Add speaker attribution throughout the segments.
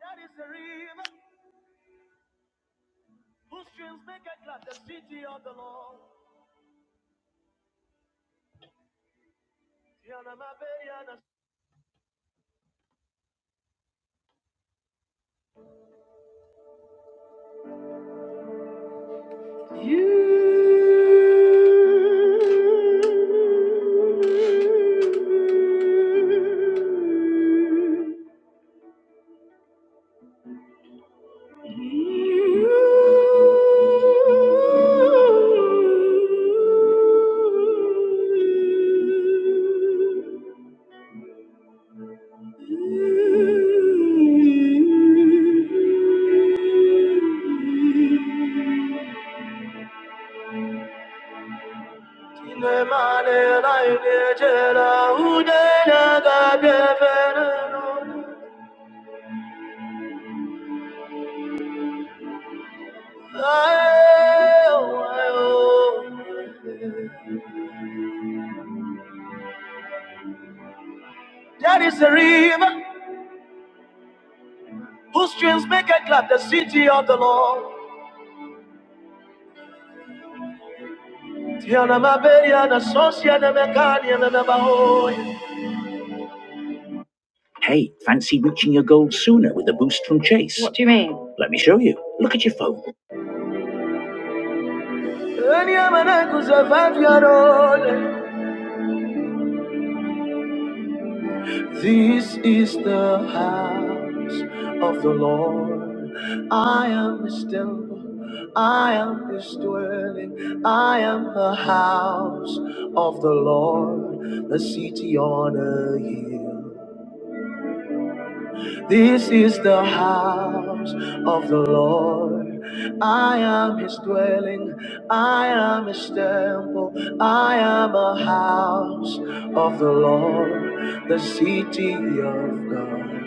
Speaker 1: That is the river whose streams make it glad the city of the Lord. Tiana Mabeyana. There is a river whose streams make it glad the city of the Lord. Tiana Maberia and Associa and Mecania and Abahoy. Enia Manacus of Aviadone. This is the house of the Lord. I am his temple. I am his dwelling. I am the house of the Lord, the city on a hill. This is the house of the Lord. I am his dwelling. I am his temple. I am a house of the Lord, the city of God.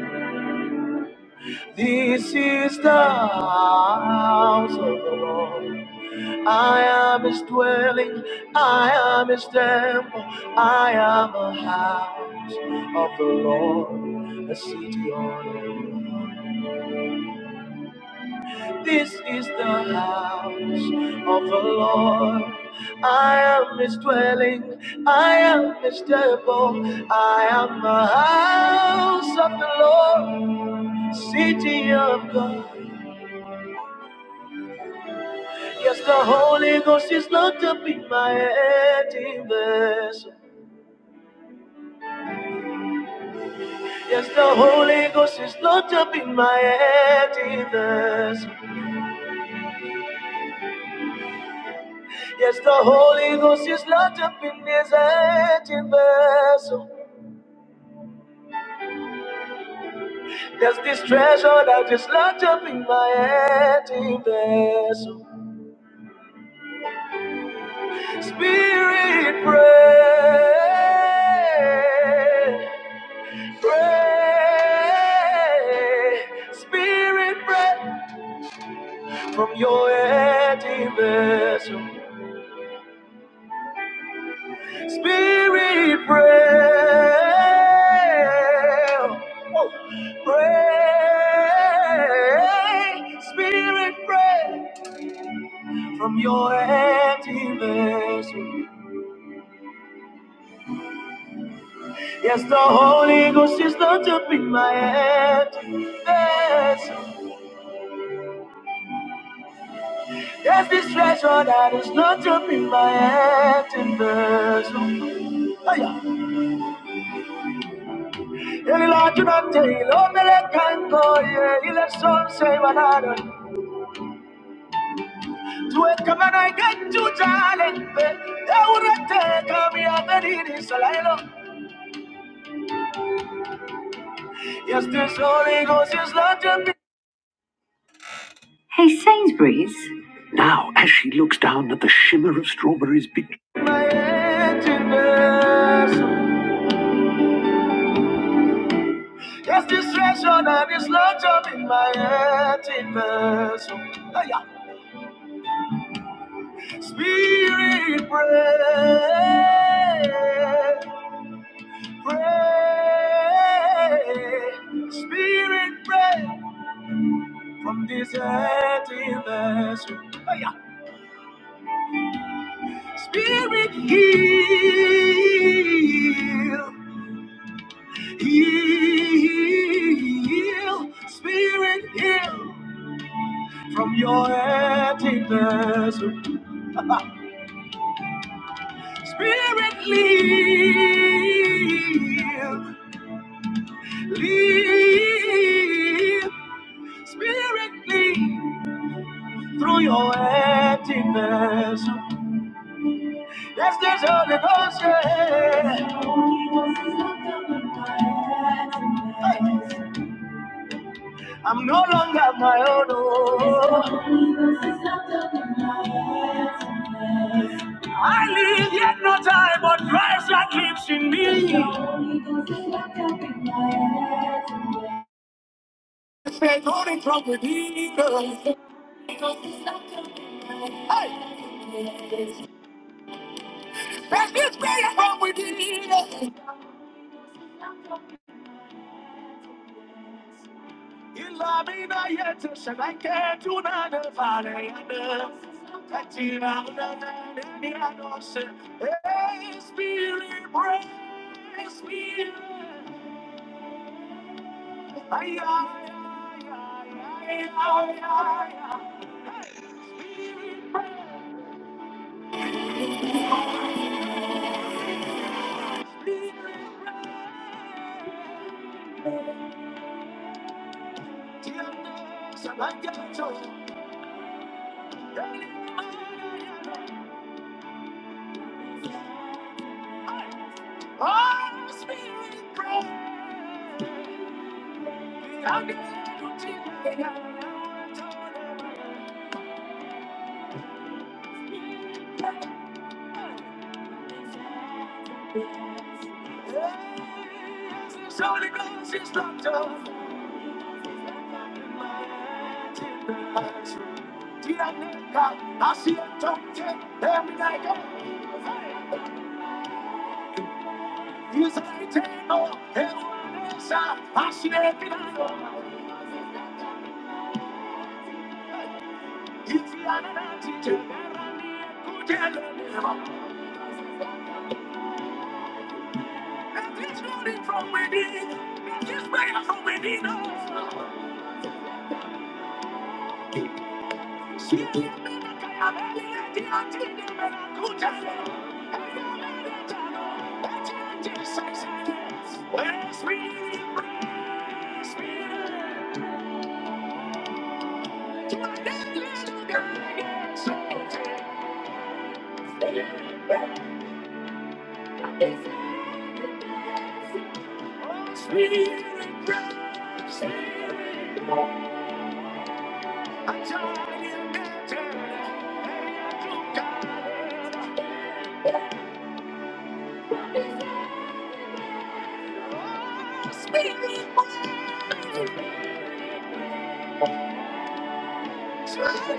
Speaker 1: This is the house of the Lord. I am his dwelling. I am his temple. I am a house of the Lord, a city on a hill. This is the house of the Lord. I am his dwelling. I am his temple. I am the house of the Lord, city of God. Yes, the Holy Ghost is Lord to be my empty vessel. Yes, the Holy Ghost is Lord to be my empty vessel. Yes, the Holy Ghost is Lord to be this empty vessel. There's this treasure that is Lord to be my empty vessel. Spirit, pray, pray, Spirit, pray. from your empty vessel. Spirit, pray. Whoa. Pray. Spirit, pray from your empty vessel. Yes, the Holy Ghost is not to be my empty vessel. Yes, this treasure that is not to be my empty vessel. Oh, yeah. yeah, Yes, Hey Sainsbury's. Yes, this treasure that is not your in my emptiness. Aya. Spirit, pray. Pray, Spirit, pray from this empty vessel. Hiya. Spirit, heal, heal, Spirit, heal from your empty vessel. Spirit, lead, lead, Spirit, lead through your empty vessel. Yes, there's Holy Ghost, yeah. I'm no longer my own. oh. I live yet not time, but Christ that lives in me. Say, don't it come with me, girl. Hey. vale Hey, spirit, break, spirit. Ay, ay, ay, ay, ay, ay, ay. Spirit, break. So the Ghost is locked up. Tianeka, asietoke, eminaika, isaiteno, ewanesa, asiekinayo, anatite. Spirit,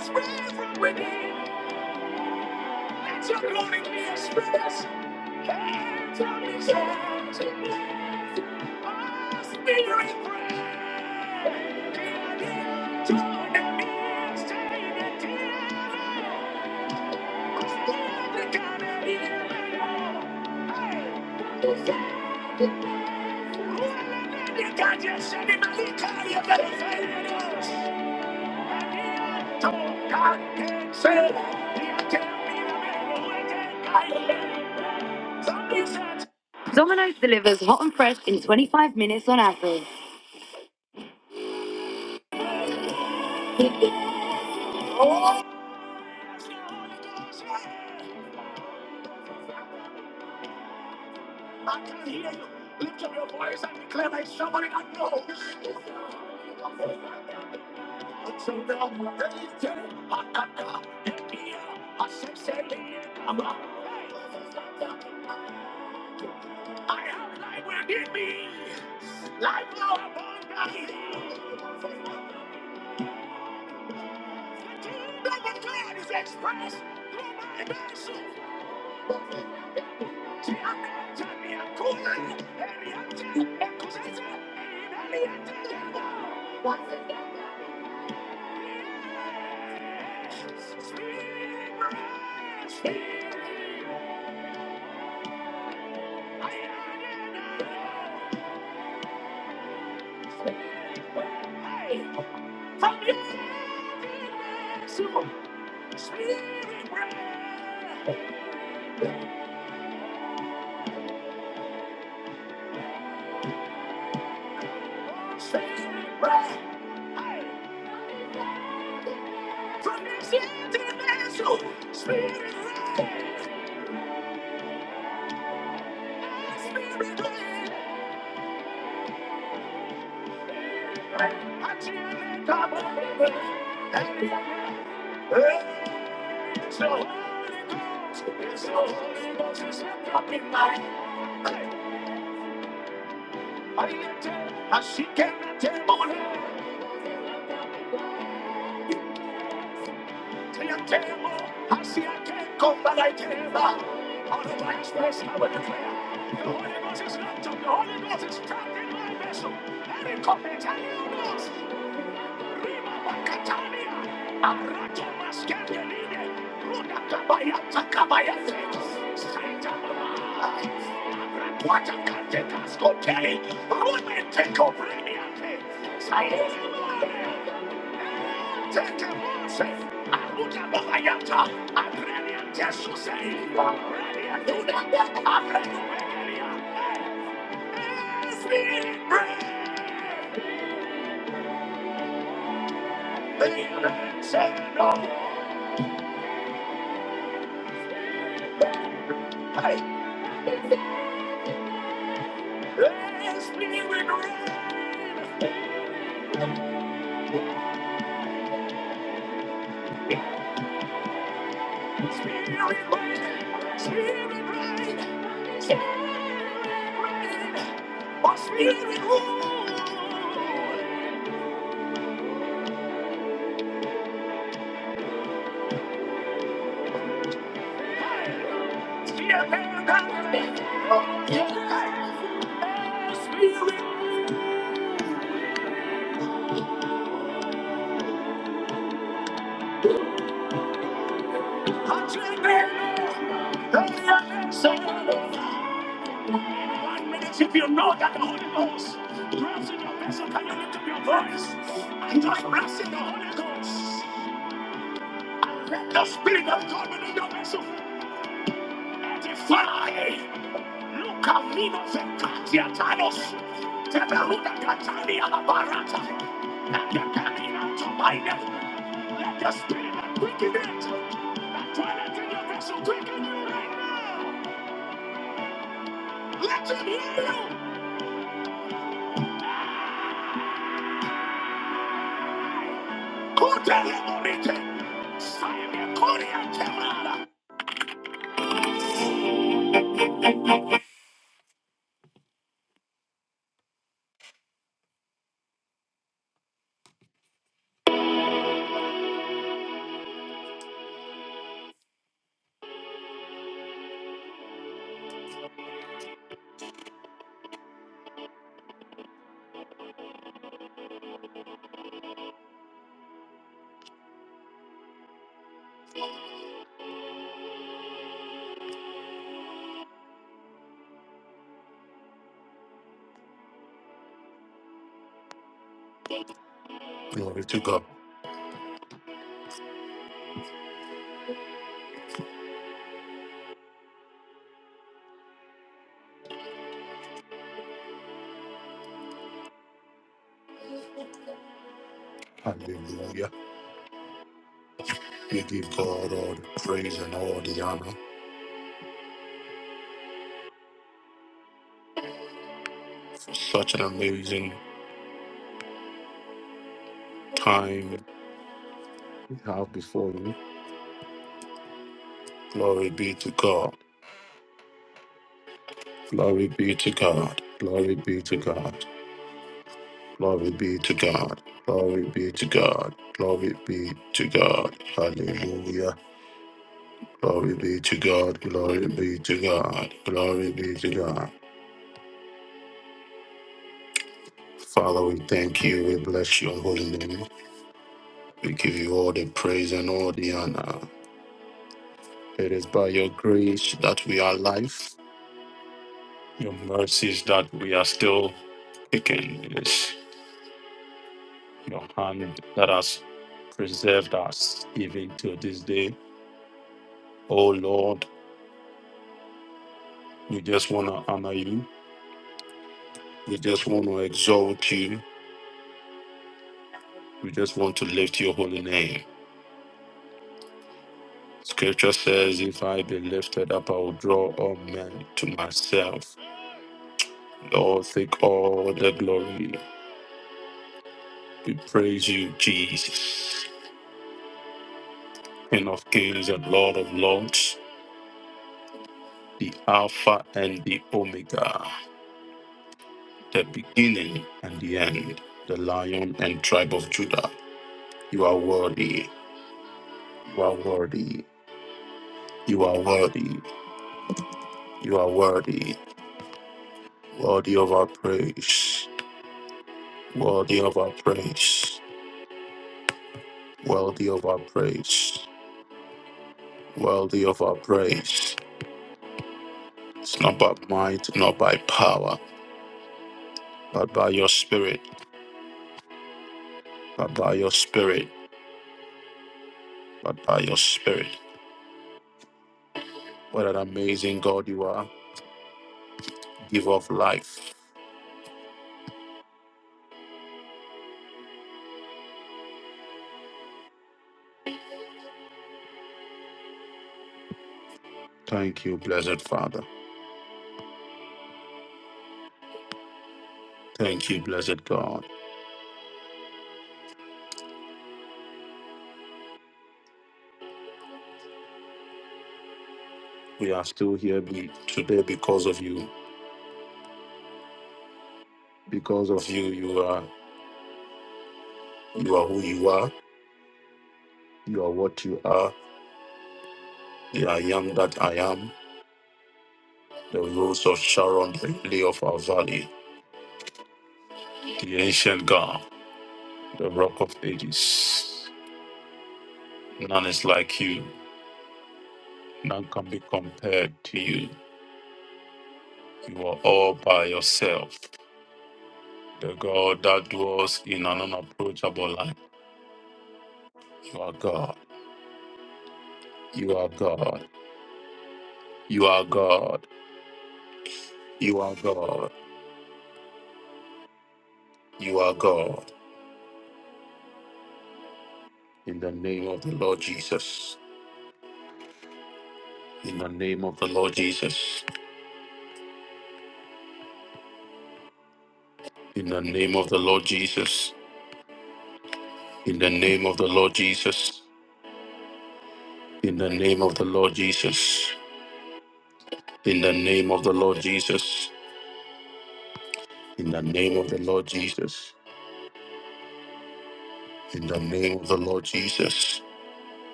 Speaker 1: spirit, spirit, spirit, spirit, Let your glory be expressed. Hands on his hands to bless. Our spirit prayer. Dear Jordan is taken dear. Christian, the God of Israel. Hey, who are the men that God just sent him and he carried the faith in us? And dear Jordan can say, Dear Jordan, the man who is taken. Something says, delivers hot and fresh in 25 minutes on average.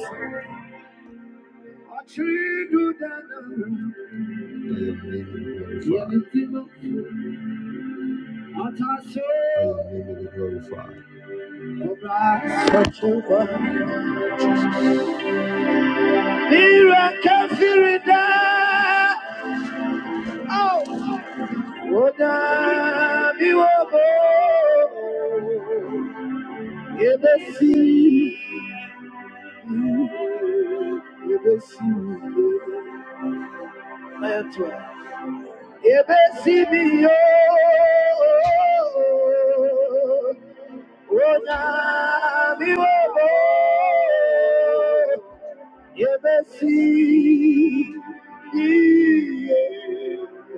Speaker 1: Thank you. Ebesibio, Rona Miwobo, Ebesi,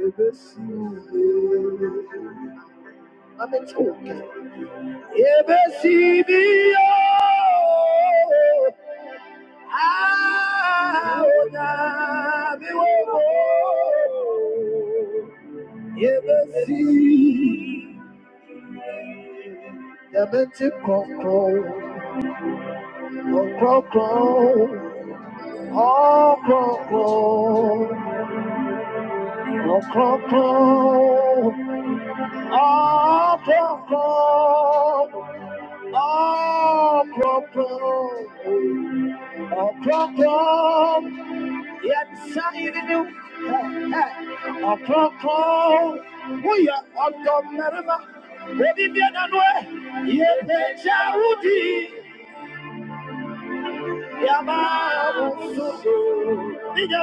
Speaker 1: Ebesi. I'm in talking. Ebesibio, Rona Miwobo. Yebesi, yebeti krokro, krokro, oh krokro, oh krokro, ah krokro, ah krokro, oh krokro. Yet saying you, oh krokro, we are under merima. We did the other way. Yebesi, Yebeti arudi, Anadie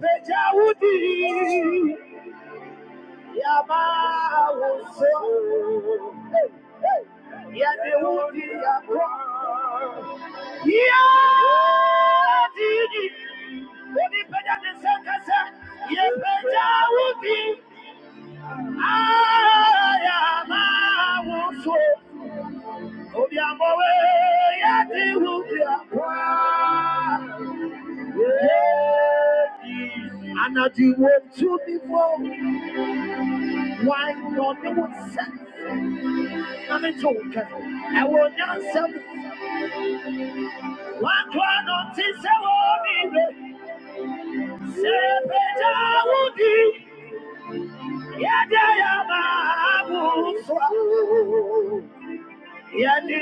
Speaker 1: peja udi Yamahuse. Yadewudi yakwa. Yadidi. Onipenda nisekese. Yepeja wudi. Ayamahuse. Obiamowe. Yadewudi yakwa. Yeah. And I do want to be wrong. Why not? No one said. I'm a joker. I will not sell. i tise wobibe, sepeja wudi, yede ya maabuswa, yedi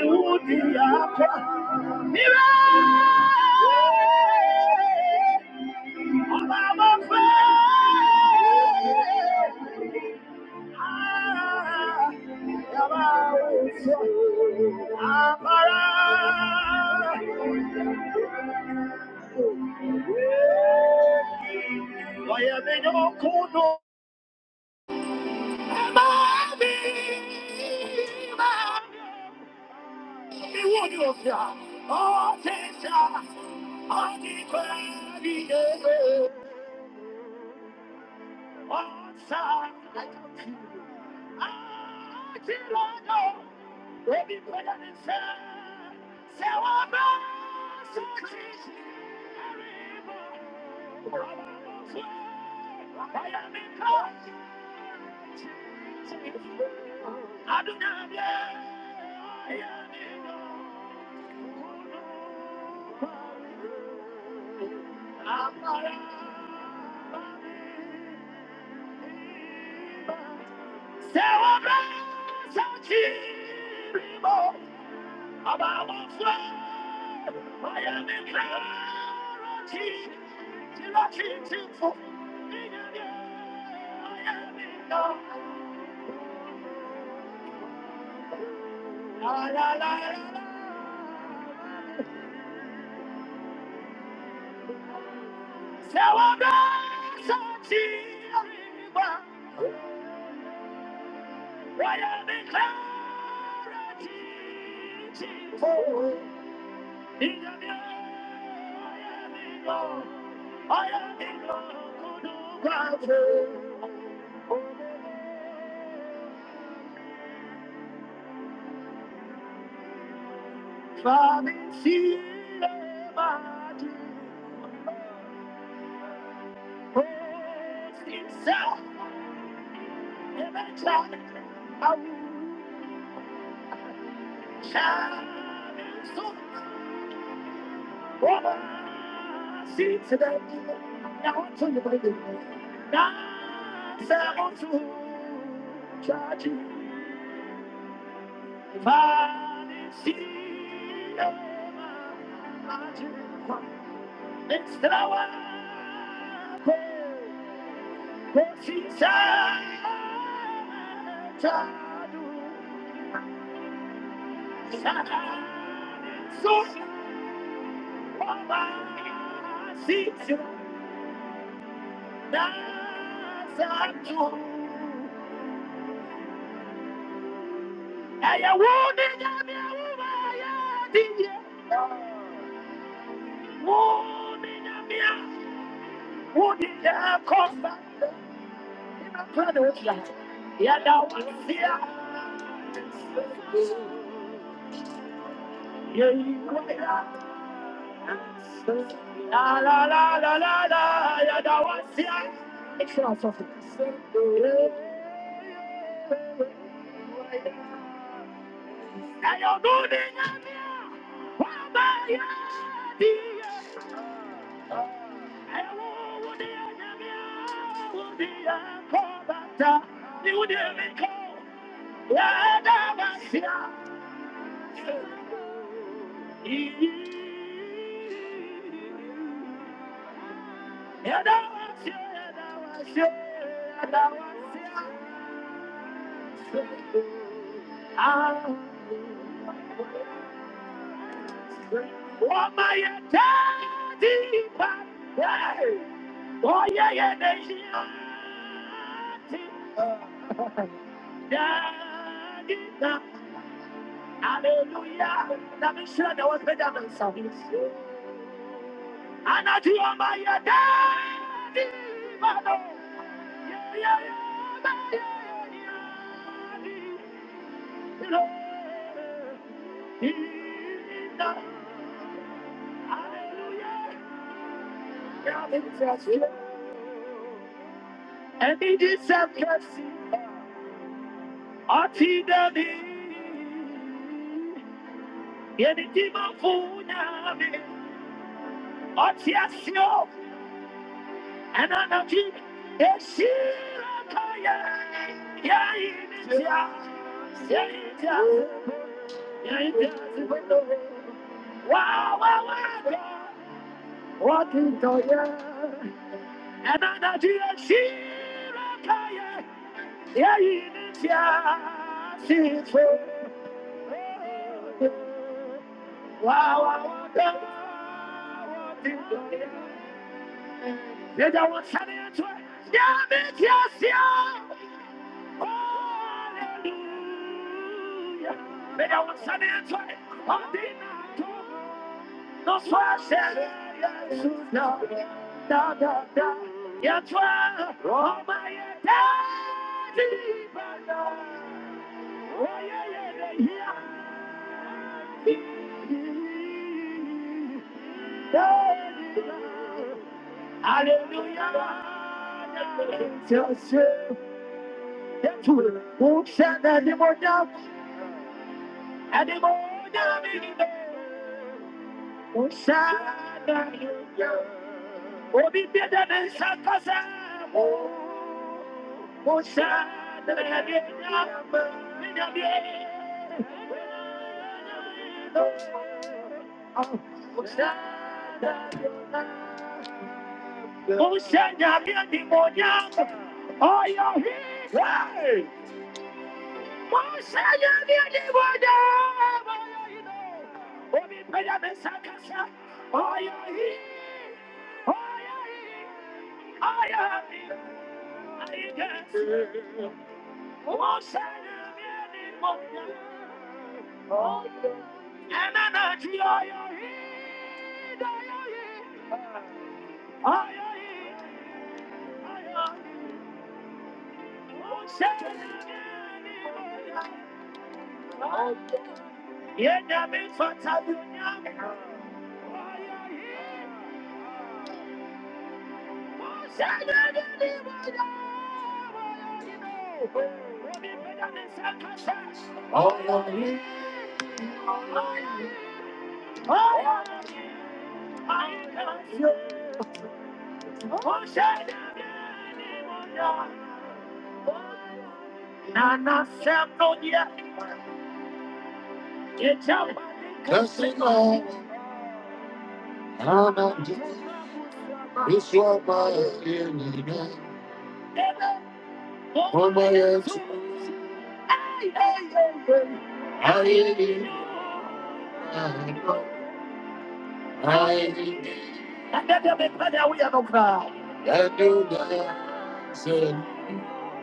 Speaker 1: And that make money we are not proud.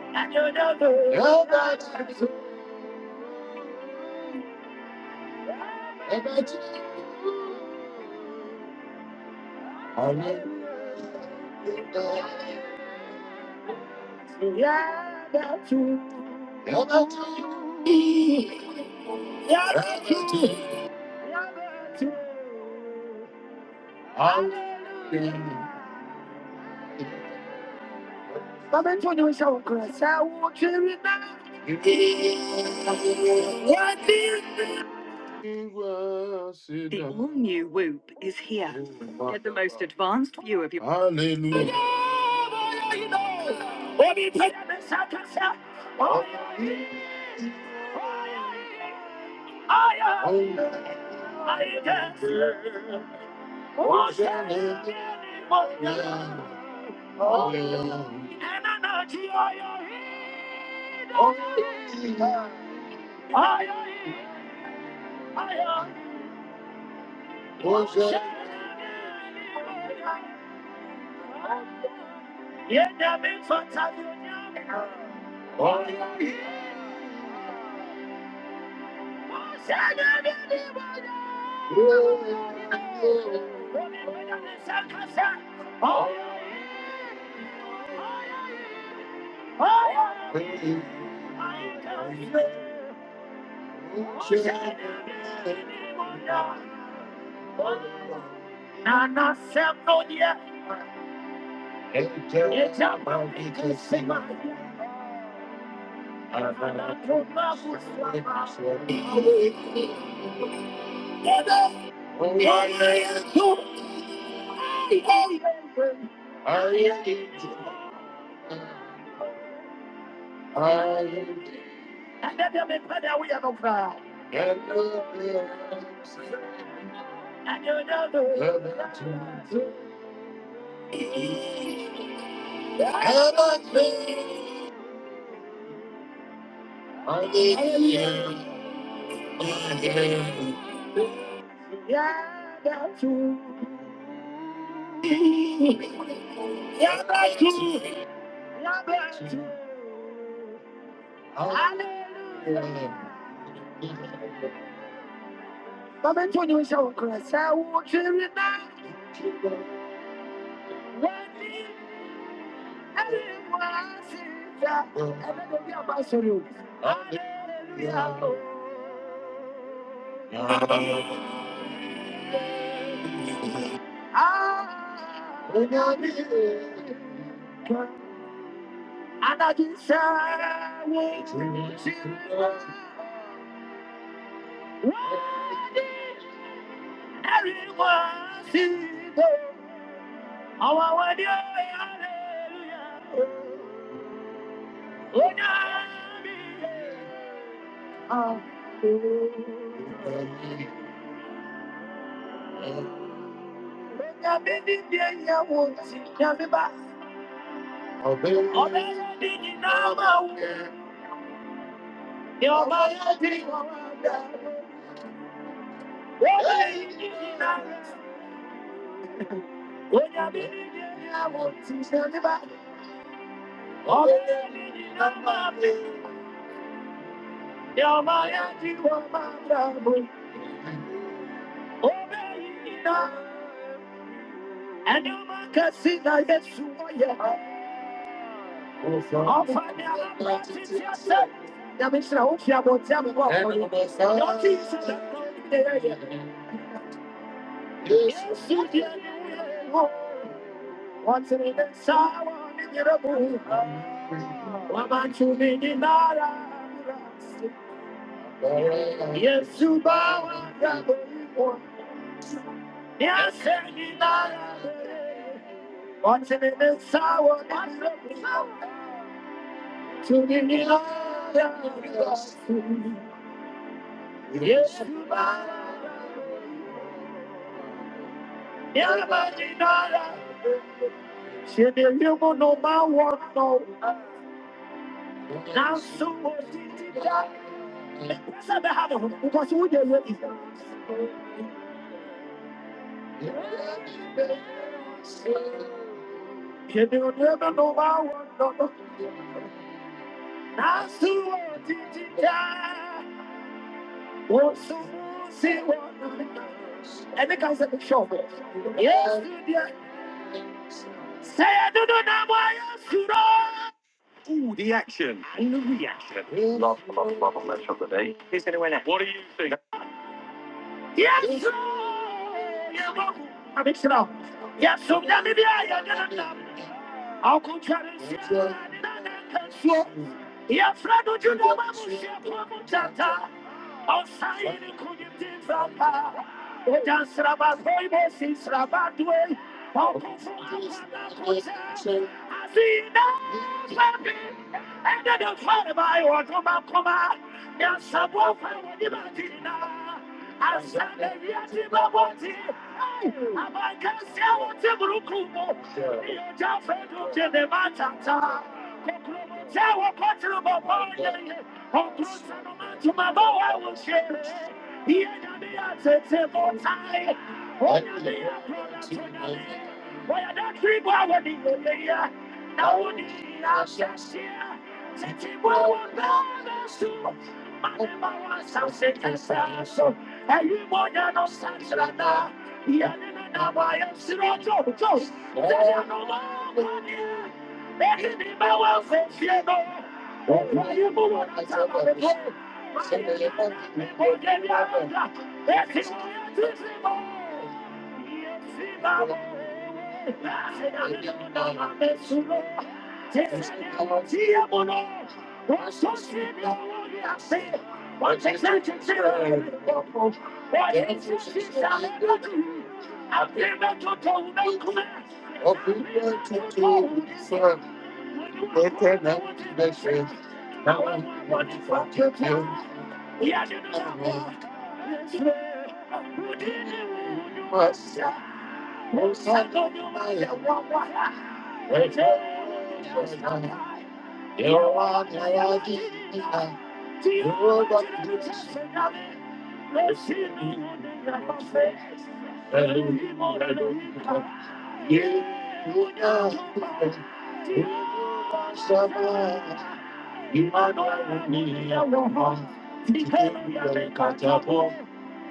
Speaker 1: And you don't know Yeah, that's true. Yeah, that's true. But when you show grace, I won't you now. all new Whoop is here. Get the most advanced view of your. Hallelujah. Nana Semno, yeah. And then they make better we have a crowd. And you don't know. Yeah, that's true. Yeah, that's true. Yeah, that's true. Hallelujah. I bí a bá sọ̀rọ̀ o. Ìyá o. Adájú sáwọ́ wọ́n ní ẹ̀rí wá sí ìjà. Àwọn àwọn ni ó yà lẹ́lúyà. Ó yà mí soro Oh, Yamisra, o que amontei a boa foi. Eu disse da bandeira, isso que é What's in the sour, Yes,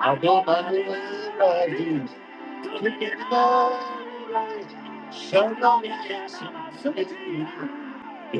Speaker 1: I Don't Shalom. That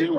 Speaker 1: you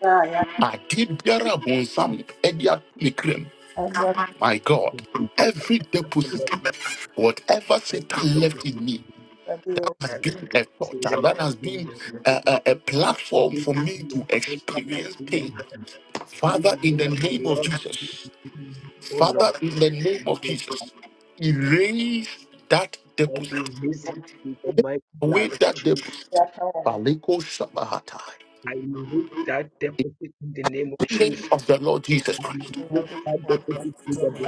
Speaker 2: Yeah, yeah, I just, yɛ wo kɛse, yɛ aka wɔ wo ho, Awurade ma wo nsa so me.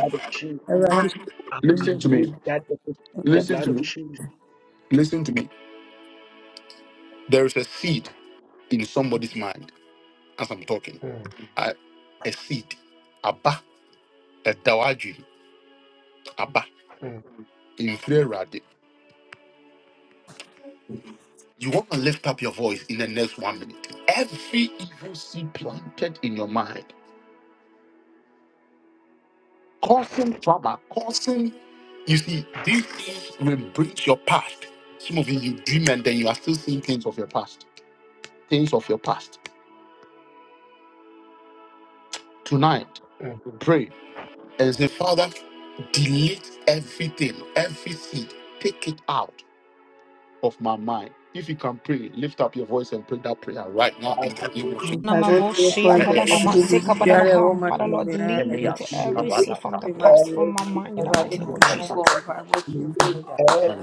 Speaker 2: Mpagote for the
Speaker 3: Namavoshiandalabamasekabadabaham. Father Lord, delete every seed from the past from my mind in the mighty name of Jesus.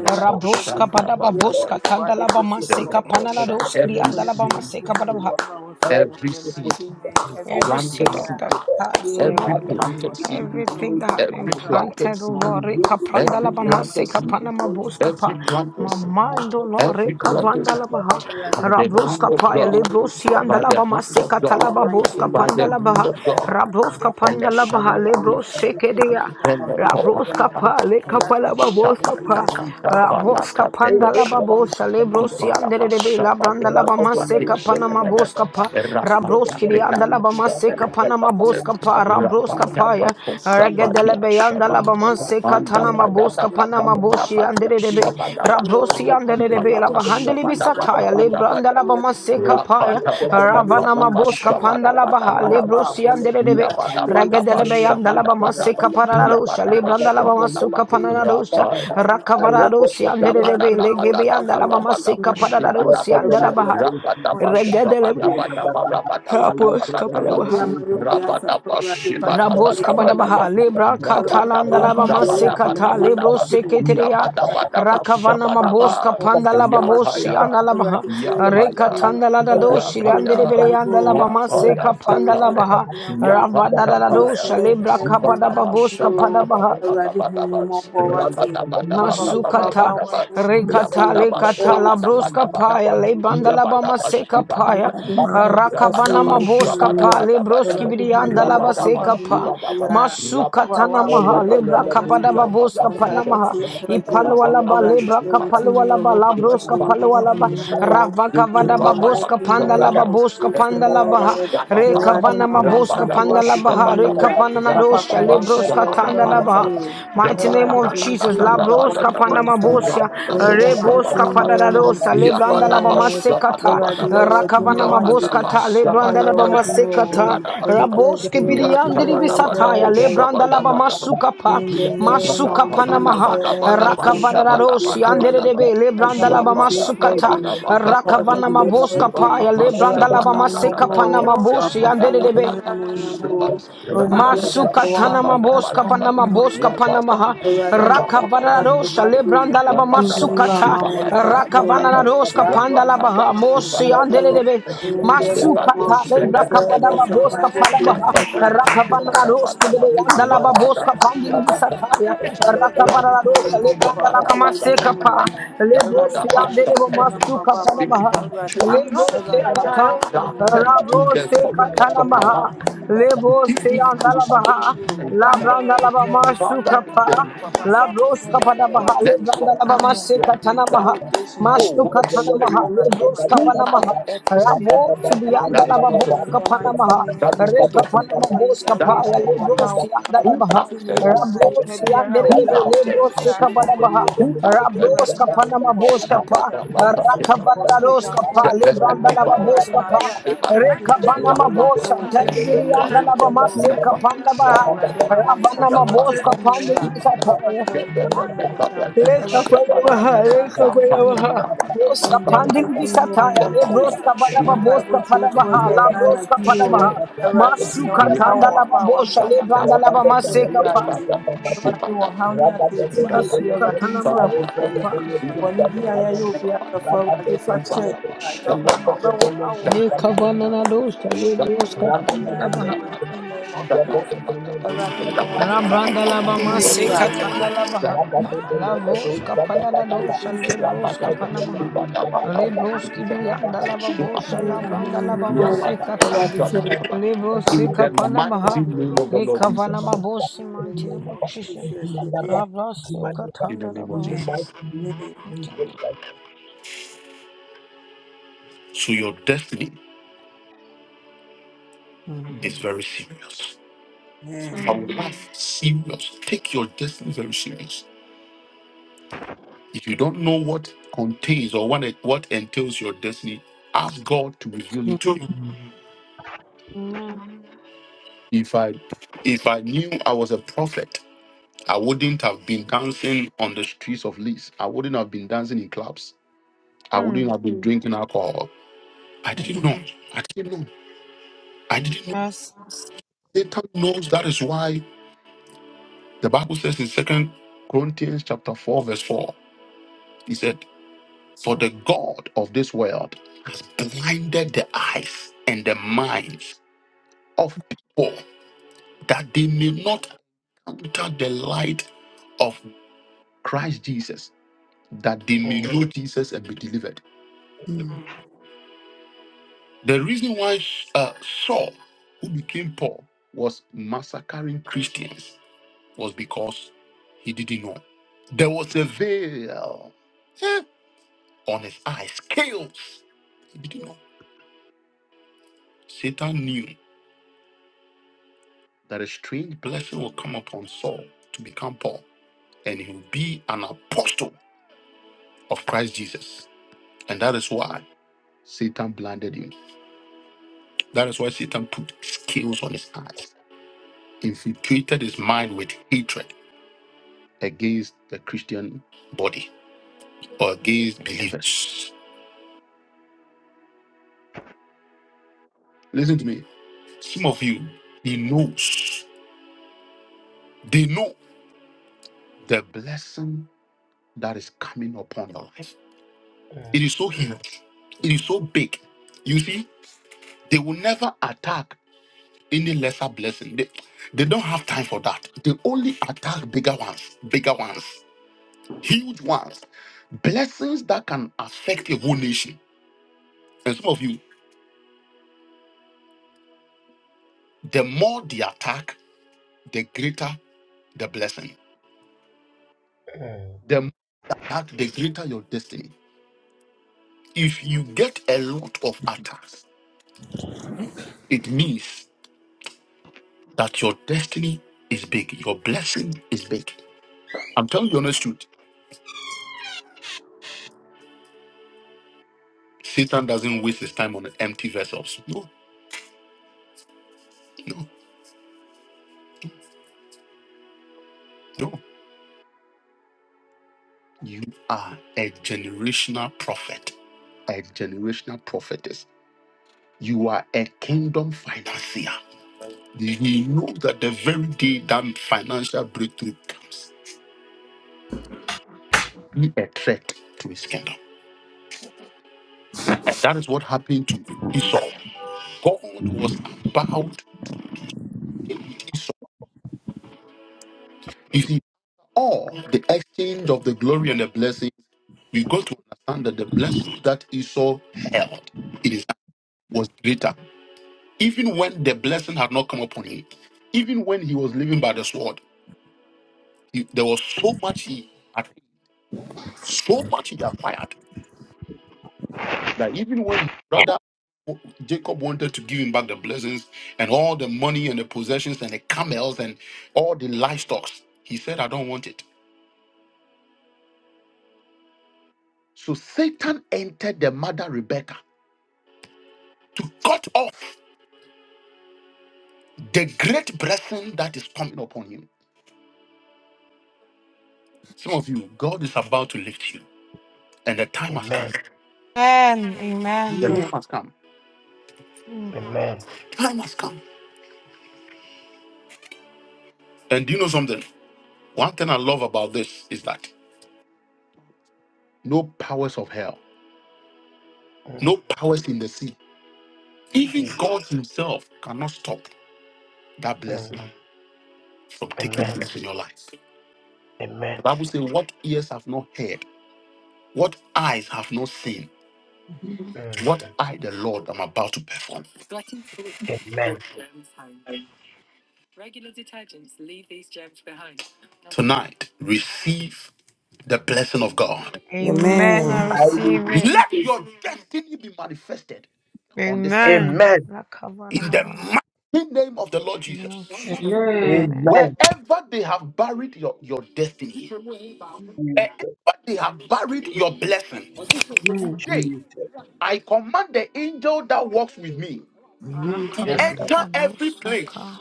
Speaker 3: Rabroska padaba boska tandalaba maseka panaladoski andalaba maseka badabaha. every
Speaker 2: everything
Speaker 3: seed of the past, oh
Speaker 2: Yeah,
Speaker 3: Lord.
Speaker 2: so
Speaker 3: Everything that has been planted, oh Lord, Rika Prandala Bamaseka Panama Boskapa, my mind, oh Lord, Rika Vandala Baha,
Speaker 2: I
Speaker 3: Rabroska Paya,
Speaker 2: in
Speaker 3: Lebrosi and Andalabama Seka Talaba Boska Pandalabaha, Rabroska Pandalabaha, Lebroseke Dea. Rabroska pa le kafa la baboska pa Rabroska panda la babosha le brosi andere rebe
Speaker 2: Thank
Speaker 3: la
Speaker 2: you.
Speaker 3: branda la bamase kapana maboska pa Rabroski di anda la bamase kapana maboska pa Rabroska pa ya Regedele be anda la bamase katana maboska pana maboshi andere rebe Tiandele de bela bahandele bisataya lebranda la bama seka paya ravana maboska panda la baha lebrosi andele debe regedele
Speaker 2: Thank you.
Speaker 3: beyanda la bama
Speaker 2: Thank
Speaker 3: seka para lebranda la bama suka pana la rosha rakavara rosi andele debe legebe anda la bama seka para la rosi baha regedele apos kapela Rabos kabadabaha lebra katalanda laba masekata lebro seketeria rakavana mabos kapanda laba bosi anda laba rekatanda lada doshi leandere bele anda laba maseka panda laba
Speaker 2: you.
Speaker 3: ravada lada dosha lebra
Speaker 2: Papa,
Speaker 3: kabadaba bos
Speaker 2: who have
Speaker 3: Masukata
Speaker 2: our one
Speaker 3: rekata lekata
Speaker 2: woman,
Speaker 3: labroska paya lebanda laba maseka paya
Speaker 2: Awurade ma wɔnsa so
Speaker 3: rakavana
Speaker 2: ɛfiri me
Speaker 3: maboska
Speaker 2: wura
Speaker 3: pa lebroski
Speaker 2: Awurade hu me
Speaker 3: virianda
Speaker 2: mmɔbɔ
Speaker 3: laba
Speaker 2: papa
Speaker 3: seka
Speaker 2: me ne
Speaker 3: pa
Speaker 2: obi a wo a
Speaker 3: masukata
Speaker 2: woama me
Speaker 3: namaha
Speaker 2: ne
Speaker 3: lebra
Speaker 2: manwa
Speaker 3: kapada
Speaker 2: se
Speaker 3: baboska pa
Speaker 2: mpaebɔ
Speaker 3: namaha
Speaker 2: tiefoɔ agye yi
Speaker 3: ipalwa ba,
Speaker 2: Awurade
Speaker 3: lebra
Speaker 2: kyerɛ wo tumi
Speaker 3: kapalwa
Speaker 2: wɔ
Speaker 3: laba
Speaker 2: hɔ papa hyɛ
Speaker 3: labroska
Speaker 2: wo din
Speaker 3: palwa
Speaker 2: animuonyam wɔ hɔ
Speaker 3: Ravaka
Speaker 2: in
Speaker 3: vada
Speaker 2: the
Speaker 3: babuska
Speaker 2: mighty
Speaker 3: panda la
Speaker 2: name of
Speaker 3: babuska panda la baha.
Speaker 2: Jesus
Speaker 3: Reka
Speaker 2: Awurade
Speaker 3: vana
Speaker 2: ma wɔnsa
Speaker 3: mabuska
Speaker 2: so
Speaker 3: panda la
Speaker 2: wɔatoto
Speaker 3: baha.
Speaker 2: me
Speaker 3: Reka
Speaker 2: wura
Speaker 3: vana
Speaker 2: papa
Speaker 3: nadosha
Speaker 2: kae me
Speaker 3: lebroska
Speaker 2: sɛdeɛ wɔadɔ
Speaker 3: tanda la
Speaker 2: yɛ
Speaker 3: baha.
Speaker 2: o
Speaker 3: Mighty name
Speaker 2: Awurade
Speaker 3: of
Speaker 2: gye me
Speaker 3: Jesus.
Speaker 2: firi
Speaker 3: Labroska
Speaker 2: nnipabɔnefoɔ
Speaker 3: panda
Speaker 2: nsam
Speaker 3: mabusia.
Speaker 2: in the mighty
Speaker 3: Reboska pada la
Speaker 2: name of
Speaker 3: dosa lebranda la
Speaker 2: Jesus.
Speaker 3: bamaseka ta.
Speaker 2: Awurade yɛ wɔ adwuma
Speaker 3: Rakavana mabuska
Speaker 2: wate.
Speaker 3: kata
Speaker 2: Papa
Speaker 3: lebranda
Speaker 2: yɛ
Speaker 3: la
Speaker 2: wɔ
Speaker 3: bama
Speaker 2: adwuma o.
Speaker 3: sekata
Speaker 2: Onipa agya
Speaker 3: raboske
Speaker 2: yɛ wɔ adwuma
Speaker 3: biriandiri
Speaker 2: o. Dɛɛ
Speaker 3: bisataya
Speaker 2: agya yɛ wɔ
Speaker 3: lebranda la bama
Speaker 2: adwuma o.
Speaker 3: sukapa
Speaker 2: In the name
Speaker 3: masuka
Speaker 2: of
Speaker 3: panamaha
Speaker 2: Jesus,
Speaker 3: rakavana
Speaker 2: mpaboa tie
Speaker 3: rarosi
Speaker 2: for
Speaker 3: andere
Speaker 2: you.
Speaker 3: debe lebranda la
Speaker 2: Mpaboa
Speaker 3: bama
Speaker 2: tie for
Speaker 3: sukata
Speaker 2: you. Mpaboa
Speaker 3: rakavana
Speaker 2: tie for
Speaker 3: maboska
Speaker 2: you.
Speaker 3: paya lebranda
Speaker 2: Awurade
Speaker 3: la
Speaker 2: hunu
Speaker 3: bama
Speaker 2: you. mmɔbɔ
Speaker 3: sekapana
Speaker 2: o.
Speaker 3: mabosi
Speaker 2: Papa hyɛ
Speaker 3: andere
Speaker 2: wo din
Speaker 3: debe
Speaker 2: animuonyam o. Onipa you. hyɛ wɔn
Speaker 3: Masukatana
Speaker 2: ankasa
Speaker 3: maboska panama
Speaker 2: nso ho
Speaker 3: boska panamaha
Speaker 2: Ẹ̀rọ̀dé máa wọn
Speaker 3: rakavana rosha
Speaker 2: ṣàṣewádìí
Speaker 3: lebranda laba
Speaker 2: Túnmíwá
Speaker 3: masukata
Speaker 2: máa wọn ṣàṣewò
Speaker 3: rakavana roska
Speaker 2: Yàtọ̀
Speaker 3: panda
Speaker 2: Ahmed
Speaker 3: laba
Speaker 2: máa wọn
Speaker 3: mosi
Speaker 2: ṣàṣewò
Speaker 3: andelebe
Speaker 2: In the name of
Speaker 3: masukata lebraka panama
Speaker 2: Jesus, and
Speaker 3: boska
Speaker 2: I will be
Speaker 3: panamaha
Speaker 2: for you.
Speaker 3: rakavana
Speaker 2: Ẹ̀rọ̀dé
Speaker 3: roska
Speaker 2: máa
Speaker 3: bede
Speaker 2: yàgbé
Speaker 3: anda
Speaker 2: bàbá
Speaker 3: laba
Speaker 2: máa wọn
Speaker 3: boska pandili
Speaker 2: ṣàṣewádìí
Speaker 3: bisataya
Speaker 2: Túnmíwá. Ẹ̀rọ̀dé
Speaker 3: rakavana
Speaker 2: kí ni
Speaker 3: rosha
Speaker 2: mo bọ̀
Speaker 3: lebranda
Speaker 2: bàbá
Speaker 3: laba
Speaker 2: tí mo dé lẹ́nu wò
Speaker 3: masekapa
Speaker 2: náà? Ẹ̀rọ̀dé
Speaker 3: lebrosi
Speaker 2: kí ni
Speaker 3: andelebe
Speaker 2: fífẹ́ náà máa
Speaker 3: masuka
Speaker 2: bá àwọn mẹ́ta
Speaker 3: panamaha
Speaker 2: ẹ̀rọ̀dé?
Speaker 3: lebrosi
Speaker 2: Ẹ̀rọ̀dé máa máa
Speaker 3: kata
Speaker 2: ká sí ìyàrá wọn ṣe
Speaker 3: rabrosi
Speaker 2: tiwájú.
Speaker 3: kata
Speaker 2: In the
Speaker 3: namaha
Speaker 2: mighty name of
Speaker 3: Lebo
Speaker 2: Jesus, Papa, I pray
Speaker 3: Seyandalabaha,
Speaker 2: you. Awurade kra
Speaker 3: Labrandalabama
Speaker 2: yɛde ne ne mogya
Speaker 3: Sukapa,
Speaker 2: mu papa sɛ
Speaker 3: Labros
Speaker 2: abɔfra yi areɛ
Speaker 3: Kapadabaha,
Speaker 2: wate nyame
Speaker 3: Lebrandalabama
Speaker 2: ho nkronkron kɔyɛ
Speaker 3: Sekatanamaha,
Speaker 2: operation wɔ abɔfra no mu.
Speaker 3: Mashtukatanamaha,
Speaker 2: Awurade ma
Speaker 3: Lebros
Speaker 2: yɛnhu deɛ
Speaker 3: Kapanamaha,
Speaker 2: ɛyɛ abɔfra biara
Speaker 3: Ravo
Speaker 2: na yɛmpete no
Speaker 3: Sibiandalababos
Speaker 2: in the mighty
Speaker 3: Kapanamaha,
Speaker 2: name of Jesus
Speaker 3: Rekapanama
Speaker 2: papa yi yareɛ
Speaker 3: Boskapaya, Lebros
Speaker 2: ɔhaw Awurade
Speaker 3: Siandalabaha,
Speaker 2: tumi biara
Speaker 3: Rabos
Speaker 2: nnipa biara a wɔde
Speaker 3: Yanderebe,
Speaker 2: abɔfra yi
Speaker 3: Lebros
Speaker 2: kra ne nam aduro
Speaker 3: Sekabadabaha,
Speaker 2: soɔ Awurade
Speaker 3: Rabroska pa
Speaker 2: Nyankopɔn
Speaker 3: namaboska
Speaker 2: yɛmfi
Speaker 3: pa
Speaker 2: mogya nkɔ ne so ɔsoro gya
Speaker 3: rakavanaroska
Speaker 2: nkɔ
Speaker 3: pa
Speaker 2: ne so o
Speaker 3: lebranda la
Speaker 2: Awurade
Speaker 3: baboska
Speaker 2: ma
Speaker 3: pa
Speaker 2: agradaa mpensen ne so
Speaker 3: rekavana
Speaker 2: o
Speaker 3: mabosa
Speaker 2: ɛwɔ Jesus
Speaker 3: tendiri anda
Speaker 2: Christ
Speaker 3: la
Speaker 2: din mu
Speaker 3: bamasse kapanda ba
Speaker 2: Awurade ma wɔn
Speaker 3: ravana
Speaker 2: nsaso
Speaker 3: maboska
Speaker 2: atete ne
Speaker 3: pandiri
Speaker 2: wura. Papa
Speaker 3: bisataya
Speaker 2: hyɛ wo din animuonyam. Awurade hyɛ
Speaker 3: rekavana
Speaker 2: wɔn
Speaker 3: maha
Speaker 2: ankasa nso ho
Speaker 3: rekavana maha
Speaker 2: animuonyam. In
Speaker 3: boska
Speaker 2: the
Speaker 3: pandiri
Speaker 2: mighty name
Speaker 3: bisataya
Speaker 2: of
Speaker 3: lebroska
Speaker 2: Jesus.
Speaker 3: bada
Speaker 2: Mpaebɔ
Speaker 3: boska pada
Speaker 2: tiefoɔ
Speaker 3: baha
Speaker 2: gyae
Speaker 3: la
Speaker 2: na anadwo yi
Speaker 3: pada
Speaker 2: o.
Speaker 3: baha
Speaker 2: Awurade tena
Speaker 3: masuka
Speaker 2: wɔn nsa wɔ
Speaker 3: tanda la
Speaker 2: w'aba a
Speaker 3: babosha
Speaker 2: wamenyɛ mema
Speaker 3: lebranda
Speaker 2: so
Speaker 3: la
Speaker 2: bɔfra yi,
Speaker 3: bamasse kapa
Speaker 2: Awurade. Awurade wɔ haw ne atɛɛtiyɛ bi,
Speaker 3: masuka
Speaker 2: Awurade
Speaker 3: tana
Speaker 2: nfiri abɔfra
Speaker 3: maboska
Speaker 2: yi so.
Speaker 3: pa
Speaker 2: Bɔne biara yɛayɛ obiara, asafo Awurade fa kyɛ yɛn, Awurade. Akwan a ɔbɛwo awo
Speaker 3: Ne
Speaker 2: ahyɛ yɛn
Speaker 3: kavana na
Speaker 2: animuonyam.
Speaker 3: dosha le
Speaker 2: Yɛnkɔyi ne
Speaker 3: broska
Speaker 2: yam
Speaker 3: panda
Speaker 2: biara
Speaker 3: la
Speaker 2: in the
Speaker 3: baha.
Speaker 2: mighty name of Jesus. Awurade ma wɔn nsa so
Speaker 3: Rabranda la ba
Speaker 2: atete
Speaker 3: masse
Speaker 2: nwura a
Speaker 3: katanda la baha. La broska panda da dosha le
Speaker 2: wɔsiesie
Speaker 3: broska panda maha. Le broski biyanda la ba bosha la
Speaker 2: nwura ho
Speaker 3: branda la kata.
Speaker 2: Awurade hyɛ yɛn
Speaker 3: Le brosi
Speaker 2: animuonyam.
Speaker 3: kapana maha.
Speaker 2: Awurade ma wɔn
Speaker 3: Le
Speaker 2: nsa so
Speaker 3: kavana ma bosi
Speaker 2: in the
Speaker 3: manti ne
Speaker 2: name
Speaker 3: mo
Speaker 2: of
Speaker 3: chisha.
Speaker 2: Jesus. Amen.
Speaker 3: La brosi katanda la
Speaker 2: Amen. Amen.
Speaker 3: Okay.
Speaker 2: Amen.
Speaker 3: Mm. Amen. Mm. Yes. Amen. Amen.
Speaker 2: Amen.
Speaker 3: Mm. Amen. I
Speaker 2: Amen.
Speaker 3: receive it. Amen. Rakavadababa. In the name of Jesus.
Speaker 2: Amen.
Speaker 3: Amen. Rakavadababusaka.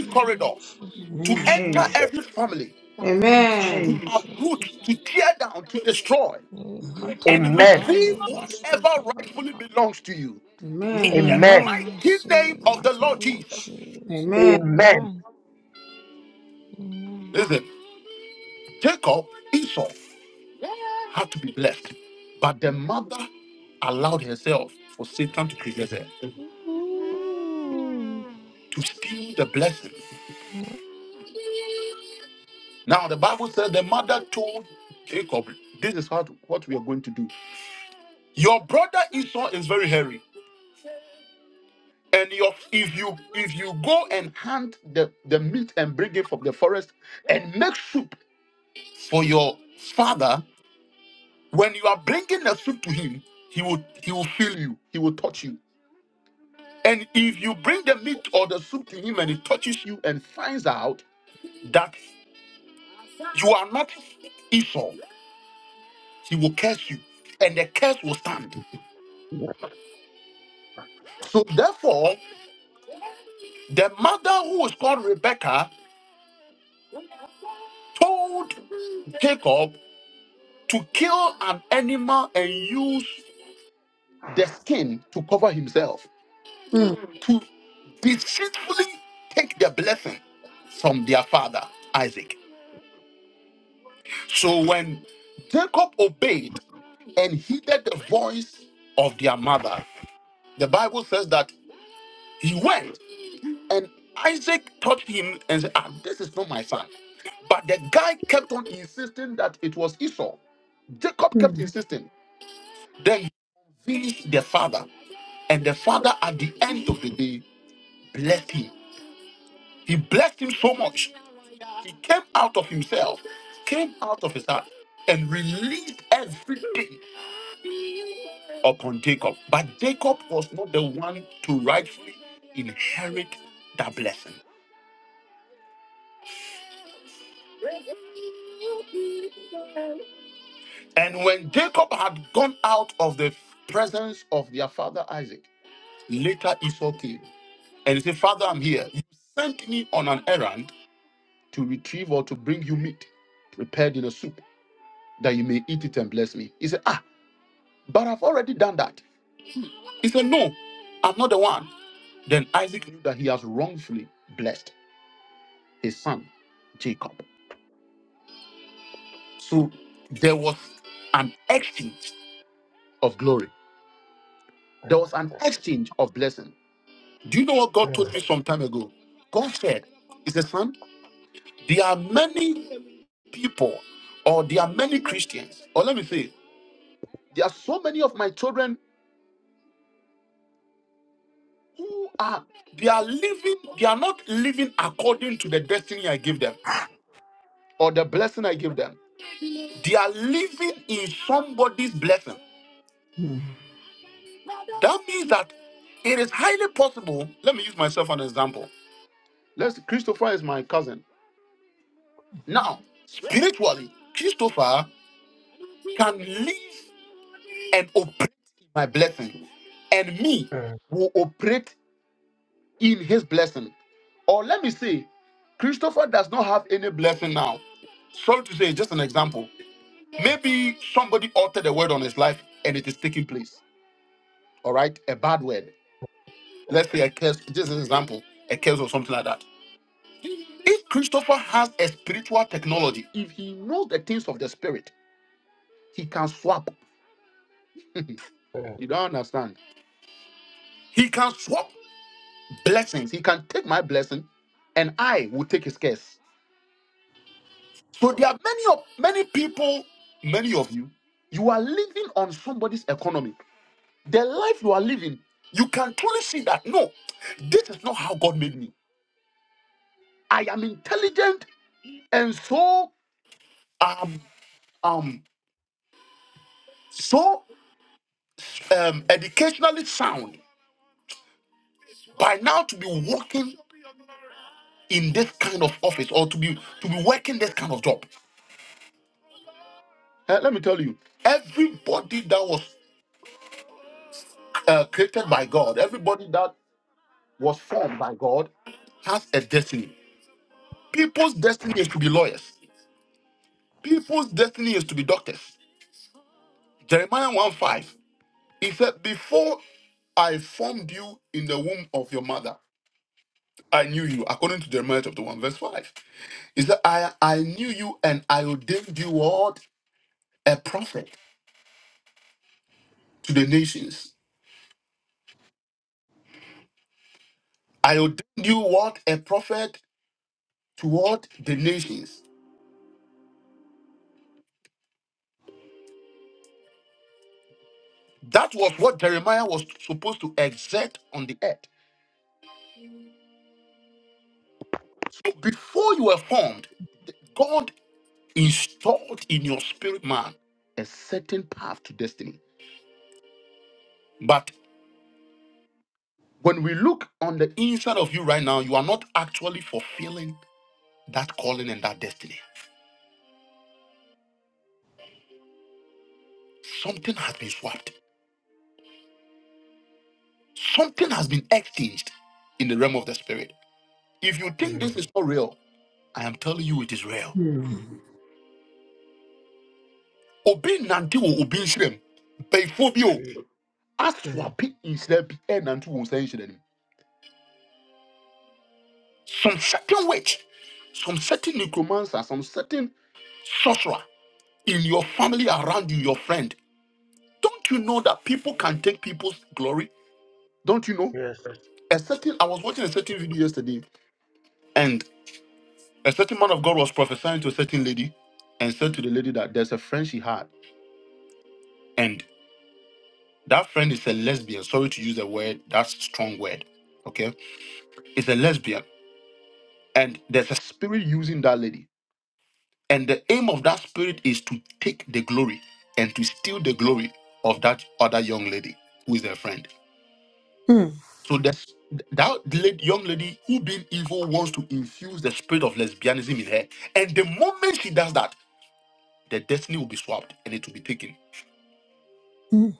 Speaker 3: In the name of Jesus. Amen.
Speaker 2: Amen.
Speaker 3: Mighty name
Speaker 2: Amen.
Speaker 3: of Jesus. Ekatalabahalebusikabadaba.
Speaker 2: Amen.
Speaker 3: Amen. I receive it. In the mighty name of
Speaker 2: Amen. Amen.
Speaker 3: Jesus.
Speaker 2: Amen.
Speaker 3: Amen. Amen. Mm.
Speaker 2: Mm, mm, Mm,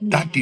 Speaker 2: mm,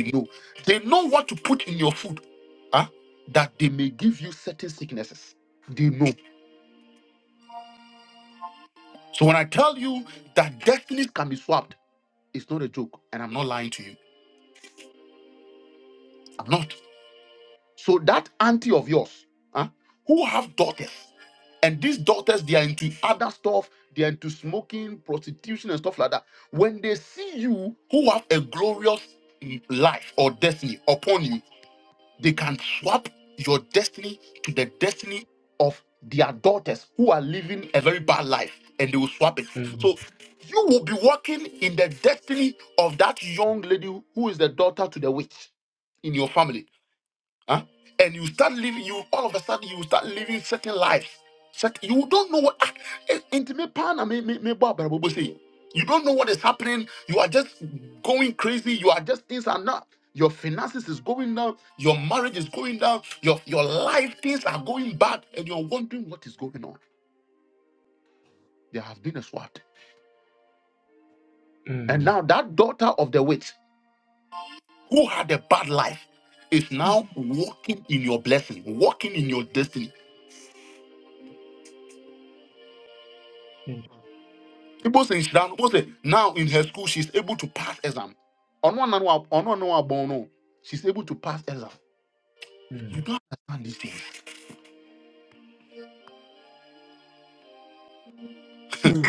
Speaker 2: mm, mm,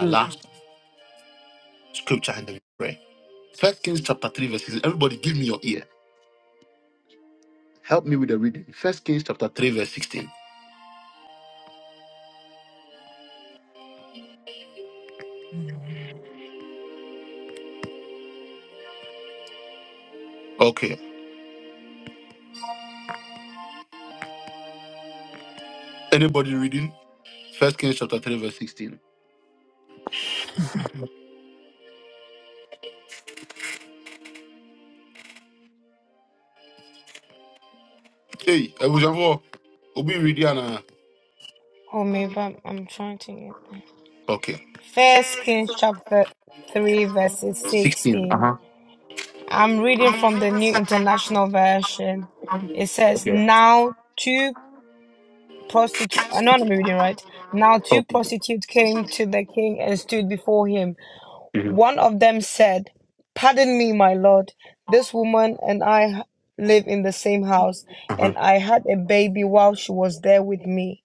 Speaker 2: mm.
Speaker 3: Oh, maybe I'm, I'm trying to get First Kings chapter 3 verses 16. I'm reading from the New International Version. It says, Now two prostitute, no, I'm not reading right. Now two prostitutes came to the king and stood before him. One of them said, 'Pardon me, my lord, this woman and I live in the same house, and I had a baby while she was there with me.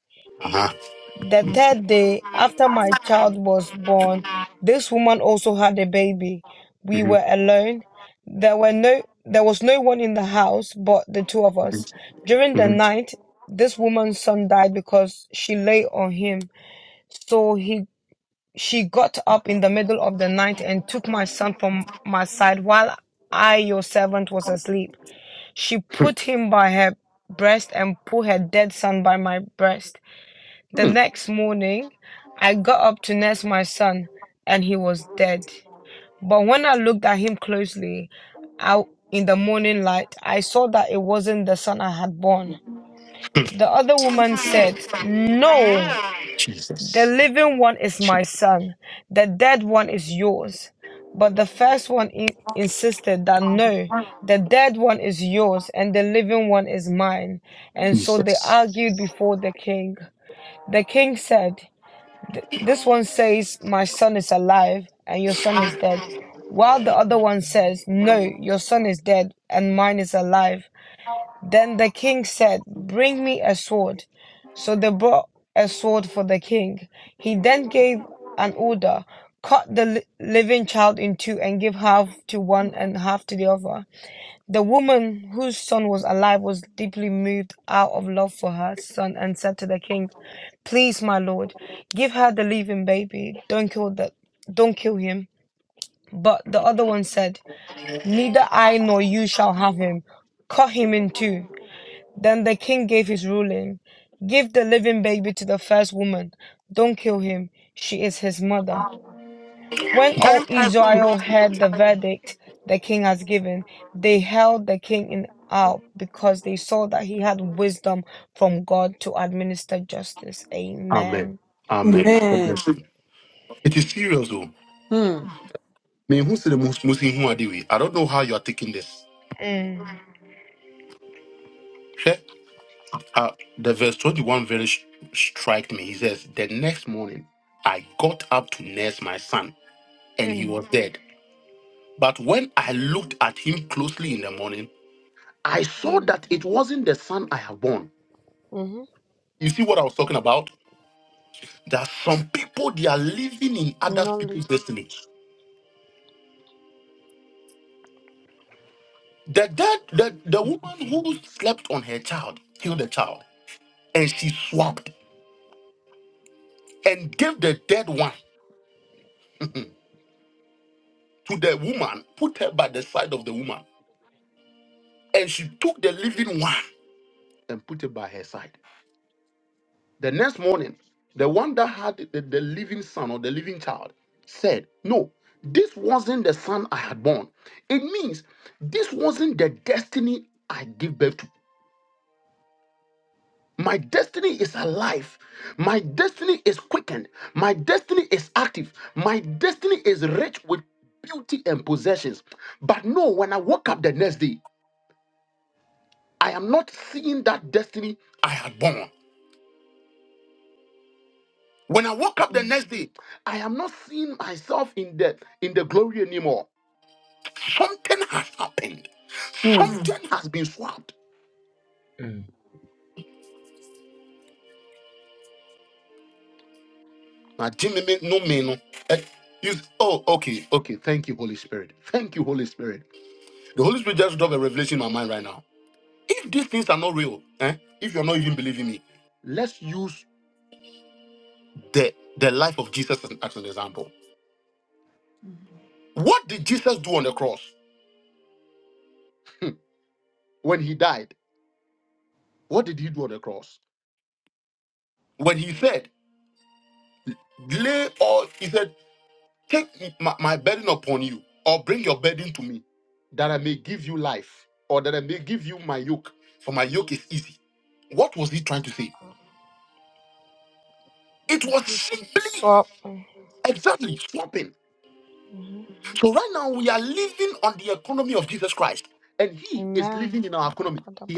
Speaker 3: The third day after my child was born, this woman also had a baby. We were alone. There were no there was no one in the house but the two of us. During the night, this woman's son died because she lay on him. So he she got up in the middle of the night and took my son from my side while I, your servant, was asleep. She put him by her breast and put her dead son by my breast. The next morning, I got up to nurse my son, and he was dead. But when I looked at him closely, out in the morning light, I saw that it wasn't the son I had born. The other woman said, No, the living one is my son, the dead one is yours. But the first one in- insisted that no, the dead one is yours and the living one is mine. And so they argued before the king. The king said, Th- this one says, My son is alive and your son is dead. While the other one says, No, your son is dead and mine is alive. Then the king said, Bring me a sword. So they brought a sword for the king. He then gave an order cut the li- living child in two and give half to one and half to the other. The woman whose son was alive was deeply moved out of love for her son and said to the king, Please, my lord, give her the living baby. Don't kill the don't kill him. But the other one said, Neither I nor you shall have him. Cut him in two." Then the king gave his ruling. Give the living baby to the first woman. Don't kill him. She is his mother. When all Israel heard the verdict the king has given, they held the king in awe because they saw that he had wisdom from God to administer justice. Amen. Mm, mm, mm, hmm Knowledge. Mm,
Speaker 2: mm.
Speaker 3: of his- So, mm, hmm Amen. Amen.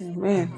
Speaker 2: Amen.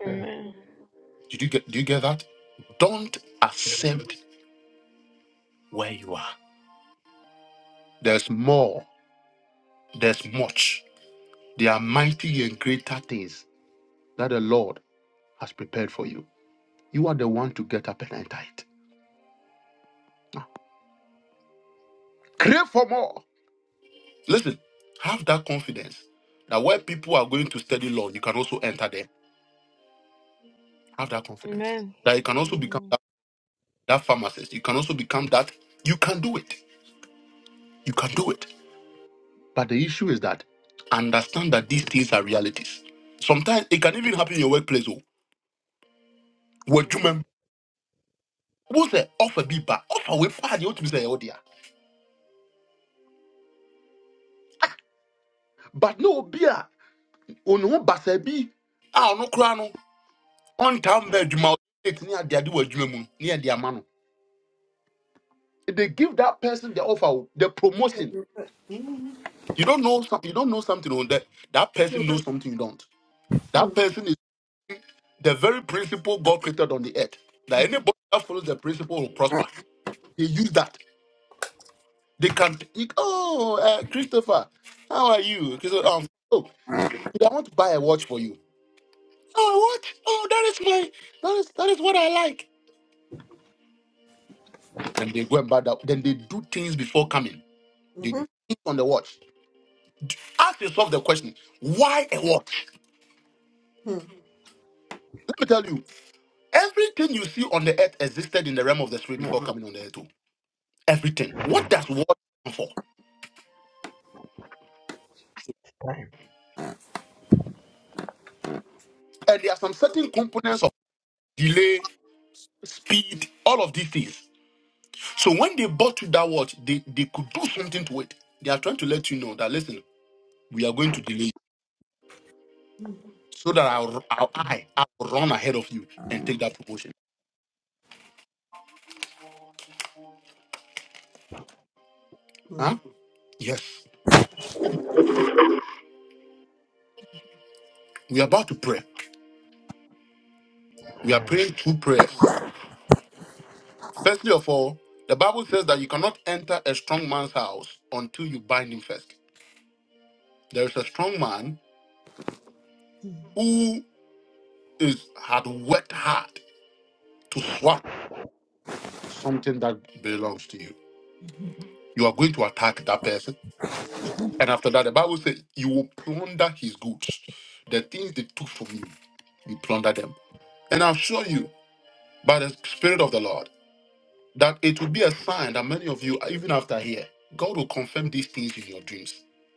Speaker 3: Amen. Amen. Mm-hmm.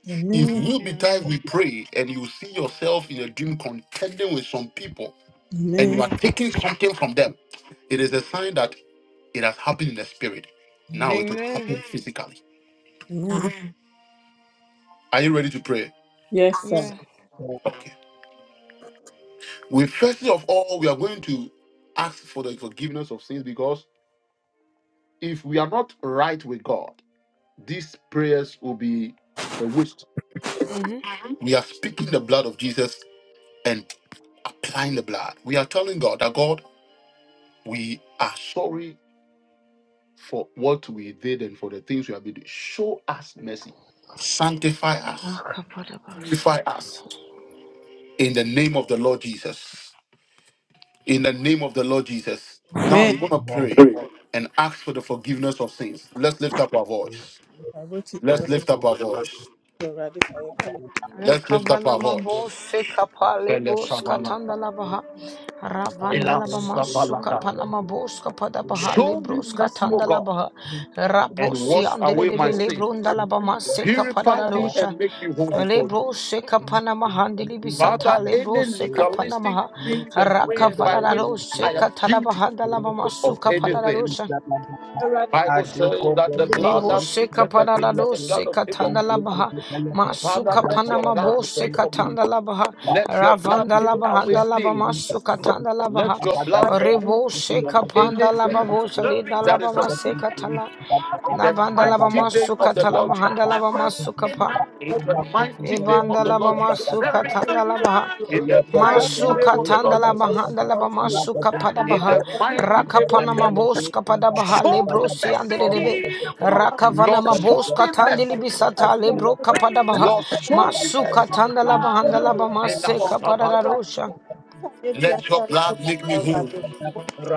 Speaker 2: Amen. Amen.
Speaker 3: Amen.
Speaker 2: Amen.
Speaker 3: Mm.
Speaker 2: Amen.
Speaker 3: Amen.
Speaker 2: Amen. Yes, sir.
Speaker 3: Yeah. Mm-hmm.
Speaker 2: Amen.
Speaker 3: Mm.
Speaker 2: I vote you for for radical economy.
Speaker 3: Ekavanamabose kapalibos katandalabaha. Ravandalabamansu kapanamabos kapadabaha
Speaker 1: Show me
Speaker 3: libros
Speaker 1: mercy, O God,
Speaker 3: katandalabaha.
Speaker 1: and
Speaker 3: Rabosi
Speaker 1: wash away
Speaker 3: andelebe
Speaker 1: my sins.
Speaker 3: lebrondalabamase
Speaker 1: Purify me
Speaker 3: kapadadadosha.
Speaker 1: and make me whole before you.
Speaker 3: Lebrose kapanamaha andilibisata
Speaker 1: Father, any
Speaker 3: lebrose
Speaker 1: legalistic
Speaker 3: kapanamaha.
Speaker 1: means and ways by which
Speaker 3: Rakavadadadose
Speaker 1: I am guilty
Speaker 3: katalabahandalabamasu
Speaker 1: of anything.
Speaker 3: kapadadadosha.
Speaker 1: Bible says that the blood
Speaker 3: Nebo
Speaker 1: that speaks
Speaker 3: seka
Speaker 1: better
Speaker 3: panada
Speaker 1: things than
Speaker 3: do
Speaker 1: the blood of
Speaker 3: seka
Speaker 1: Abel.
Speaker 3: tanda labaha.
Speaker 1: Father,
Speaker 3: Masuka
Speaker 1: let your
Speaker 3: panama bo
Speaker 1: blood speak
Speaker 3: seka
Speaker 1: for me.
Speaker 3: tanda labaha.
Speaker 1: Let your blood
Speaker 3: Ravanda
Speaker 1: take
Speaker 3: labaha
Speaker 1: away
Speaker 3: da laba
Speaker 1: sin.
Speaker 3: masuka tanda labaha.
Speaker 1: Let your blood remove
Speaker 3: Rebo seka panda
Speaker 1: anything
Speaker 3: laba bo salida
Speaker 1: that
Speaker 3: laba
Speaker 1: is of
Speaker 3: maseka
Speaker 1: sin.
Speaker 3: tala.
Speaker 1: In the
Speaker 3: Nabanda laba
Speaker 1: mighty name of
Speaker 3: masuka
Speaker 1: the
Speaker 3: tala
Speaker 1: Lord
Speaker 3: mahanda laba
Speaker 1: Jesus.
Speaker 3: masuka pa.
Speaker 1: In the mighty name
Speaker 3: Ebanda
Speaker 1: of the
Speaker 3: laba
Speaker 1: Lord Jesus.
Speaker 3: masuka tanda labaha.
Speaker 1: In the
Speaker 2: That
Speaker 1: mighty
Speaker 2: one
Speaker 1: name
Speaker 3: Masuka
Speaker 1: of the Lord
Speaker 3: tandala
Speaker 2: is
Speaker 1: Jesus.
Speaker 3: bahanda la
Speaker 2: the name
Speaker 3: bamasuka padabaha
Speaker 2: of
Speaker 1: Mighty name of
Speaker 3: rakapana
Speaker 2: Jesus.
Speaker 1: Jesus.
Speaker 3: maboska padabaha
Speaker 1: Show me mercy.
Speaker 3: lebrosi anderebe rakavana
Speaker 1: Lord, show
Speaker 3: maboska
Speaker 1: me
Speaker 2: Oh,
Speaker 3: tandili
Speaker 1: mercy.
Speaker 2: Jesus
Speaker 3: bisata lebro
Speaker 2: Christ.
Speaker 3: kapadabaha
Speaker 1: Lord, show me
Speaker 3: masuka
Speaker 1: mercy.
Speaker 3: tandala bahanda la bamase kapadarosha
Speaker 1: Let your blood make me whole.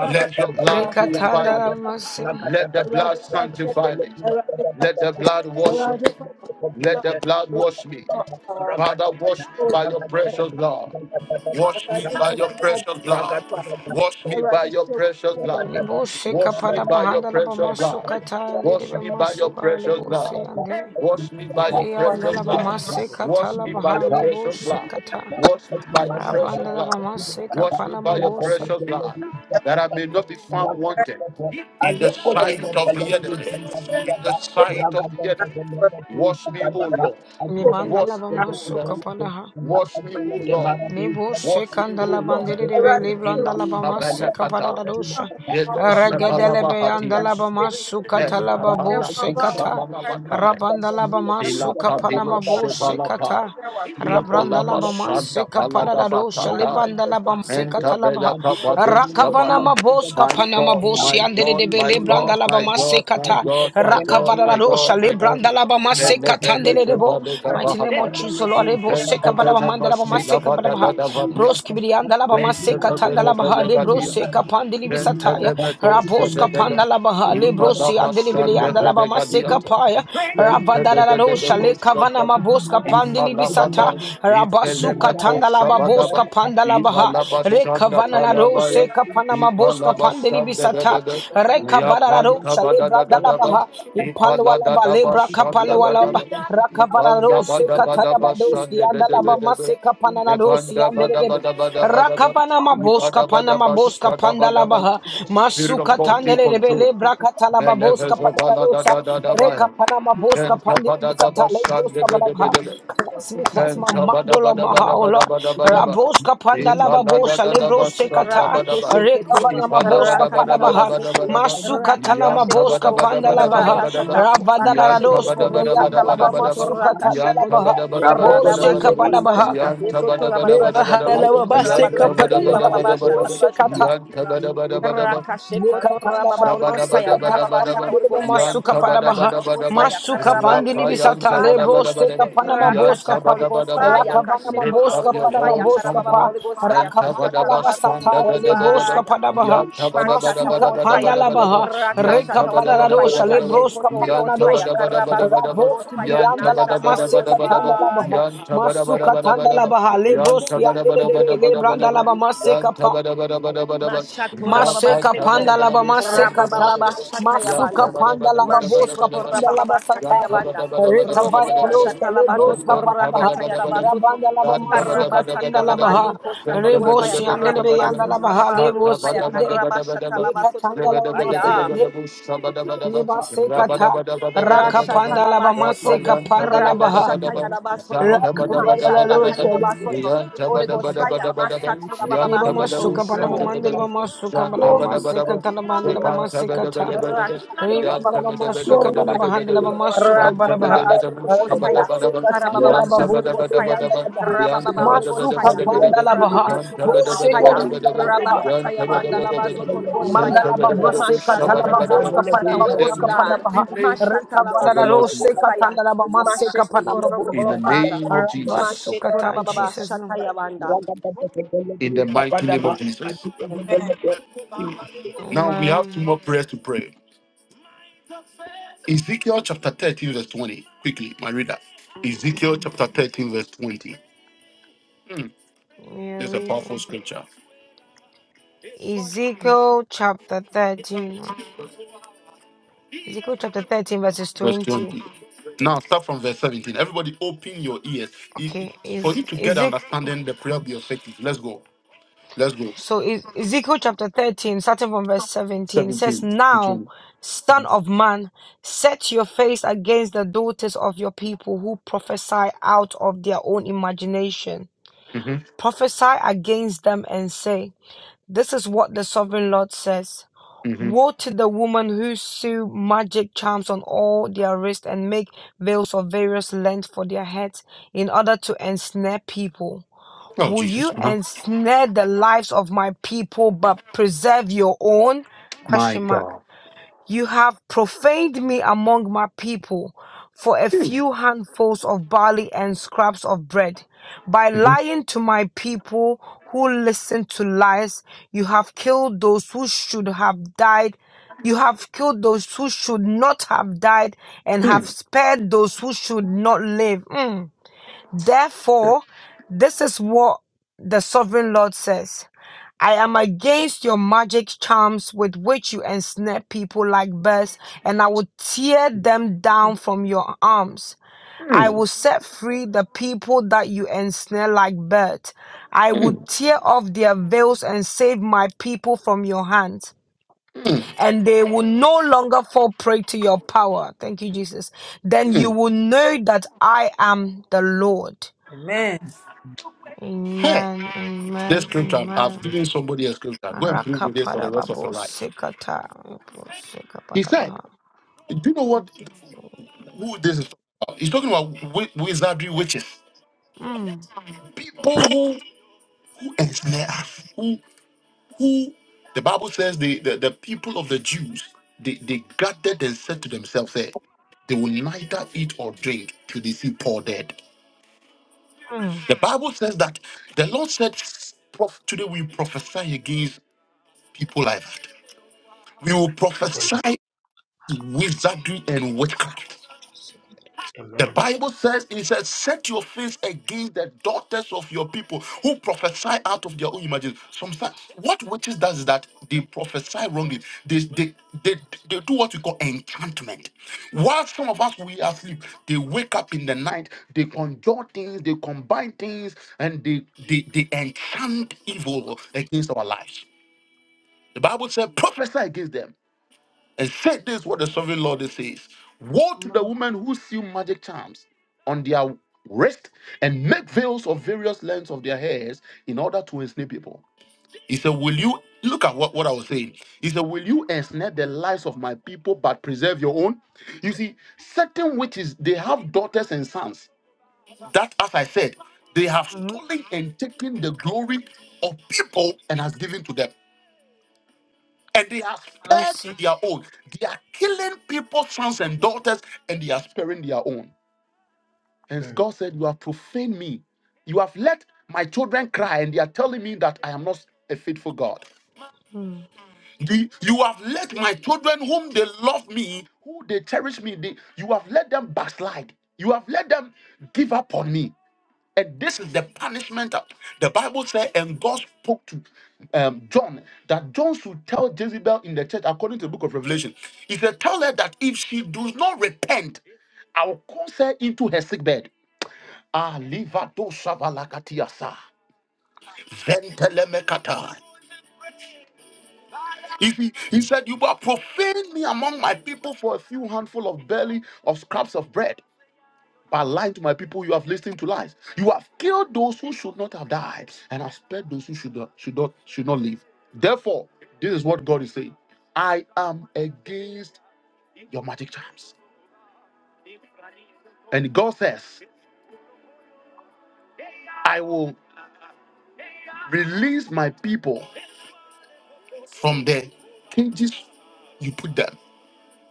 Speaker 1: Let your blood purify
Speaker 3: rekatanda la
Speaker 1: me.
Speaker 3: masi
Speaker 1: Let the blood sanctify me. Let the blood wash me. Let the blood wash me. Father, wash me by your precious blood. Wash me
Speaker 2: Awurade
Speaker 1: by
Speaker 2: hu
Speaker 1: your
Speaker 2: mi mmɔbɔ
Speaker 1: precious blood.
Speaker 2: boaboa me
Speaker 1: Wash
Speaker 2: ho.
Speaker 1: me by
Speaker 2: Awurade
Speaker 1: your
Speaker 2: hyɛ wo
Speaker 1: precious
Speaker 2: nneɛma
Speaker 1: blood.
Speaker 2: wɔ me mu.
Speaker 3: libose
Speaker 2: Awurade,
Speaker 1: Wash me by your
Speaker 3: kapadabahanda la
Speaker 1: precious blood.
Speaker 3: bamasuka tandili
Speaker 1: Wash me by your
Speaker 3: masuka
Speaker 1: precious blood.
Speaker 3: libose ande
Speaker 1: Wash me by your
Speaker 3: rianda
Speaker 1: precious
Speaker 3: la
Speaker 1: blood.
Speaker 3: bamase
Speaker 1: Wash
Speaker 3: katala
Speaker 1: me by
Speaker 3: baha
Speaker 1: your precious
Speaker 3: libose
Speaker 1: blood.
Speaker 3: kata
Speaker 1: Wash me by your precious
Speaker 3: Rabanda la
Speaker 1: blood.
Speaker 3: bamase
Speaker 1: Wash me
Speaker 3: kapala
Speaker 1: by your precious blood. That I may not be found wanted the sight of the enemy. Wash me, O Lord.
Speaker 2: no.
Speaker 3: Libanda
Speaker 1: Wash
Speaker 3: la
Speaker 1: me,
Speaker 3: bama
Speaker 1: O Lord.
Speaker 3: suka palaha.
Speaker 1: Wash me, O Lord.
Speaker 3: Nebo
Speaker 1: Wash me,
Speaker 3: sekanda
Speaker 1: O
Speaker 3: la
Speaker 1: Lord.
Speaker 3: bandere debe
Speaker 1: In
Speaker 3: liblanda
Speaker 1: the
Speaker 3: la bama seka
Speaker 1: Shabelakata,
Speaker 3: da dosha.
Speaker 1: Hello
Speaker 3: Regedele beyanda la
Speaker 1: Shabalabahatias.
Speaker 3: bama suka talaba bo sekata.
Speaker 1: Kapanakushambalabakai.
Speaker 3: Rabanda la bama suka
Speaker 1: Filata
Speaker 3: panama
Speaker 1: vilo
Speaker 3: bo
Speaker 1: shevalapai.
Speaker 3: sekata. Rabranda
Speaker 1: Ipalava
Speaker 3: labama
Speaker 1: shanda
Speaker 3: seka
Speaker 1: palada
Speaker 3: padadado
Speaker 1: vakatai.
Speaker 3: shalibanda labam seka
Speaker 1: Menta bela
Speaker 3: talabaha
Speaker 1: kabadu
Speaker 3: rakavana
Speaker 1: shabaha.
Speaker 3: mabos
Speaker 1: My
Speaker 3: kapana
Speaker 1: God,
Speaker 3: mabosi
Speaker 1: my
Speaker 3: andere
Speaker 1: God,
Speaker 3: de
Speaker 1: my
Speaker 3: bele branda
Speaker 1: God, my
Speaker 3: labama
Speaker 1: God,
Speaker 3: seka
Speaker 1: my
Speaker 3: ta
Speaker 1: God, my God,
Speaker 3: rakavana
Speaker 1: my
Speaker 3: do
Speaker 1: God, my God.
Speaker 3: shalibranda labama
Speaker 1: Vele
Speaker 3: seka
Speaker 1: vele
Speaker 3: tandele debo
Speaker 1: vele
Speaker 3: mighty name of
Speaker 1: kabahata.
Speaker 3: Jesus Lord lebo
Speaker 1: Vente
Speaker 3: seka badaba
Speaker 1: vele
Speaker 3: manda labama
Speaker 1: masila
Speaker 3: seka
Speaker 1: vada da
Speaker 3: badabaha
Speaker 1: da
Speaker 3: bros kibiri anda labama seka
Speaker 1: vele
Speaker 3: tanda labaha
Speaker 1: vele
Speaker 3: lebro
Speaker 1: gadia.
Speaker 3: seka pandili bisataya
Speaker 1: Pentelemeto
Speaker 3: rabos
Speaker 1: Shebedebe,
Speaker 3: kapanda labaha lebro si andele bele
Speaker 1: Ipalabashan
Speaker 3: Pandili and Alabama
Speaker 1: Devedegadiato,
Speaker 3: Sekapaya, Ravadarosha, Lekavana Maboska Pandili Bisata,
Speaker 1: Ifalabada,
Speaker 3: Rabasuka
Speaker 1: Ifelemeko
Speaker 3: Tandalaba
Speaker 1: Shabadaba,
Speaker 3: Boska Pandalabaha,
Speaker 1: Ifalabashanda
Speaker 3: Rekavana
Speaker 1: Palabaya,
Speaker 3: seka panama Boska Pandili
Speaker 1: Ifalabashanda
Speaker 3: Bisata,
Speaker 1: Gadaba, Yapanta
Speaker 3: Rekavararosha,
Speaker 1: Badadadaba,
Speaker 3: Lebrandalabaha, Ipalwalaba,
Speaker 1: Ifaladadaba
Speaker 3: Lebra
Speaker 1: Shanda
Speaker 3: Kapalwalaba,
Speaker 1: Badaba, Ipanda
Speaker 3: Rakavararose
Speaker 1: Badabadaba
Speaker 3: Katanabadoski
Speaker 1: Shanda
Speaker 3: and Alabama
Speaker 1: Bedebedebe,
Speaker 3: Sekapananadosi
Speaker 1: Ipanda
Speaker 3: and
Speaker 1: Badabadabadabadaba,
Speaker 3: Rakavana Maboska kapana
Speaker 1: Ibadabadaba
Speaker 3: maboska pandala
Speaker 1: Shadabadaba.
Speaker 3: baha
Speaker 1: Spirit
Speaker 3: masuka
Speaker 1: of God, take
Speaker 3: tandele rebe
Speaker 1: control.
Speaker 3: lebra katala baboska
Speaker 1: Eleves of
Speaker 3: padala
Speaker 1: Allah, da
Speaker 3: dosa
Speaker 1: da da da ba
Speaker 3: reka pana
Speaker 1: da da da da
Speaker 3: maboska pandele bisata
Speaker 1: da de
Speaker 3: lebroska
Speaker 1: de de
Speaker 3: badaha
Speaker 1: de de.
Speaker 3: cleanse me cleanse my mind O Lord my heart O Lord raboska pandala babosa lebroska kata
Speaker 4: Rakoto
Speaker 3: reka
Speaker 4: Shekete,
Speaker 3: pana maboska padabaha
Speaker 4: Rakatarabasoto,
Speaker 3: masuka tana
Speaker 4: Rakata
Speaker 3: maboska
Speaker 4: Shekoto,
Speaker 3: pandala baha
Speaker 4: Rakasata
Speaker 3: ravadala doske
Speaker 4: Bakashekoto, Rosa
Speaker 3: brianda laba
Speaker 4: Talabasoto,
Speaker 3: masuka tandala
Speaker 4: Rakashekono,
Speaker 3: baha boska
Speaker 4: Radabashe
Speaker 3: padabaha
Speaker 4: Kodrabajita, Soto Rabajita, Fede
Speaker 3: Nebahalala baseka
Speaker 4: Kodrabajita,
Speaker 3: palaba alebo
Speaker 4: Bababasha Tarabajita.
Speaker 3: sekata
Speaker 1: Yan
Speaker 4: Rakashe koto
Speaker 3: Nikatanda
Speaker 4: rababa
Speaker 3: laba
Speaker 4: oligosfaya
Speaker 3: maseka tana
Speaker 4: karababa
Speaker 3: laba
Speaker 1: Shabadabadabadabadaba.
Speaker 4: shata
Speaker 3: ndelebo
Speaker 4: oligosfaya
Speaker 3: masuka padabaha
Speaker 4: kurakashata
Speaker 1: Yantabadabadabadaba.
Speaker 4: oligosfaya
Speaker 3: masuka
Speaker 4: karabando
Speaker 3: pandili bisata
Speaker 4: Oligosfaya,
Speaker 3: lebo
Speaker 1: Rapayantabadabadabadaba.
Speaker 3: seka pana maboska
Speaker 4: Rakashata
Speaker 3: pa
Speaker 4: Holy Ghost
Speaker 1: Yantabadabadabadaba.
Speaker 4: fire,
Speaker 3: rakavana
Speaker 1: Lift
Speaker 4: Kashikoto Holy
Speaker 1: up
Speaker 3: maboska
Speaker 1: your
Speaker 4: Ghost
Speaker 3: padaba
Speaker 4: fire,
Speaker 1: voice,
Speaker 3: boska
Speaker 4: Karababa
Speaker 3: pa
Speaker 1: someone.
Speaker 4: Holy Ghost fire,
Speaker 3: rakavanda
Speaker 4: Kashata
Speaker 3: laba
Speaker 4: Rabazoto
Speaker 3: sata
Speaker 4: Holy
Speaker 3: ya
Speaker 4: Ghost
Speaker 3: leboska
Speaker 1: Yantabadabashandadadadadaba.
Speaker 4: fire,
Speaker 3: padabaha
Speaker 4: Mashata Holy
Speaker 3: masuka
Speaker 4: Ghost
Speaker 3: panda
Speaker 4: fire,
Speaker 1: Yantabadabadabadabadabadaba.
Speaker 3: labaha reka
Speaker 4: Rakashata Holy
Speaker 3: pada
Speaker 4: Ghost
Speaker 3: la dosha
Speaker 4: fire,
Speaker 1: Yantabadabadabadabadaba.
Speaker 3: lebroska
Speaker 4: Kashikoto Holy
Speaker 3: pana
Speaker 4: Ghost
Speaker 3: na
Speaker 4: fire,
Speaker 3: dosha
Speaker 4: Karabasoto
Speaker 1: Yantabadabadabadabadaba.
Speaker 4: Holy Ghost
Speaker 3: Ravoski
Speaker 4: fire,
Speaker 3: brianda laba
Speaker 4: Nashata Holy
Speaker 3: maseka
Speaker 4: Ghost
Speaker 1: Yantabadabadabadabadaba.
Speaker 3: tanda labaha
Speaker 4: fire.
Speaker 3: masuka tanda labaha
Speaker 1: Yantabadabadabadabadaba.
Speaker 3: lebroski andele debe lebranda
Speaker 1: Yantabadabadabadabadabadaba.
Speaker 3: laba maseka
Speaker 1: Yantabadabadabadabadaba.
Speaker 4: Mashatora Baba
Speaker 1: Rabba
Speaker 3: Maseka
Speaker 4: Seto
Speaker 3: panda laba masekata.
Speaker 4: Rababa
Speaker 3: Masuka
Speaker 1: Yan
Speaker 4: Shatayabanda
Speaker 1: tabada
Speaker 3: panda
Speaker 1: bada
Speaker 3: laba
Speaker 1: bada
Speaker 3: boska
Speaker 4: Mashekoto
Speaker 3: panda laba
Speaker 4: Rababa
Speaker 3: sataya.
Speaker 4: Satayabanda
Speaker 3: Reka
Speaker 1: bada
Speaker 4: Rokoto
Speaker 3: vara rosta lebroska
Speaker 4: Shatalabazoto
Speaker 3: palabaha.
Speaker 4: Rakatayalabazoto
Speaker 3: Rabanda laba
Speaker 4: Karaba
Speaker 3: masuka tanda
Speaker 1: bada.
Speaker 3: labaha.
Speaker 4: Satalabando Costa Toligos Fire
Speaker 3: Rebosi ande lebe
Speaker 4: Karababa
Speaker 3: yanda
Speaker 4: Seto
Speaker 3: labaha.
Speaker 4: Rababa Holigos
Speaker 3: Lebosi
Speaker 4: Fire
Speaker 3: ande.
Speaker 4: Karaba
Speaker 3: Eka
Speaker 4: Shatalabasoto
Speaker 3: tanda
Speaker 4: Ligos
Speaker 3: laba
Speaker 4: Fire
Speaker 3: masende. Leba sekata. Raka panda laba
Speaker 4: Rashatalabasoto
Speaker 3: maseka panda
Speaker 4: Randa
Speaker 3: labaha.
Speaker 4: Shatayalabasoto
Speaker 3: Raka vara la rosta leba.
Speaker 4: Mashakatayalabasoto Holy Ghost fire, Mashato
Speaker 1: Yan
Speaker 4: Rababa
Speaker 3: Leba
Speaker 1: tabada
Speaker 4: Seto
Speaker 1: bu
Speaker 3: masuka panda
Speaker 1: şanda
Speaker 3: mandela
Speaker 1: bada.
Speaker 3: leba masuka panda
Speaker 1: Shanta
Speaker 3: mama
Speaker 1: bada bada ba,
Speaker 3: sekata laba ande leba
Speaker 1: Shekanta bada
Speaker 3: masekata.
Speaker 1: bada
Speaker 4: Rakatara
Speaker 1: bada Yanta bada bada bada bada bada Shanta bada bada
Speaker 4: Master
Speaker 1: ba,
Speaker 4: Holy Ghost
Speaker 1: Shabada
Speaker 4: fire.
Speaker 1: bada ba,
Speaker 4: Karababa
Speaker 1: Yanta
Speaker 4: Master Holy
Speaker 1: bada
Speaker 4: Ghost
Speaker 1: bada
Speaker 4: fire.
Speaker 1: bada ba, Yanta
Speaker 4: Rababa Holy
Speaker 1: bada
Speaker 4: Ghost
Speaker 1: bada
Speaker 4: fire.
Speaker 1: bada bada ba,
Speaker 4: Rababa
Speaker 1: Yanta
Speaker 4: Holy
Speaker 1: bada
Speaker 4: Ghost
Speaker 1: bada
Speaker 4: fire.
Speaker 1: bada bada ba, Yanta
Speaker 4: Rabakataya
Speaker 1: bada bada
Speaker 4: Mandala
Speaker 1: bada
Speaker 4: Master Holy
Speaker 1: ba,
Speaker 4: Ghost
Speaker 1: Zeta
Speaker 4: fire.
Speaker 1: bada bada ba,
Speaker 4: Mashatu
Speaker 1: Shabada bada
Speaker 4: Rabako
Speaker 1: ba.
Speaker 4: Shata
Speaker 1: In the
Speaker 4: Wind of God.
Speaker 1: mighty name
Speaker 4: Mashata
Speaker 1: of the
Speaker 4: Labasto
Speaker 1: Lord
Speaker 4: Holy Ghost
Speaker 1: Jesus,
Speaker 4: fire. Masheko Torobo
Speaker 1: in
Speaker 4: O
Speaker 1: the
Speaker 4: Father.
Speaker 1: name of Jesus,
Speaker 4: Masheko
Speaker 3: Rabasukata in
Speaker 4: Rababa
Speaker 3: Jesus' name.
Speaker 4: Shataya Manda.
Speaker 1: in the mighty name of Jesus,
Speaker 2: Amen.
Speaker 3: Um, we are reading Ezekiel chapter 13. right? Ezekiel chapter 13, verses 20. Okay, is Ezek so is Ezekiel chapter 13, starting from verse 17, says,
Speaker 1: 17 to
Speaker 3: Now,
Speaker 1: 20.
Speaker 3: son of man, set your face against the daughters of your people who prophesy out of their own imagination. Prophesy against them and say, 'This is what the sovereign Lord says. Woe to the woman who sew magic charms on all their wrists and make veils of various lengths for their heads in order to ensnare people. Will you ensnare the lives of my people but preserve your own? Question mark. You have profaned me among my people for a few handfuls of barley and scraps of bread. By lying to my people who listen to lies, you have killed those who should have died. You have killed those who should not have died and have spared those who should not live. Mm. Therefore, this is what the sovereign Lord says I am against your magic charms with which you ensnare people like birds, and I will tear them down from your arms. I will set free the people that you ensnare like birds. I will tear off their veils and save my people from your hand, and they will no longer fall prey to your power. Thank you, Jesus. Then you will know that I am the Lord.
Speaker 2: Amen.
Speaker 3: Amen. Amen. Amen. Rakapadababu sikata. Sikapadabaha. Mm. Mm. Sikama. Mm. Mercy. Mm.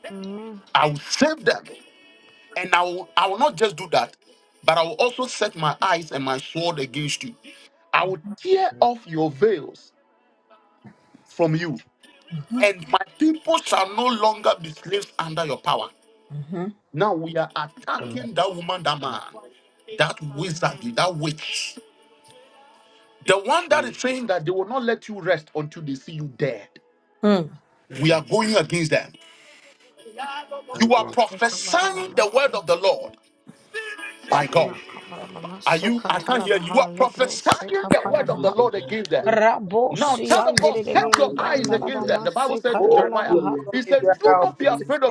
Speaker 3: Amen.
Speaker 2: Mm-hmm.
Speaker 3: Mm. Sikapadabama. Rakapadabaha. Sikatalabaha. Libro. Sikapadabaha. Rabo siyandiridibili bandalabama. Sikatalabaha.
Speaker 2: Ome biara a ɔbɛtumi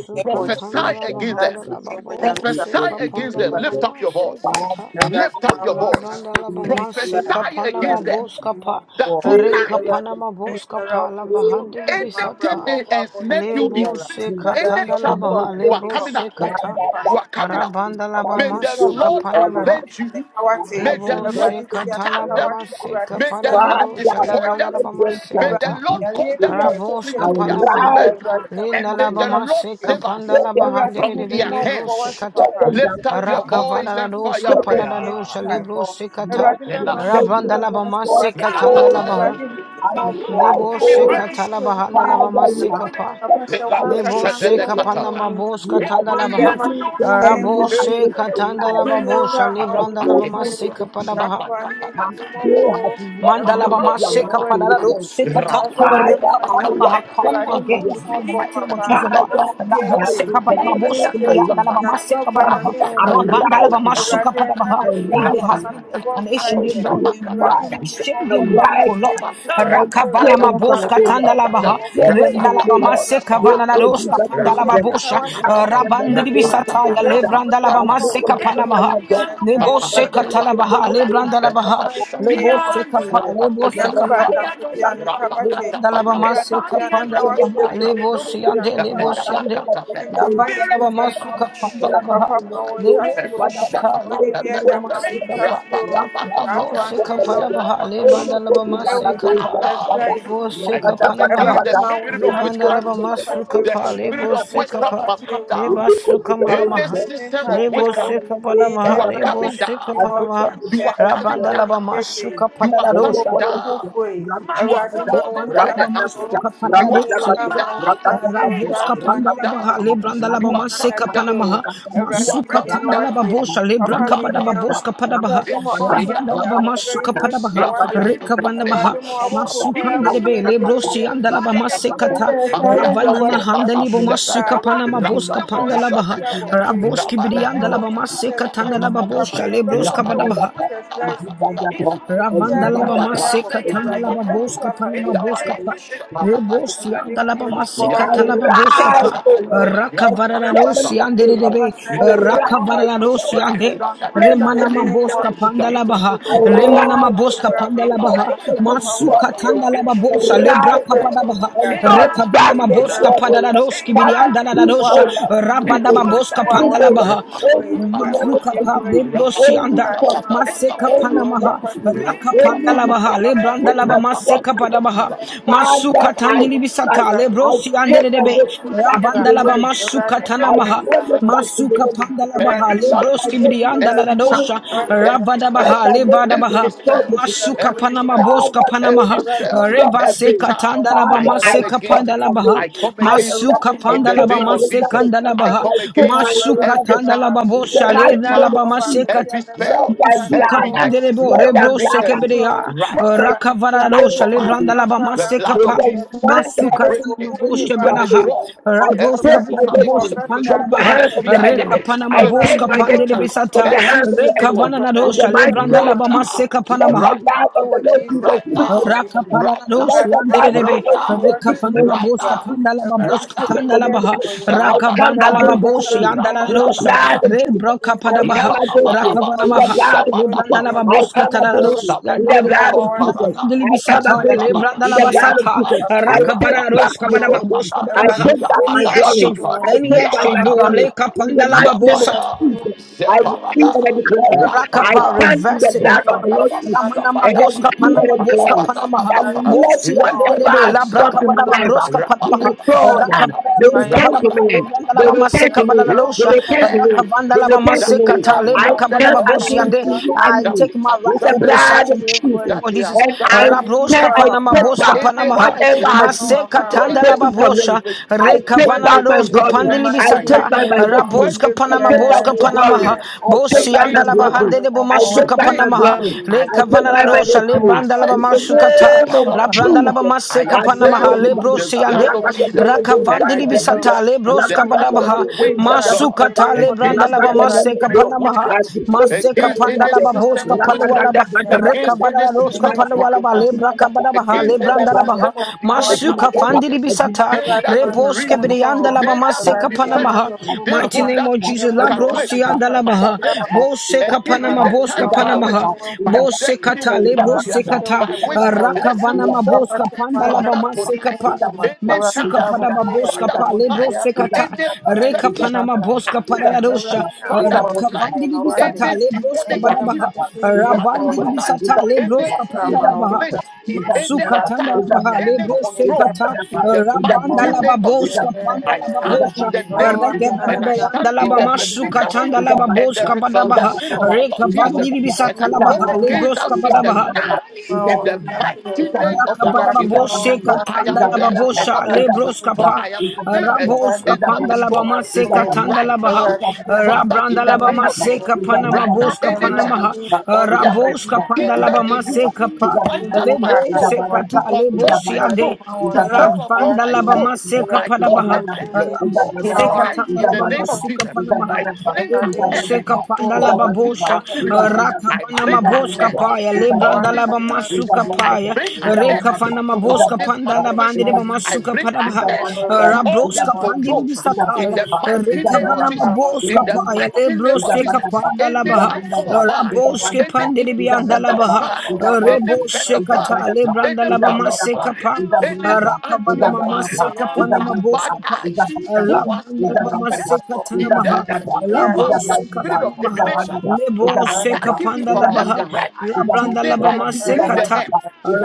Speaker 2: ayɛ wɔ Jesus
Speaker 3: tandalabahanda
Speaker 2: Christ din mu
Speaker 3: lababo.
Speaker 2: Nyame Agya
Speaker 3: Sikapandalabama. Sikata.
Speaker 2: Awurade ma wɔn
Speaker 3: La banda
Speaker 2: ahwɛ
Speaker 3: la ba
Speaker 2: tumi
Speaker 3: man se
Speaker 2: bra.
Speaker 3: boska pa,
Speaker 2: Awurade hu
Speaker 3: bos
Speaker 2: mi
Speaker 3: kapa
Speaker 2: mmɔbɔ.
Speaker 3: re kapana
Speaker 2: Awurade
Speaker 3: ma
Speaker 2: tumi
Speaker 3: bos
Speaker 2: biara
Speaker 3: kapa la
Speaker 2: ọkọ tí a
Speaker 3: bahandi li
Speaker 2: ɔkɔ tia ma
Speaker 3: bisata
Speaker 2: abrabɔ ɔbɔ
Speaker 3: le
Speaker 2: abɔnten
Speaker 3: bos
Speaker 2: biara.
Speaker 3: se
Speaker 2: Awurade
Speaker 3: katanda la
Speaker 2: ɔbɔfo a
Speaker 3: baha le
Speaker 2: okum
Speaker 3: bos
Speaker 2: nipa
Speaker 3: se
Speaker 2: kuku
Speaker 3: kata
Speaker 2: saa nipa no nto so.
Speaker 3: rabanda la
Speaker 2: Ɔba
Speaker 3: ba
Speaker 2: abɛsi
Speaker 3: masu
Speaker 2: ɔba abɛsi
Speaker 3: kapana
Speaker 2: Awurade
Speaker 3: maha
Speaker 2: tua ne ka wate.
Speaker 3: le bos se
Speaker 2: Awurade tua ne
Speaker 3: katana
Speaker 2: ka
Speaker 3: ba
Speaker 2: wate.
Speaker 3: masu
Speaker 2: Awurade sɛ
Speaker 3: kapana
Speaker 2: ne
Speaker 3: la do
Speaker 2: nnwuma
Speaker 3: shali
Speaker 2: biara
Speaker 3: branda la ba
Speaker 2: wate.
Speaker 3: masu kata
Speaker 2: Awurade yareɛ bi a yɛpɛ
Speaker 3: rabos
Speaker 2: sɛ yɛde ma
Speaker 3: kapana
Speaker 2: kure
Speaker 3: maha
Speaker 2: bi Awurade na
Speaker 3: le na
Speaker 2: mbɔ yi
Speaker 3: la ba
Speaker 2: sɛ ɔbɔfo
Speaker 3: masu
Speaker 2: yi so.
Speaker 3: kapanda la bahandi li
Speaker 2: hu mi
Speaker 3: le bos
Speaker 2: mmɔbɔ
Speaker 3: se
Speaker 2: wate
Speaker 3: kata
Speaker 2: papa. Awurade kyerɛ wo tumi
Speaker 3: Rakavanadoska
Speaker 2: papa tie me
Speaker 3: Panadosha Libro
Speaker 2: mpaebɔ.
Speaker 3: Sikata
Speaker 2: Awurade mɛma m'anim wo wo
Speaker 3: Rabandalabama
Speaker 2: ase wate.
Speaker 3: Sikatandalabaha
Speaker 2: Awurade hu me mmɔbɔ.
Speaker 3: Nibo
Speaker 2: Awurade kyerɛ wo tumi
Speaker 3: Sikatalabahandalabama
Speaker 2: animuonyam.
Speaker 3: Sikapa
Speaker 2: Papa hyɛ wɔn
Speaker 3: Nebo
Speaker 2: ankasa nso ho
Speaker 3: Sikapanama
Speaker 2: animuonyam.
Speaker 3: Boska
Speaker 2: In the
Speaker 3: Tandalabaha
Speaker 2: mighty name
Speaker 3: Rabo
Speaker 2: of Jesus. Tumi wura
Speaker 3: Sikatandalababosha
Speaker 2: ma wo nsa
Speaker 3: Librandalabama
Speaker 2: so o. Saa
Speaker 3: Sikapanabaha
Speaker 2: ahene hu me mmɔbɔ o. Mpaebɔ
Speaker 3: Mandalabama
Speaker 2: tiefoɔ agye.
Speaker 3: Sikapanado Sikata
Speaker 2: Mpaebɔ tiefoɔ agye.
Speaker 3: Rekapanamaha, Come
Speaker 2: Awurade hu me
Speaker 3: against you in the
Speaker 2: mmɔbɔ
Speaker 3: mighty name of
Speaker 2: papa.
Speaker 3: Jesus, Lord.
Speaker 2: Ɔnni bi akyi. Yes,
Speaker 3: Rabosekabadababoskebriandalabamasekabadabaha, Rabandalabamashukabadabaha. If there has been an exchange, Lord, we are exchanging back, oh Lord. Rakavanamaboskatandalabaha, Renalabamasekavanaroskapandalababosha,
Speaker 2: you
Speaker 3: Lebranda
Speaker 2: would down cold, so it would
Speaker 3: Lebrandalabamasekapanabaha,
Speaker 2: change as right to you the mighty name of
Speaker 3: Leboseka pa.
Speaker 2: Jesus.
Speaker 3: Leboseka pa.
Speaker 2: Nyamubata mtupiane kawate.
Speaker 3: Lebandalabama
Speaker 2: Obadi piane kawate.
Speaker 3: sekapandalabama
Speaker 2: Nyamubata
Speaker 3: lebo siyande
Speaker 2: piane
Speaker 3: lebo
Speaker 2: kawate.
Speaker 3: siyande
Speaker 2: In the mighty
Speaker 3: labandalabama
Speaker 2: name of Jesus.
Speaker 3: sukapandalabaha
Speaker 2: Papa
Speaker 3: lebo
Speaker 2: mawonsasu.
Speaker 3: sekata
Speaker 2: Oni biaja
Speaker 3: lebandalabama sekapa
Speaker 2: mawonsasu.
Speaker 3: labro
Speaker 2: Atwane
Speaker 3: sekapandalabaha
Speaker 2: mawonsasu.
Speaker 3: lebandalabama
Speaker 2: Ewo
Speaker 3: sekapa
Speaker 2: Jesus Christ
Speaker 3: lebo
Speaker 2: name.
Speaker 3: sekapanamaha
Speaker 2: Ewurade ma wo nsa so
Speaker 3: lebandalabama
Speaker 2: papa
Speaker 3: sukapa
Speaker 2: kyerɛ wo
Speaker 3: lebo sekapa
Speaker 2: Wapatiwe uchumi,
Speaker 3: leba sukamanamaha
Speaker 2: wapatiwe
Speaker 3: lebo
Speaker 2: mpango in the
Speaker 3: sekapanamaha lebo
Speaker 2: mighty name of
Speaker 3: sekapanamaha
Speaker 2: Jesus. Anthony
Speaker 3: rabandalabama
Speaker 2: Dede, Natumo
Speaker 3: sukapadalarosa
Speaker 2: Bromufwe, Eradima
Speaker 3: Lebandalaba
Speaker 2: Wontakuro,
Speaker 3: masuka
Speaker 2: Umi
Speaker 3: panaradosia.
Speaker 2: Rama Wontakuro,
Speaker 3: Ravoska
Speaker 2: that one name,
Speaker 3: pandalabaha, lebrandalaba
Speaker 2: Nana
Speaker 3: maseka panamaha,
Speaker 2: Dio, Eradimi
Speaker 3: masuka tandalaba
Speaker 2: Yenawate,
Speaker 3: bosha, lebra
Speaker 2: Papa
Speaker 3: kabadaba
Speaker 2: Minyam,
Speaker 3: boska padabaha,
Speaker 2: Eradimo Apopo
Speaker 3: labrandalaba
Speaker 2: Koyabo, Fray
Speaker 3: masuka
Speaker 2: Huadi
Speaker 3: padabaha,
Speaker 2: Mawate,
Speaker 3: rekavanabaha,
Speaker 2: Eradimo Awapo
Speaker 3: masuka
Speaker 2: Koyabo,
Speaker 3: nderebe,
Speaker 2: Fray
Speaker 3: lebrosi
Speaker 2: Huadi
Speaker 3: andalaba
Speaker 2: Sure,
Speaker 3: masekata,
Speaker 2: yes, I read your
Speaker 3: ravanana
Speaker 2: body practice.
Speaker 3: handalibo
Speaker 2: Yeah,
Speaker 3: masuka
Speaker 2: right.
Speaker 3: panama
Speaker 2: So
Speaker 3: boska
Speaker 2: maybe I put
Speaker 3: pandalabaha,
Speaker 2: you up of prayer.
Speaker 3: ravoski
Speaker 2: That was
Speaker 3: biriandalaba
Speaker 2: Jesus
Speaker 3: maseka
Speaker 2: Christ.
Speaker 3: tandalaba
Speaker 2: Papa,
Speaker 3: bosha,
Speaker 2: yeah, that
Speaker 3: lebroska
Speaker 2: was
Speaker 3: badabaha,
Speaker 2: Jesus Christ. Maybe I knew
Speaker 3: Ravandalaba
Speaker 2: a prayer of
Speaker 3: Maseka
Speaker 2: prayer. I
Speaker 3: Tandalaba
Speaker 2: didn't know the
Speaker 3: Boska
Speaker 2: stuff I am
Speaker 3: Panama
Speaker 2: for
Speaker 3: Boska
Speaker 2: watching.
Speaker 3: Pa Rebosi
Speaker 2: I didn't
Speaker 3: Andalaba
Speaker 2: know
Speaker 3: Maseka
Speaker 2: what
Speaker 3: Talaba Boska
Speaker 2: all
Speaker 3: Pa
Speaker 2: right. So we
Speaker 3: Raka
Speaker 2: have to pray about it.
Speaker 3: Varararosi Ande Rebe
Speaker 2: Papa said your money
Speaker 3: Raka
Speaker 2: for us is your
Speaker 3: Varararosi Ande
Speaker 2: In the
Speaker 3: Remanama
Speaker 2: name of
Speaker 3: Boska
Speaker 2: Jesus.
Speaker 3: Pandalabaha
Speaker 2: Oh,
Speaker 3: Remanama
Speaker 2: Jesus,
Speaker 3: Boska Pandalabaha
Speaker 2: Papa, when you
Speaker 3: Masuka
Speaker 2: be a one
Speaker 3: Tandalaba
Speaker 2: and all.
Speaker 3: Bosa
Speaker 2: After
Speaker 3: Lebraka
Speaker 2: I know me,
Speaker 3: Padabaha
Speaker 2: God, trust maybe,
Speaker 3: Rekavanama
Speaker 2: yeah, yeah,
Speaker 3: Boska
Speaker 2: one
Speaker 3: Padararoski Biriandalarosa
Speaker 2: wɔawɔde nkɔmmɔ yi
Speaker 3: Ravadaba Boska
Speaker 2: wo a wɔde
Speaker 3: Pandalaba Maha,
Speaker 2: nkɔmmɔ yi mpaebɔ
Speaker 3: Mazukapa,
Speaker 2: tiefoɔ agye
Speaker 3: Leboshianda,
Speaker 2: awurade ma wo nsa
Speaker 3: Maseka
Speaker 2: so wo
Speaker 3: Panamaha,
Speaker 2: papa kyerɛ wo tumi
Speaker 3: Rakapandalabaha,
Speaker 2: papa kyerɛ wo
Speaker 3: Lebrandalaba,
Speaker 2: tumi
Speaker 3: Maseka Padabaha,
Speaker 2: papa kyerɛ me
Speaker 3: Masuka
Speaker 2: mpaebɔ o
Speaker 3: Tandilibisata,
Speaker 2: awurade hu me
Speaker 3: Lebrosi
Speaker 2: mmɔbɔ wɔ
Speaker 3: Anderebe,
Speaker 2: wo tumi wura
Speaker 3: Rabandalaba, Masuka
Speaker 2: awurade ma wo
Speaker 3: Tanamaha,
Speaker 2: nsa so wo agye
Speaker 3: Masuka Pandalabaha,
Speaker 2: awurade
Speaker 3: Lebroski
Speaker 2: Awurade,
Speaker 3: Briandaladosha,
Speaker 2: mesɛ ɔbɛdan
Speaker 3: Rabadabaha, Levadabaha, Masuka Panama Boska Panamaha,
Speaker 2: na
Speaker 3: Reva Seka Tandalaba, Maseka Pandalabaha, Masuka Pandalaba Mase Kandalabaha, Masuka Tandalaba Boshale Nalaba Masekata, Masuka Pandelebo Rebro Sekebrea, Rakavarado Shale Brandalaba Masekapa. Masuka tanama boshe banaha, rabroska banama boshe pandalabaha,
Speaker 2: ɔnsɛe bio.
Speaker 3: reka panama
Speaker 2: Awurade
Speaker 3: boska
Speaker 2: wɔ wɔn
Speaker 3: pandele
Speaker 2: ne ba
Speaker 3: bisata,
Speaker 2: papa ma ne
Speaker 3: reka
Speaker 2: nhuro
Speaker 3: vanana
Speaker 2: wɔkata na
Speaker 3: dosha
Speaker 2: nipa
Speaker 3: lebranda
Speaker 2: nko
Speaker 3: laba
Speaker 2: ano
Speaker 3: maseka panamaha.
Speaker 2: ɛwɔ jesus christ bi mu
Speaker 3: Rakapada Radoshi
Speaker 2: awurade
Speaker 3: and
Speaker 2: ma wɔn
Speaker 3: Derebe,
Speaker 2: nsa so wɔte
Speaker 3: Rekapana
Speaker 2: tumi wura
Speaker 3: Maboska Pandala
Speaker 2: awurade
Speaker 3: Baboska
Speaker 2: hyɛ wɔn mu
Speaker 3: Tandalabaha,
Speaker 2: animonyam hyɛ wɔn
Speaker 3: Rakavandala
Speaker 2: ankasa
Speaker 3: Baboshi and
Speaker 2: nso ho
Speaker 3: Dalarosa,
Speaker 2: animonyam in
Speaker 3: Rebroka
Speaker 2: the
Speaker 3: Padabaha,
Speaker 2: mighty name of
Speaker 3: Rakavanamaha,
Speaker 2: jesus only
Speaker 3: Lebrandala
Speaker 2: together
Speaker 3: Baboska Tararos,
Speaker 2: awurade hu me
Speaker 3: Yanderebe,
Speaker 2: mmɔbɔ wɔte
Speaker 3: Rakavandali
Speaker 2: papa
Speaker 3: Bisataya,
Speaker 2: tie me
Speaker 3: Lebrandala
Speaker 2: susu o
Speaker 3: Basata,
Speaker 2: papa tie me
Speaker 3: Rakavara
Speaker 2: nsa
Speaker 3: Roska
Speaker 2: so o
Speaker 3: Badababoska Badabaha,
Speaker 2: awurade ma wɔn
Speaker 3: any
Speaker 2: nsa
Speaker 3: exchange, Father,
Speaker 2: so
Speaker 3: any
Speaker 2: o
Speaker 3: exchange,
Speaker 2: papa
Speaker 3: Lord,
Speaker 2: ka.
Speaker 3: Lekapandala
Speaker 2: Empire, what
Speaker 3: Babosata.
Speaker 2: you for a day?
Speaker 3: Rakapa reverse it, oh Lord. Ramana Maboska Panama Boska Panamaha
Speaker 5: and
Speaker 3: Bosi
Speaker 5: whatever
Speaker 3: Anderebe Labraka Badaba Broska
Speaker 5: you
Speaker 3: Panamaha
Speaker 5: restore
Speaker 3: Rakavada
Speaker 5: the
Speaker 3: Roska Panamaha
Speaker 5: man,
Speaker 3: Lebranda
Speaker 5: the
Speaker 3: Laba Maseka
Speaker 5: man,
Speaker 3: banada dosha
Speaker 5: the man,
Speaker 3: Rakavanda Laba
Speaker 5: the
Speaker 3: Maseka
Speaker 5: testimony.
Speaker 3: Ta
Speaker 5: I
Speaker 3: Lebra
Speaker 5: stand
Speaker 3: Kabadaba Bosi
Speaker 5: against
Speaker 3: Ande
Speaker 5: you
Speaker 3: I
Speaker 5: enemy
Speaker 3: take my
Speaker 5: with the
Speaker 3: rightful
Speaker 2: Empire,
Speaker 5: blood
Speaker 2: what
Speaker 3: possession
Speaker 5: of
Speaker 2: you
Speaker 3: in the mighty
Speaker 2: for a
Speaker 3: name
Speaker 5: Jesus,
Speaker 2: day?
Speaker 3: of Jesus
Speaker 5: and I
Speaker 2: Empire,
Speaker 5: tell,
Speaker 3: Rabroska
Speaker 5: I
Speaker 3: Panama
Speaker 5: take back
Speaker 3: Boska Panamaha
Speaker 5: whatever has been
Speaker 3: Maseka Tanda Laba
Speaker 2: what
Speaker 5: taken from
Speaker 2: you
Speaker 5: me.
Speaker 3: Rabosha,
Speaker 2: for
Speaker 5: I
Speaker 2: a day?
Speaker 5: take back
Speaker 3: Rekavanana
Speaker 5: my
Speaker 3: Roska
Speaker 2: In
Speaker 5: glory.
Speaker 2: the
Speaker 5: I take
Speaker 2: mighty
Speaker 3: Pandilibisata,
Speaker 5: back my
Speaker 2: name of
Speaker 5: destiny.
Speaker 3: Raboska
Speaker 2: Jesus.
Speaker 5: I
Speaker 3: Panama
Speaker 5: take back
Speaker 3: Boska
Speaker 5: my glory.
Speaker 3: Panamaha,
Speaker 5: I take
Speaker 3: Bosi
Speaker 5: back
Speaker 2: Everybody,
Speaker 5: my
Speaker 2: when
Speaker 5: blessing.
Speaker 3: Andalabahande
Speaker 2: you want to
Speaker 5: I
Speaker 2: watch
Speaker 5: take
Speaker 3: Bomasuka
Speaker 5: back
Speaker 2: it,
Speaker 5: my
Speaker 2: I'm
Speaker 3: Panamaha,
Speaker 2: a
Speaker 5: glory.
Speaker 2: Jew.
Speaker 5: I take
Speaker 3: Rekavanana
Speaker 5: back my
Speaker 2: Everybody,
Speaker 3: Rosha,
Speaker 2: my
Speaker 5: destiny.
Speaker 2: one shot,
Speaker 5: In
Speaker 2: I'm ready to you.
Speaker 5: the
Speaker 2: I'm talk
Speaker 5: name
Speaker 2: about
Speaker 3: Lebrandalabamasukata,
Speaker 5: of Jesus.
Speaker 2: Papa. I
Speaker 3: Labrandalabamaseka
Speaker 2: see
Speaker 3: Panamaha,
Speaker 2: you.
Speaker 5: Adepodibana,
Speaker 3: Lebrosi
Speaker 2: Papa,
Speaker 3: Ande,
Speaker 2: dear, me for you,
Speaker 5: Ragatabeledo,
Speaker 2: dear, so for
Speaker 5: Zagabelede,
Speaker 3: Rakavandilibisata,
Speaker 2: right, my
Speaker 3: Lebroska
Speaker 2: baby.
Speaker 3: Badabaha,
Speaker 5: Ragatabeledo,
Speaker 2: Everybody, dear,
Speaker 5: Zagabeleba,
Speaker 3: Masukata,
Speaker 2: me for you, dear, right,
Speaker 3: Lebrandalabamaseka
Speaker 2: my
Speaker 5: Ragatabeledo,
Speaker 2: baby.
Speaker 3: Panamaha, Maseka
Speaker 2: Everybody, for
Speaker 5: Adikodibelede,
Speaker 2: me, for my name,
Speaker 3: Pandalababoska
Speaker 2: who could
Speaker 3: palwalaba
Speaker 2: be
Speaker 5: Ragadadabadabadaba,
Speaker 2: watching.
Speaker 3: rekavara
Speaker 2: My
Speaker 3: roska
Speaker 2: name is
Speaker 5: Adimadaba,
Speaker 3: palwalaba
Speaker 2: Mama.
Speaker 3: lebra kabadaba ha
Speaker 2: Everybody,
Speaker 3: lebranda
Speaker 5: Adimadaba,
Speaker 2: my
Speaker 3: laba
Speaker 2: name is
Speaker 3: ha
Speaker 2: Sam.
Speaker 3: masuka fandiri
Speaker 5: is
Speaker 3: bisata
Speaker 2: Awurade ma ne
Speaker 3: reboske
Speaker 2: nsa nka hɔ.
Speaker 3: brianda laba maseka
Speaker 2: Awurade
Speaker 3: panama
Speaker 2: no wu
Speaker 3: mighty
Speaker 2: papa.
Speaker 3: name of Jesus
Speaker 2: Yɛma no
Speaker 3: labrosi
Speaker 2: wate
Speaker 3: anda
Speaker 2: papa.
Speaker 3: laba ha
Speaker 2: Yɛda wo ase.
Speaker 3: boseka panama
Speaker 2: Awurade bepɔ
Speaker 3: boska panama
Speaker 2: abaawa
Speaker 3: ha
Speaker 2: ne wamu ne tiri.
Speaker 3: bosekata
Speaker 2: Awurade hyɛ
Speaker 3: lebrosekata
Speaker 2: wo din ne wɔ yi.
Speaker 3: rakavana
Speaker 2: Papa
Speaker 3: boska
Speaker 2: hyɛ wo
Speaker 3: panda laba
Speaker 2: ankasa
Speaker 3: maseka
Speaker 2: wo ho
Speaker 3: pa
Speaker 2: ne ma. Awurade
Speaker 3: Masuka
Speaker 2: sɛ
Speaker 3: Padaba
Speaker 2: abɔfra yɛ
Speaker 3: Boska
Speaker 2: ne.
Speaker 3: Pa Lebro
Speaker 2: Deɛ apa so
Speaker 3: Sekata
Speaker 2: biara nyɛ
Speaker 3: Reka Panama
Speaker 2: mpatampa.
Speaker 3: Boska Padarosha
Speaker 2: Awurade Nyankopɔn
Speaker 3: Raka
Speaker 2: pepɛ
Speaker 3: Vandili Bisata Lebroska
Speaker 2: In the
Speaker 3: Badabaha
Speaker 2: mighty name of
Speaker 3: Ravandili Bisata
Speaker 2: Jesus,
Speaker 3: Lebroska Pandalabaha
Speaker 2: Amen.
Speaker 3: Masuka
Speaker 2: That's why
Speaker 3: Tandalabaha
Speaker 2: in
Speaker 5: that
Speaker 3: Lebro
Speaker 5: is
Speaker 2: the
Speaker 3: Sekata
Speaker 2: mighty name of
Speaker 3: Ravandalaba
Speaker 2: Jesus.
Speaker 3: Boska Pandalaba Bosha
Speaker 2: Oh, I have now
Speaker 3: Regevadabayandalaba
Speaker 2: home of
Speaker 3: Masuka
Speaker 2: God.
Speaker 3: Tandalaba Boska
Speaker 2: The
Speaker 3: Badabaha
Speaker 2: will grow home.
Speaker 3: Reka Vandili
Speaker 2: The
Speaker 3: Bisata
Speaker 2: will
Speaker 3: Labaha
Speaker 2: grow home.
Speaker 3: Lebroska Badabaha
Speaker 2: The Radimo and Sassy. The Radimo
Speaker 3: Rakabanababoshe
Speaker 2: and
Speaker 3: katanda
Speaker 2: Sassy. The
Speaker 3: lababosha lebros
Speaker 2: Radimo
Speaker 3: kapa
Speaker 2: and The
Speaker 3: rabos
Speaker 2: Radimo and
Speaker 3: kapanda labamase
Speaker 2: Tassilo.
Speaker 3: katanda
Speaker 2: The
Speaker 3: labaha
Speaker 2: Radimo
Speaker 3: rabranda
Speaker 2: and
Speaker 3: labamase
Speaker 2: Tassilo.
Speaker 3: kapana
Speaker 2: In
Speaker 3: mabos
Speaker 2: the
Speaker 3: kapana
Speaker 2: mighty
Speaker 3: maha
Speaker 2: name of
Speaker 3: rabos
Speaker 2: Jesus.
Speaker 3: kapanda labamase kapa
Speaker 2: In the Radimo
Speaker 3: lebos
Speaker 2: and
Speaker 3: kata lebos
Speaker 5: that
Speaker 2: Awurade
Speaker 3: yande
Speaker 2: ma
Speaker 5: is
Speaker 2: wɔn nsa so w'akyerɛ.
Speaker 3: Ragvandalabama
Speaker 2: Awurade tie wo
Speaker 3: Sekapadabaha,
Speaker 2: tumi
Speaker 3: Rabo
Speaker 2: ma
Speaker 3: seka
Speaker 2: wɔama
Speaker 3: Sekatambalabama
Speaker 2: m'aniwa ho akyerɛ.
Speaker 3: panamaha
Speaker 2: Awurade
Speaker 3: Rebo
Speaker 2: hu me
Speaker 3: seka
Speaker 2: mmɔbɔ o.
Speaker 3: pandalaba bosha
Speaker 2: Wɔafahyɛ wo
Speaker 3: Rakabanama
Speaker 2: anuonyam o.
Speaker 3: boska paya Sekapandalababosha, Rakavanama Boskapaya,
Speaker 2: Hwɛ w'ankasa
Speaker 3: Lebrandalabama
Speaker 2: nso wo ho
Speaker 3: Sukapaya,
Speaker 2: anuonyam o.
Speaker 3: Rekafanama
Speaker 2: Ɛnti Jesus Christ
Speaker 3: Boskapandalabandibama
Speaker 2: yi,
Speaker 3: Sukapadabaha,
Speaker 2: ɛwɔ Awurade kasa
Speaker 3: Rabroska
Speaker 2: w'ase. Papa
Speaker 3: Pandibisataya,
Speaker 2: yi, wo ho adi kyerɛ wɔ
Speaker 3: nama
Speaker 2: aba a wɔahyɛ so
Speaker 3: Boska Paya,
Speaker 2: wɔ
Speaker 3: Lebroske Kapanda
Speaker 2: Awurade ho
Speaker 3: Labaha,
Speaker 2: so ho wɔ
Speaker 3: Raboske Pandelibianda Labaha,
Speaker 2: aba a wɔama wo akyerɛ
Speaker 3: Rebose
Speaker 2: wɔ Awurade ho aba a wɔama wo
Speaker 3: Kata,
Speaker 2: akyerɛ.
Speaker 3: Lebranda
Speaker 5: that
Speaker 3: Labamase
Speaker 5: is
Speaker 3: Kapa, Rakabana Mamase
Speaker 2: Awurade
Speaker 3: Kapanama Boska Pa, Labranda
Speaker 2: hu me
Speaker 3: Labamase
Speaker 2: mmɔbɔ
Speaker 3: Katanamaha,
Speaker 2: Thank you.
Speaker 3: Labrose
Speaker 2: want
Speaker 3: Katanamaha,
Speaker 2: more. That's
Speaker 3: Lebose
Speaker 2: my thing.
Speaker 3: Kapanda
Speaker 2: Um,
Speaker 3: Labaha, Labranda
Speaker 2: I pray
Speaker 3: Labamase
Speaker 2: a
Speaker 3: Kata,
Speaker 2: little bit. I just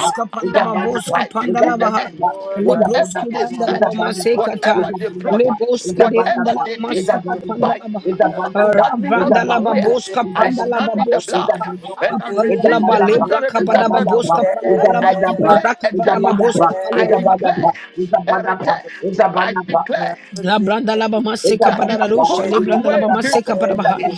Speaker 2: be
Speaker 3: Panama Boska Pandalabaha.
Speaker 2: Lord, I
Speaker 3: Lebroske de
Speaker 2: want
Speaker 3: andalaba
Speaker 2: to
Speaker 3: masekata.
Speaker 2: work with
Speaker 3: Lebroske de andalaba masuka
Speaker 2: you.
Speaker 3: pandalaba.
Speaker 2: That's what
Speaker 3: Ravandalaba
Speaker 2: you get
Speaker 3: boska
Speaker 2: to do.
Speaker 3: pandalaba boska pa.
Speaker 2: Don't be this,
Speaker 3: Ipalwalaba
Speaker 2: do
Speaker 3: lebra kabadaba boska palwalaba.
Speaker 2: that,
Speaker 5: that it's a
Speaker 3: Rakavadama
Speaker 2: this,
Speaker 5: badapa.
Speaker 3: boska
Speaker 5: It's a
Speaker 2: that,
Speaker 3: palwalaba.
Speaker 5: badapa.
Speaker 2: but
Speaker 5: It's a badapa.
Speaker 2: it's
Speaker 5: It's a badapa.
Speaker 2: not what
Speaker 3: La
Speaker 2: you
Speaker 3: branda
Speaker 2: want to
Speaker 3: la
Speaker 2: do.
Speaker 3: bama
Speaker 5: Is
Speaker 3: seka para la
Speaker 2: Don't be
Speaker 3: rusha, le
Speaker 2: lazy,
Speaker 3: branda la bama seka para baha,
Speaker 2: lazy.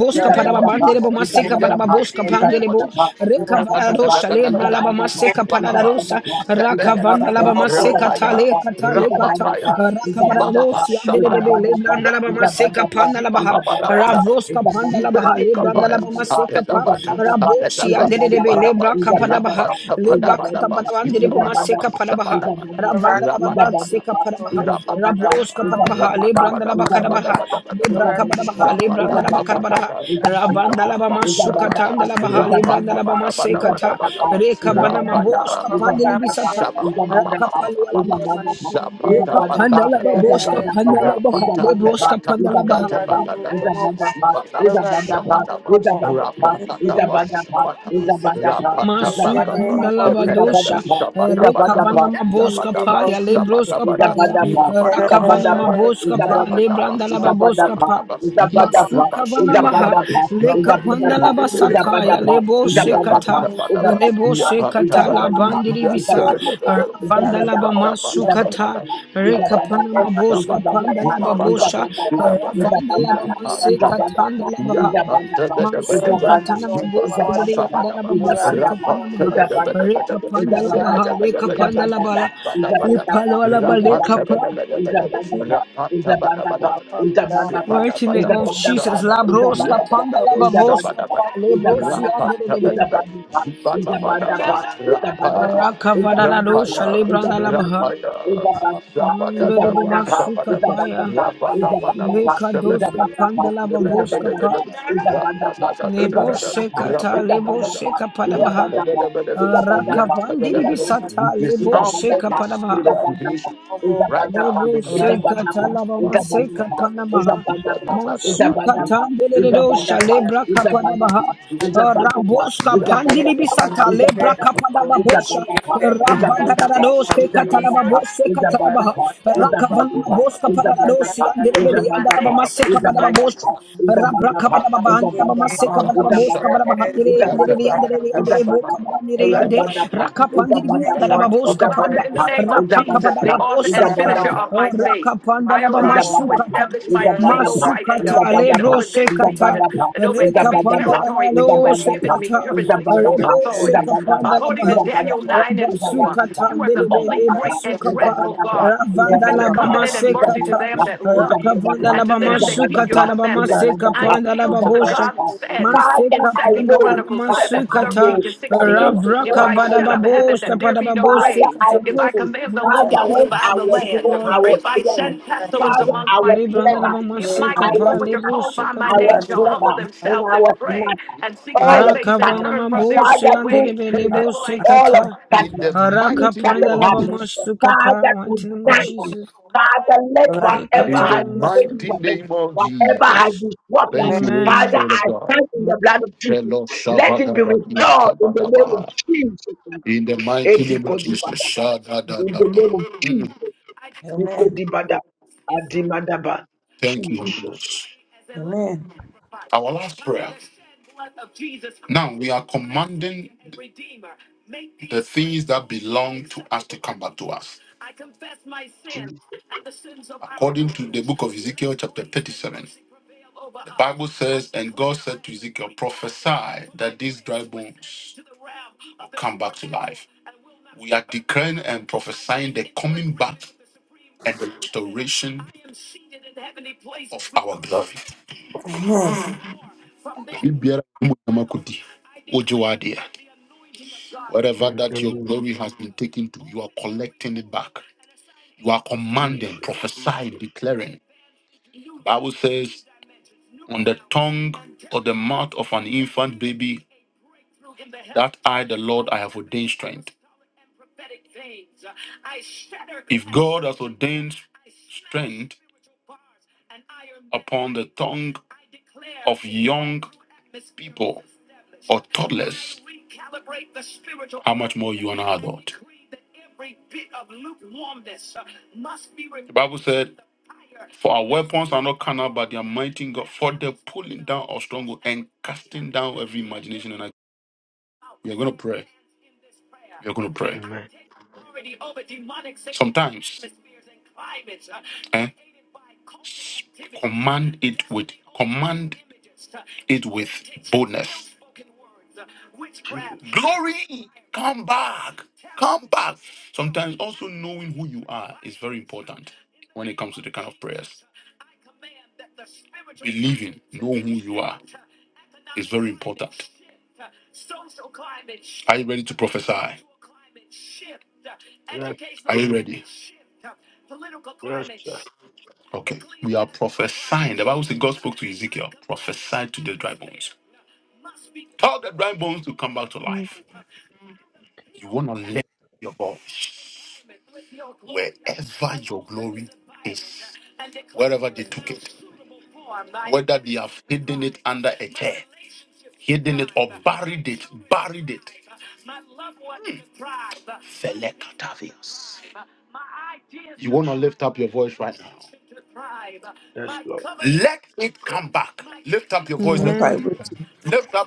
Speaker 2: I got
Speaker 3: para babandere bama seka
Speaker 2: humble.
Speaker 3: para baboska
Speaker 2: I got
Speaker 3: pandere bo, reka
Speaker 2: humble.
Speaker 3: para la rusha,
Speaker 2: I
Speaker 3: le na
Speaker 2: got
Speaker 3: la bama seka para la rusha, raka vanda la bama seka
Speaker 2: humble.
Speaker 3: ta le
Speaker 2: I
Speaker 3: kata le kata, raka para la rusha, andere de be, le branda la bama seka panda la baha,
Speaker 2: got
Speaker 3: ravroska panda la baha, le branda la bama seka pa, ravroshi andere de be, le braka para baha, le baka ta para bandere bama seka para baha,
Speaker 2: humble.
Speaker 3: Ravandalababa Sika
Speaker 2: In
Speaker 3: Parabaha,
Speaker 2: the name
Speaker 3: Rabroska
Speaker 2: of
Speaker 3: Parabaha,
Speaker 2: Jesus,
Speaker 5: that
Speaker 2: in
Speaker 5: is
Speaker 3: Lebrandalaba
Speaker 2: the name of
Speaker 3: Karabaha,
Speaker 2: Jesus, in
Speaker 3: Libra
Speaker 2: the
Speaker 3: Kabarabaha,
Speaker 2: name of
Speaker 3: Lebrandalaba
Speaker 2: Jesus,
Speaker 3: Karabaha, Ravandalaba Masuka Tandalabaha, Lebrandalaba Masekata, Reka Vanama Boska Pandilibisata, Rakapalualaba. Reka Pandalaba Boska Pandalabaha, Lebroska Pandalabaha, Masukanda labadosha, uh, rekavana
Speaker 5: a
Speaker 2: in the
Speaker 3: maboska
Speaker 2: name
Speaker 3: paya,
Speaker 2: of Jesus.
Speaker 3: lebroska paya, uh, rakavana maboska pa, lebranda lababoska pa. Masukavana maha, lekapanda labasataya, leboshe kata, leboshe kata labandiri bisa, ravanda labamasukata, rekapana maboska panda lababosha, ravanda labamaseka tanda
Speaker 2: Thank
Speaker 3: labaha. Masuka tanama boske bede yanda laba masika panamaha. Reka panda laba ha leka panda labala.
Speaker 5: Izabandaba,
Speaker 3: Ipala laba leka pa.
Speaker 5: Izabandaba, Izabandaba, Izabandaba, Izabandaba,
Speaker 3: Mighty
Speaker 5: Izabandaba,
Speaker 3: name of
Speaker 5: Izabandaba,
Speaker 3: Jesus, labroska
Speaker 5: Izabandaba,
Speaker 3: panda laba boska
Speaker 5: Izabandaba,
Speaker 3: pa. Lebrosi andere debe.
Speaker 5: Izabandaba, Izabandaba, Izabandaba,
Speaker 3: Raka vadana
Speaker 5: Izabandaba,
Speaker 3: dosha lebranda laba
Speaker 5: Izabandaba,
Speaker 3: ha
Speaker 5: is
Speaker 3: Mando debo masuka paya.
Speaker 2: you.
Speaker 3: Leka doska panda laba boska pa.
Speaker 2: In the
Speaker 3: Nebo
Speaker 2: mighty name
Speaker 3: seka ta, lebo seka padabaha. Rakavandiri bisata lebo sheka panama
Speaker 2: of
Speaker 3: lebo sheka talaba maseka panama masuka tandele do
Speaker 2: Jesus,
Speaker 3: shalebra
Speaker 2: the
Speaker 3: kapanama
Speaker 2: mighty
Speaker 3: raboska pandiri bisata lebra kapanama bosha
Speaker 2: name of
Speaker 3: ravandana do sheka talaba
Speaker 5: that
Speaker 3: boseka talaba
Speaker 5: Izabagapa,
Speaker 3: rakavanama
Speaker 5: Izabagapa,
Speaker 3: boska
Speaker 2: a
Speaker 3: panama do
Speaker 2: person
Speaker 3: si
Speaker 5: Izabagapa,
Speaker 2: in the
Speaker 3: andere
Speaker 2: name,
Speaker 3: bele andana
Speaker 5: Izabagapa,
Speaker 2: a
Speaker 5: Izabagapa,
Speaker 3: maseka
Speaker 2: person in
Speaker 3: panama
Speaker 2: the
Speaker 5: Izabagapa,
Speaker 3: bosha
Speaker 2: name, in
Speaker 3: rabra
Speaker 5: Izabagapa,
Speaker 2: the
Speaker 3: kapanama banda
Speaker 2: mighty
Speaker 5: Izabagapa,
Speaker 2: name of
Speaker 3: maseka
Speaker 5: Izabagapa,
Speaker 3: kabara
Speaker 5: Izabagapa,
Speaker 2: Jesus,
Speaker 3: bahandere
Speaker 2: do we
Speaker 3: yandere
Speaker 2: back
Speaker 3: yandere
Speaker 2: at the
Speaker 3: yandere
Speaker 2: back.
Speaker 3: bo
Speaker 5: Izabagapa,
Speaker 3: kabara nere
Speaker 2: Everybody,
Speaker 3: yande
Speaker 2: my name is
Speaker 3: rakapandiri bi
Speaker 2: Mary,
Speaker 5: Izabagapa,
Speaker 3: yandara
Speaker 2: what
Speaker 3: babos
Speaker 2: for
Speaker 3: kapanda
Speaker 5: Izabagapa,
Speaker 2: Papa,
Speaker 3: rapa kabada
Speaker 5: Izabagapa,
Speaker 2: biara
Speaker 3: babosata
Speaker 5: Izabagapa,
Speaker 2: wɔ ntia ma
Speaker 3: rakapanda laba
Speaker 5: in the
Speaker 2: abrabɔ
Speaker 5: Badapa,
Speaker 3: masukata
Speaker 2: ɛne
Speaker 5: in the
Speaker 2: biara a ɛwɔ
Speaker 5: Badapa,
Speaker 2: awurade
Speaker 5: in
Speaker 2: bra
Speaker 3: masukata
Speaker 5: the
Speaker 2: nipa bɔ ne
Speaker 5: Badapa,
Speaker 3: lebro
Speaker 2: nyinaa
Speaker 5: in the
Speaker 2: nhyɛ mu
Speaker 3: sekata
Speaker 2: ma
Speaker 5: Badapa, in the
Speaker 3: rekapanda
Speaker 5: Badapa,
Speaker 3: la la
Speaker 5: in the
Speaker 3: lo
Speaker 2: the
Speaker 5: Badapa,
Speaker 2: mighty
Speaker 3: sekata
Speaker 5: in
Speaker 2: name
Speaker 5: the
Speaker 2: of Jesus
Speaker 5: Badapa,
Speaker 3: rebo
Speaker 5: in the Badapa,
Speaker 3: sekapanda
Speaker 5: in the
Speaker 2: awurade
Speaker 3: la
Speaker 2: bra
Speaker 5: Badapa,
Speaker 2: nipa bɔ
Speaker 5: in the
Speaker 2: ne nyinaa nhyɛ mu
Speaker 3: Rabasukata
Speaker 5: Badapa, in the
Speaker 3: Nedebe
Speaker 2: awurade bra
Speaker 5: Badapa, in
Speaker 2: nipa
Speaker 5: the
Speaker 2: bɔ ne
Speaker 3: Basukapa
Speaker 5: Badapa, in the
Speaker 2: nyinaa
Speaker 3: Ravanda
Speaker 2: fi wɔ
Speaker 5: Badapa,
Speaker 2: apa wa
Speaker 5: in the
Speaker 3: Labamasekata
Speaker 2: ɛsɛ wo
Speaker 5: Badapa, in the
Speaker 2: Yesu
Speaker 3: Rakavanda
Speaker 5: Badapa,
Speaker 2: wo di
Speaker 5: in the
Speaker 2: ɛmu
Speaker 5: Badapa,
Speaker 3: Labamasukata
Speaker 5: in the
Speaker 2: awurade
Speaker 3: Labamaseka
Speaker 2: ma wo
Speaker 5: Badapa,
Speaker 3: Panda
Speaker 2: nsa
Speaker 5: in the
Speaker 2: wo akyi
Speaker 3: Lababosha
Speaker 5: Badapa.
Speaker 2: wo nyinaa
Speaker 5: Father,
Speaker 3: Maseka
Speaker 5: I
Speaker 2: apa
Speaker 3: Panda
Speaker 2: wo
Speaker 5: know,
Speaker 2: di
Speaker 5: Father, I
Speaker 2: ɛmu
Speaker 3: Labamasukata
Speaker 5: know that
Speaker 2: awurade
Speaker 5: this is
Speaker 2: wo
Speaker 3: Ravraka
Speaker 5: not how you
Speaker 2: ankasa wo
Speaker 5: treated
Speaker 3: Vadababosha
Speaker 5: me. Father, I
Speaker 3: Padababosekata
Speaker 2: ɛwɔ Jesus
Speaker 5: know,
Speaker 3: Mighty
Speaker 5: Father,
Speaker 2: Christ
Speaker 3: name
Speaker 5: when
Speaker 3: of
Speaker 5: I was,
Speaker 3: Jesus O
Speaker 5: oh,
Speaker 3: Lord
Speaker 5: I
Speaker 2: ɛwɔ
Speaker 5: was young,
Speaker 2: Jesus Christ bi
Speaker 5: Father,
Speaker 2: mu
Speaker 5: I was
Speaker 3: Libranda
Speaker 5: never,
Speaker 2: In the
Speaker 5: and
Speaker 2: name
Speaker 5: I
Speaker 2: of
Speaker 5: was
Speaker 3: Labamasekapa
Speaker 2: Jesus.
Speaker 3: Lebo
Speaker 5: not, I
Speaker 3: Sekapa
Speaker 2: Amen.
Speaker 5: was never, and I was not. All of a
Speaker 3: Rakavana
Speaker 5: sudden,
Speaker 3: Mabosi
Speaker 5: Father,
Speaker 3: and
Speaker 5: two
Speaker 3: Delebe
Speaker 5: things,
Speaker 3: Lebo
Speaker 5: all of
Speaker 3: Sekata
Speaker 5: a
Speaker 1: In
Speaker 5: sudden,
Speaker 1: the mighty
Speaker 5: things
Speaker 3: Haraka
Speaker 1: name
Speaker 5: started
Speaker 3: panda
Speaker 1: of
Speaker 3: lava
Speaker 5: happening.
Speaker 1: Jesus.
Speaker 3: masuka pa
Speaker 5: Father,
Speaker 3: mighty name of
Speaker 5: tonight,
Speaker 3: Jesus.
Speaker 5: Father, let whatever
Speaker 1: In
Speaker 3: Ikata
Speaker 1: the
Speaker 5: has
Speaker 3: lava
Speaker 5: been
Speaker 3: masu.
Speaker 5: taken
Speaker 1: mighty
Speaker 5: from me,
Speaker 1: name of
Speaker 5: whatever has
Speaker 1: Jesus.
Speaker 5: been swapped,
Speaker 1: Thank you, Holy
Speaker 5: Father,
Speaker 3: Amen.
Speaker 1: Spirit
Speaker 5: I
Speaker 1: of God.
Speaker 5: stand in the blood of Jesus.
Speaker 1: Hello,
Speaker 5: Let it be
Speaker 1: Shavadavadia
Speaker 5: restored in the name of
Speaker 1: Tabadabaha.
Speaker 5: Jesus.
Speaker 1: In the mighty
Speaker 5: Edi
Speaker 1: name of Jesus.
Speaker 5: Kodibada, In the name of
Speaker 1: Shadadadabaha.
Speaker 5: Jesus. Ikodibada.
Speaker 2: And by
Speaker 3: Amen.
Speaker 2: what you.